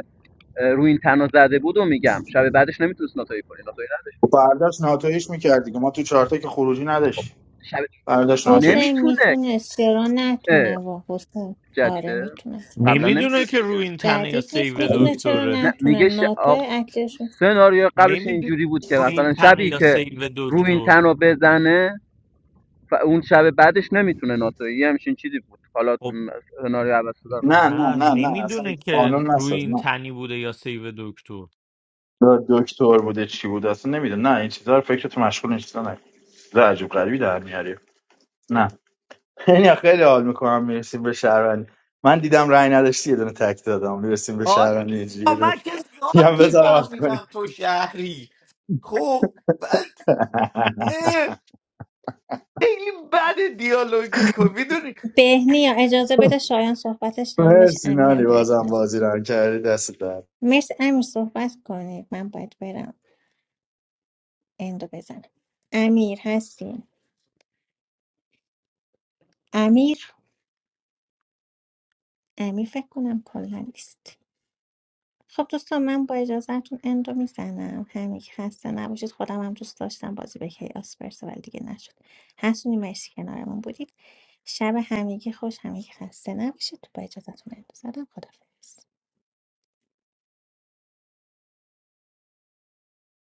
[SPEAKER 15] رو این تنها زده بود و میگم شب بعدش نمیتونست ناتایی کنه ناتایی نداشت
[SPEAKER 3] خب برداشت ناتویش میکردی که ما تو چهارتا که خروجی نداشتیم
[SPEAKER 15] شب
[SPEAKER 3] برداشت ناتویش
[SPEAKER 2] حسین
[SPEAKER 15] نمیتونه
[SPEAKER 2] میتونست چرا نتونه
[SPEAKER 15] که
[SPEAKER 2] و حسین آره
[SPEAKER 15] جدیده
[SPEAKER 2] میتونه چرا
[SPEAKER 15] قبلا
[SPEAKER 2] نتونه
[SPEAKER 9] نمیدونه که
[SPEAKER 15] نمیتونسته که
[SPEAKER 9] روی این تنه یا
[SPEAKER 2] جدید نیست
[SPEAKER 9] سیو
[SPEAKER 2] میتونه چرا
[SPEAKER 9] دکتره
[SPEAKER 15] نه
[SPEAKER 2] نتونه
[SPEAKER 15] میگه ش...
[SPEAKER 2] ناتو
[SPEAKER 15] آق...
[SPEAKER 2] اکتش
[SPEAKER 15] سناریو قبلش
[SPEAKER 9] نمیدونه
[SPEAKER 15] اینجوری بود که
[SPEAKER 9] روی این
[SPEAKER 15] مثلا
[SPEAKER 9] تنه
[SPEAKER 15] شبی
[SPEAKER 9] یا
[SPEAKER 15] که
[SPEAKER 9] سیو
[SPEAKER 15] رو این
[SPEAKER 9] دکتر
[SPEAKER 15] تنها بزنه و اون شب بعدش نمیتونه ناتایی یه همچین چیزی بود حالا
[SPEAKER 9] خب
[SPEAKER 15] سناریو عوض شده
[SPEAKER 3] نه نه
[SPEAKER 9] نه
[SPEAKER 3] نه نه اصلا
[SPEAKER 9] نمیدونه که
[SPEAKER 3] قانون
[SPEAKER 9] روی
[SPEAKER 3] نساز
[SPEAKER 9] این
[SPEAKER 3] نه
[SPEAKER 9] تنی بوده یا سیو دکتر
[SPEAKER 3] دکتر بوده چی بود اصلا نمیده نه این چیزا رو فکرتو مشغول این چیزا نه عجب غریبی در میاری نه. خیلی خیلی حال میکنم میرسیم به شهروندی من دیدم رأی نداشتی یه دونه تک دادم میرسیم به
[SPEAKER 9] آره
[SPEAKER 3] شهروندی اینجوری یه
[SPEAKER 9] آه،
[SPEAKER 3] دونه
[SPEAKER 9] من که
[SPEAKER 3] میگم
[SPEAKER 9] ذاتی
[SPEAKER 3] بذار وقت کنی
[SPEAKER 9] فهمیدم تو شهری خب بعد اه، خیلی بد دیالوگ میکنی
[SPEAKER 2] بهنیا اجازه بده شایان صحبتش تمام بشه
[SPEAKER 3] مرسی نانی
[SPEAKER 2] امیرم حرف
[SPEAKER 3] بازم
[SPEAKER 2] نزن
[SPEAKER 3] بازی رو کردی دست در
[SPEAKER 2] مرسی امیر صحبت کنید من باید برم اندو بزنم امیر هستین امیر امیر فکر کنم کلا نیست خب دوستان من با اجازهتون اندو میزنم همین که خسته نباشید خودم هم دوست داشتم بازی به کیاس برسه ولی دیگه نشد هستونی مرسی کنارمون بودید شب همگی خوش همگی خسته نباشید با اجازهتون اندو زدم خدافظ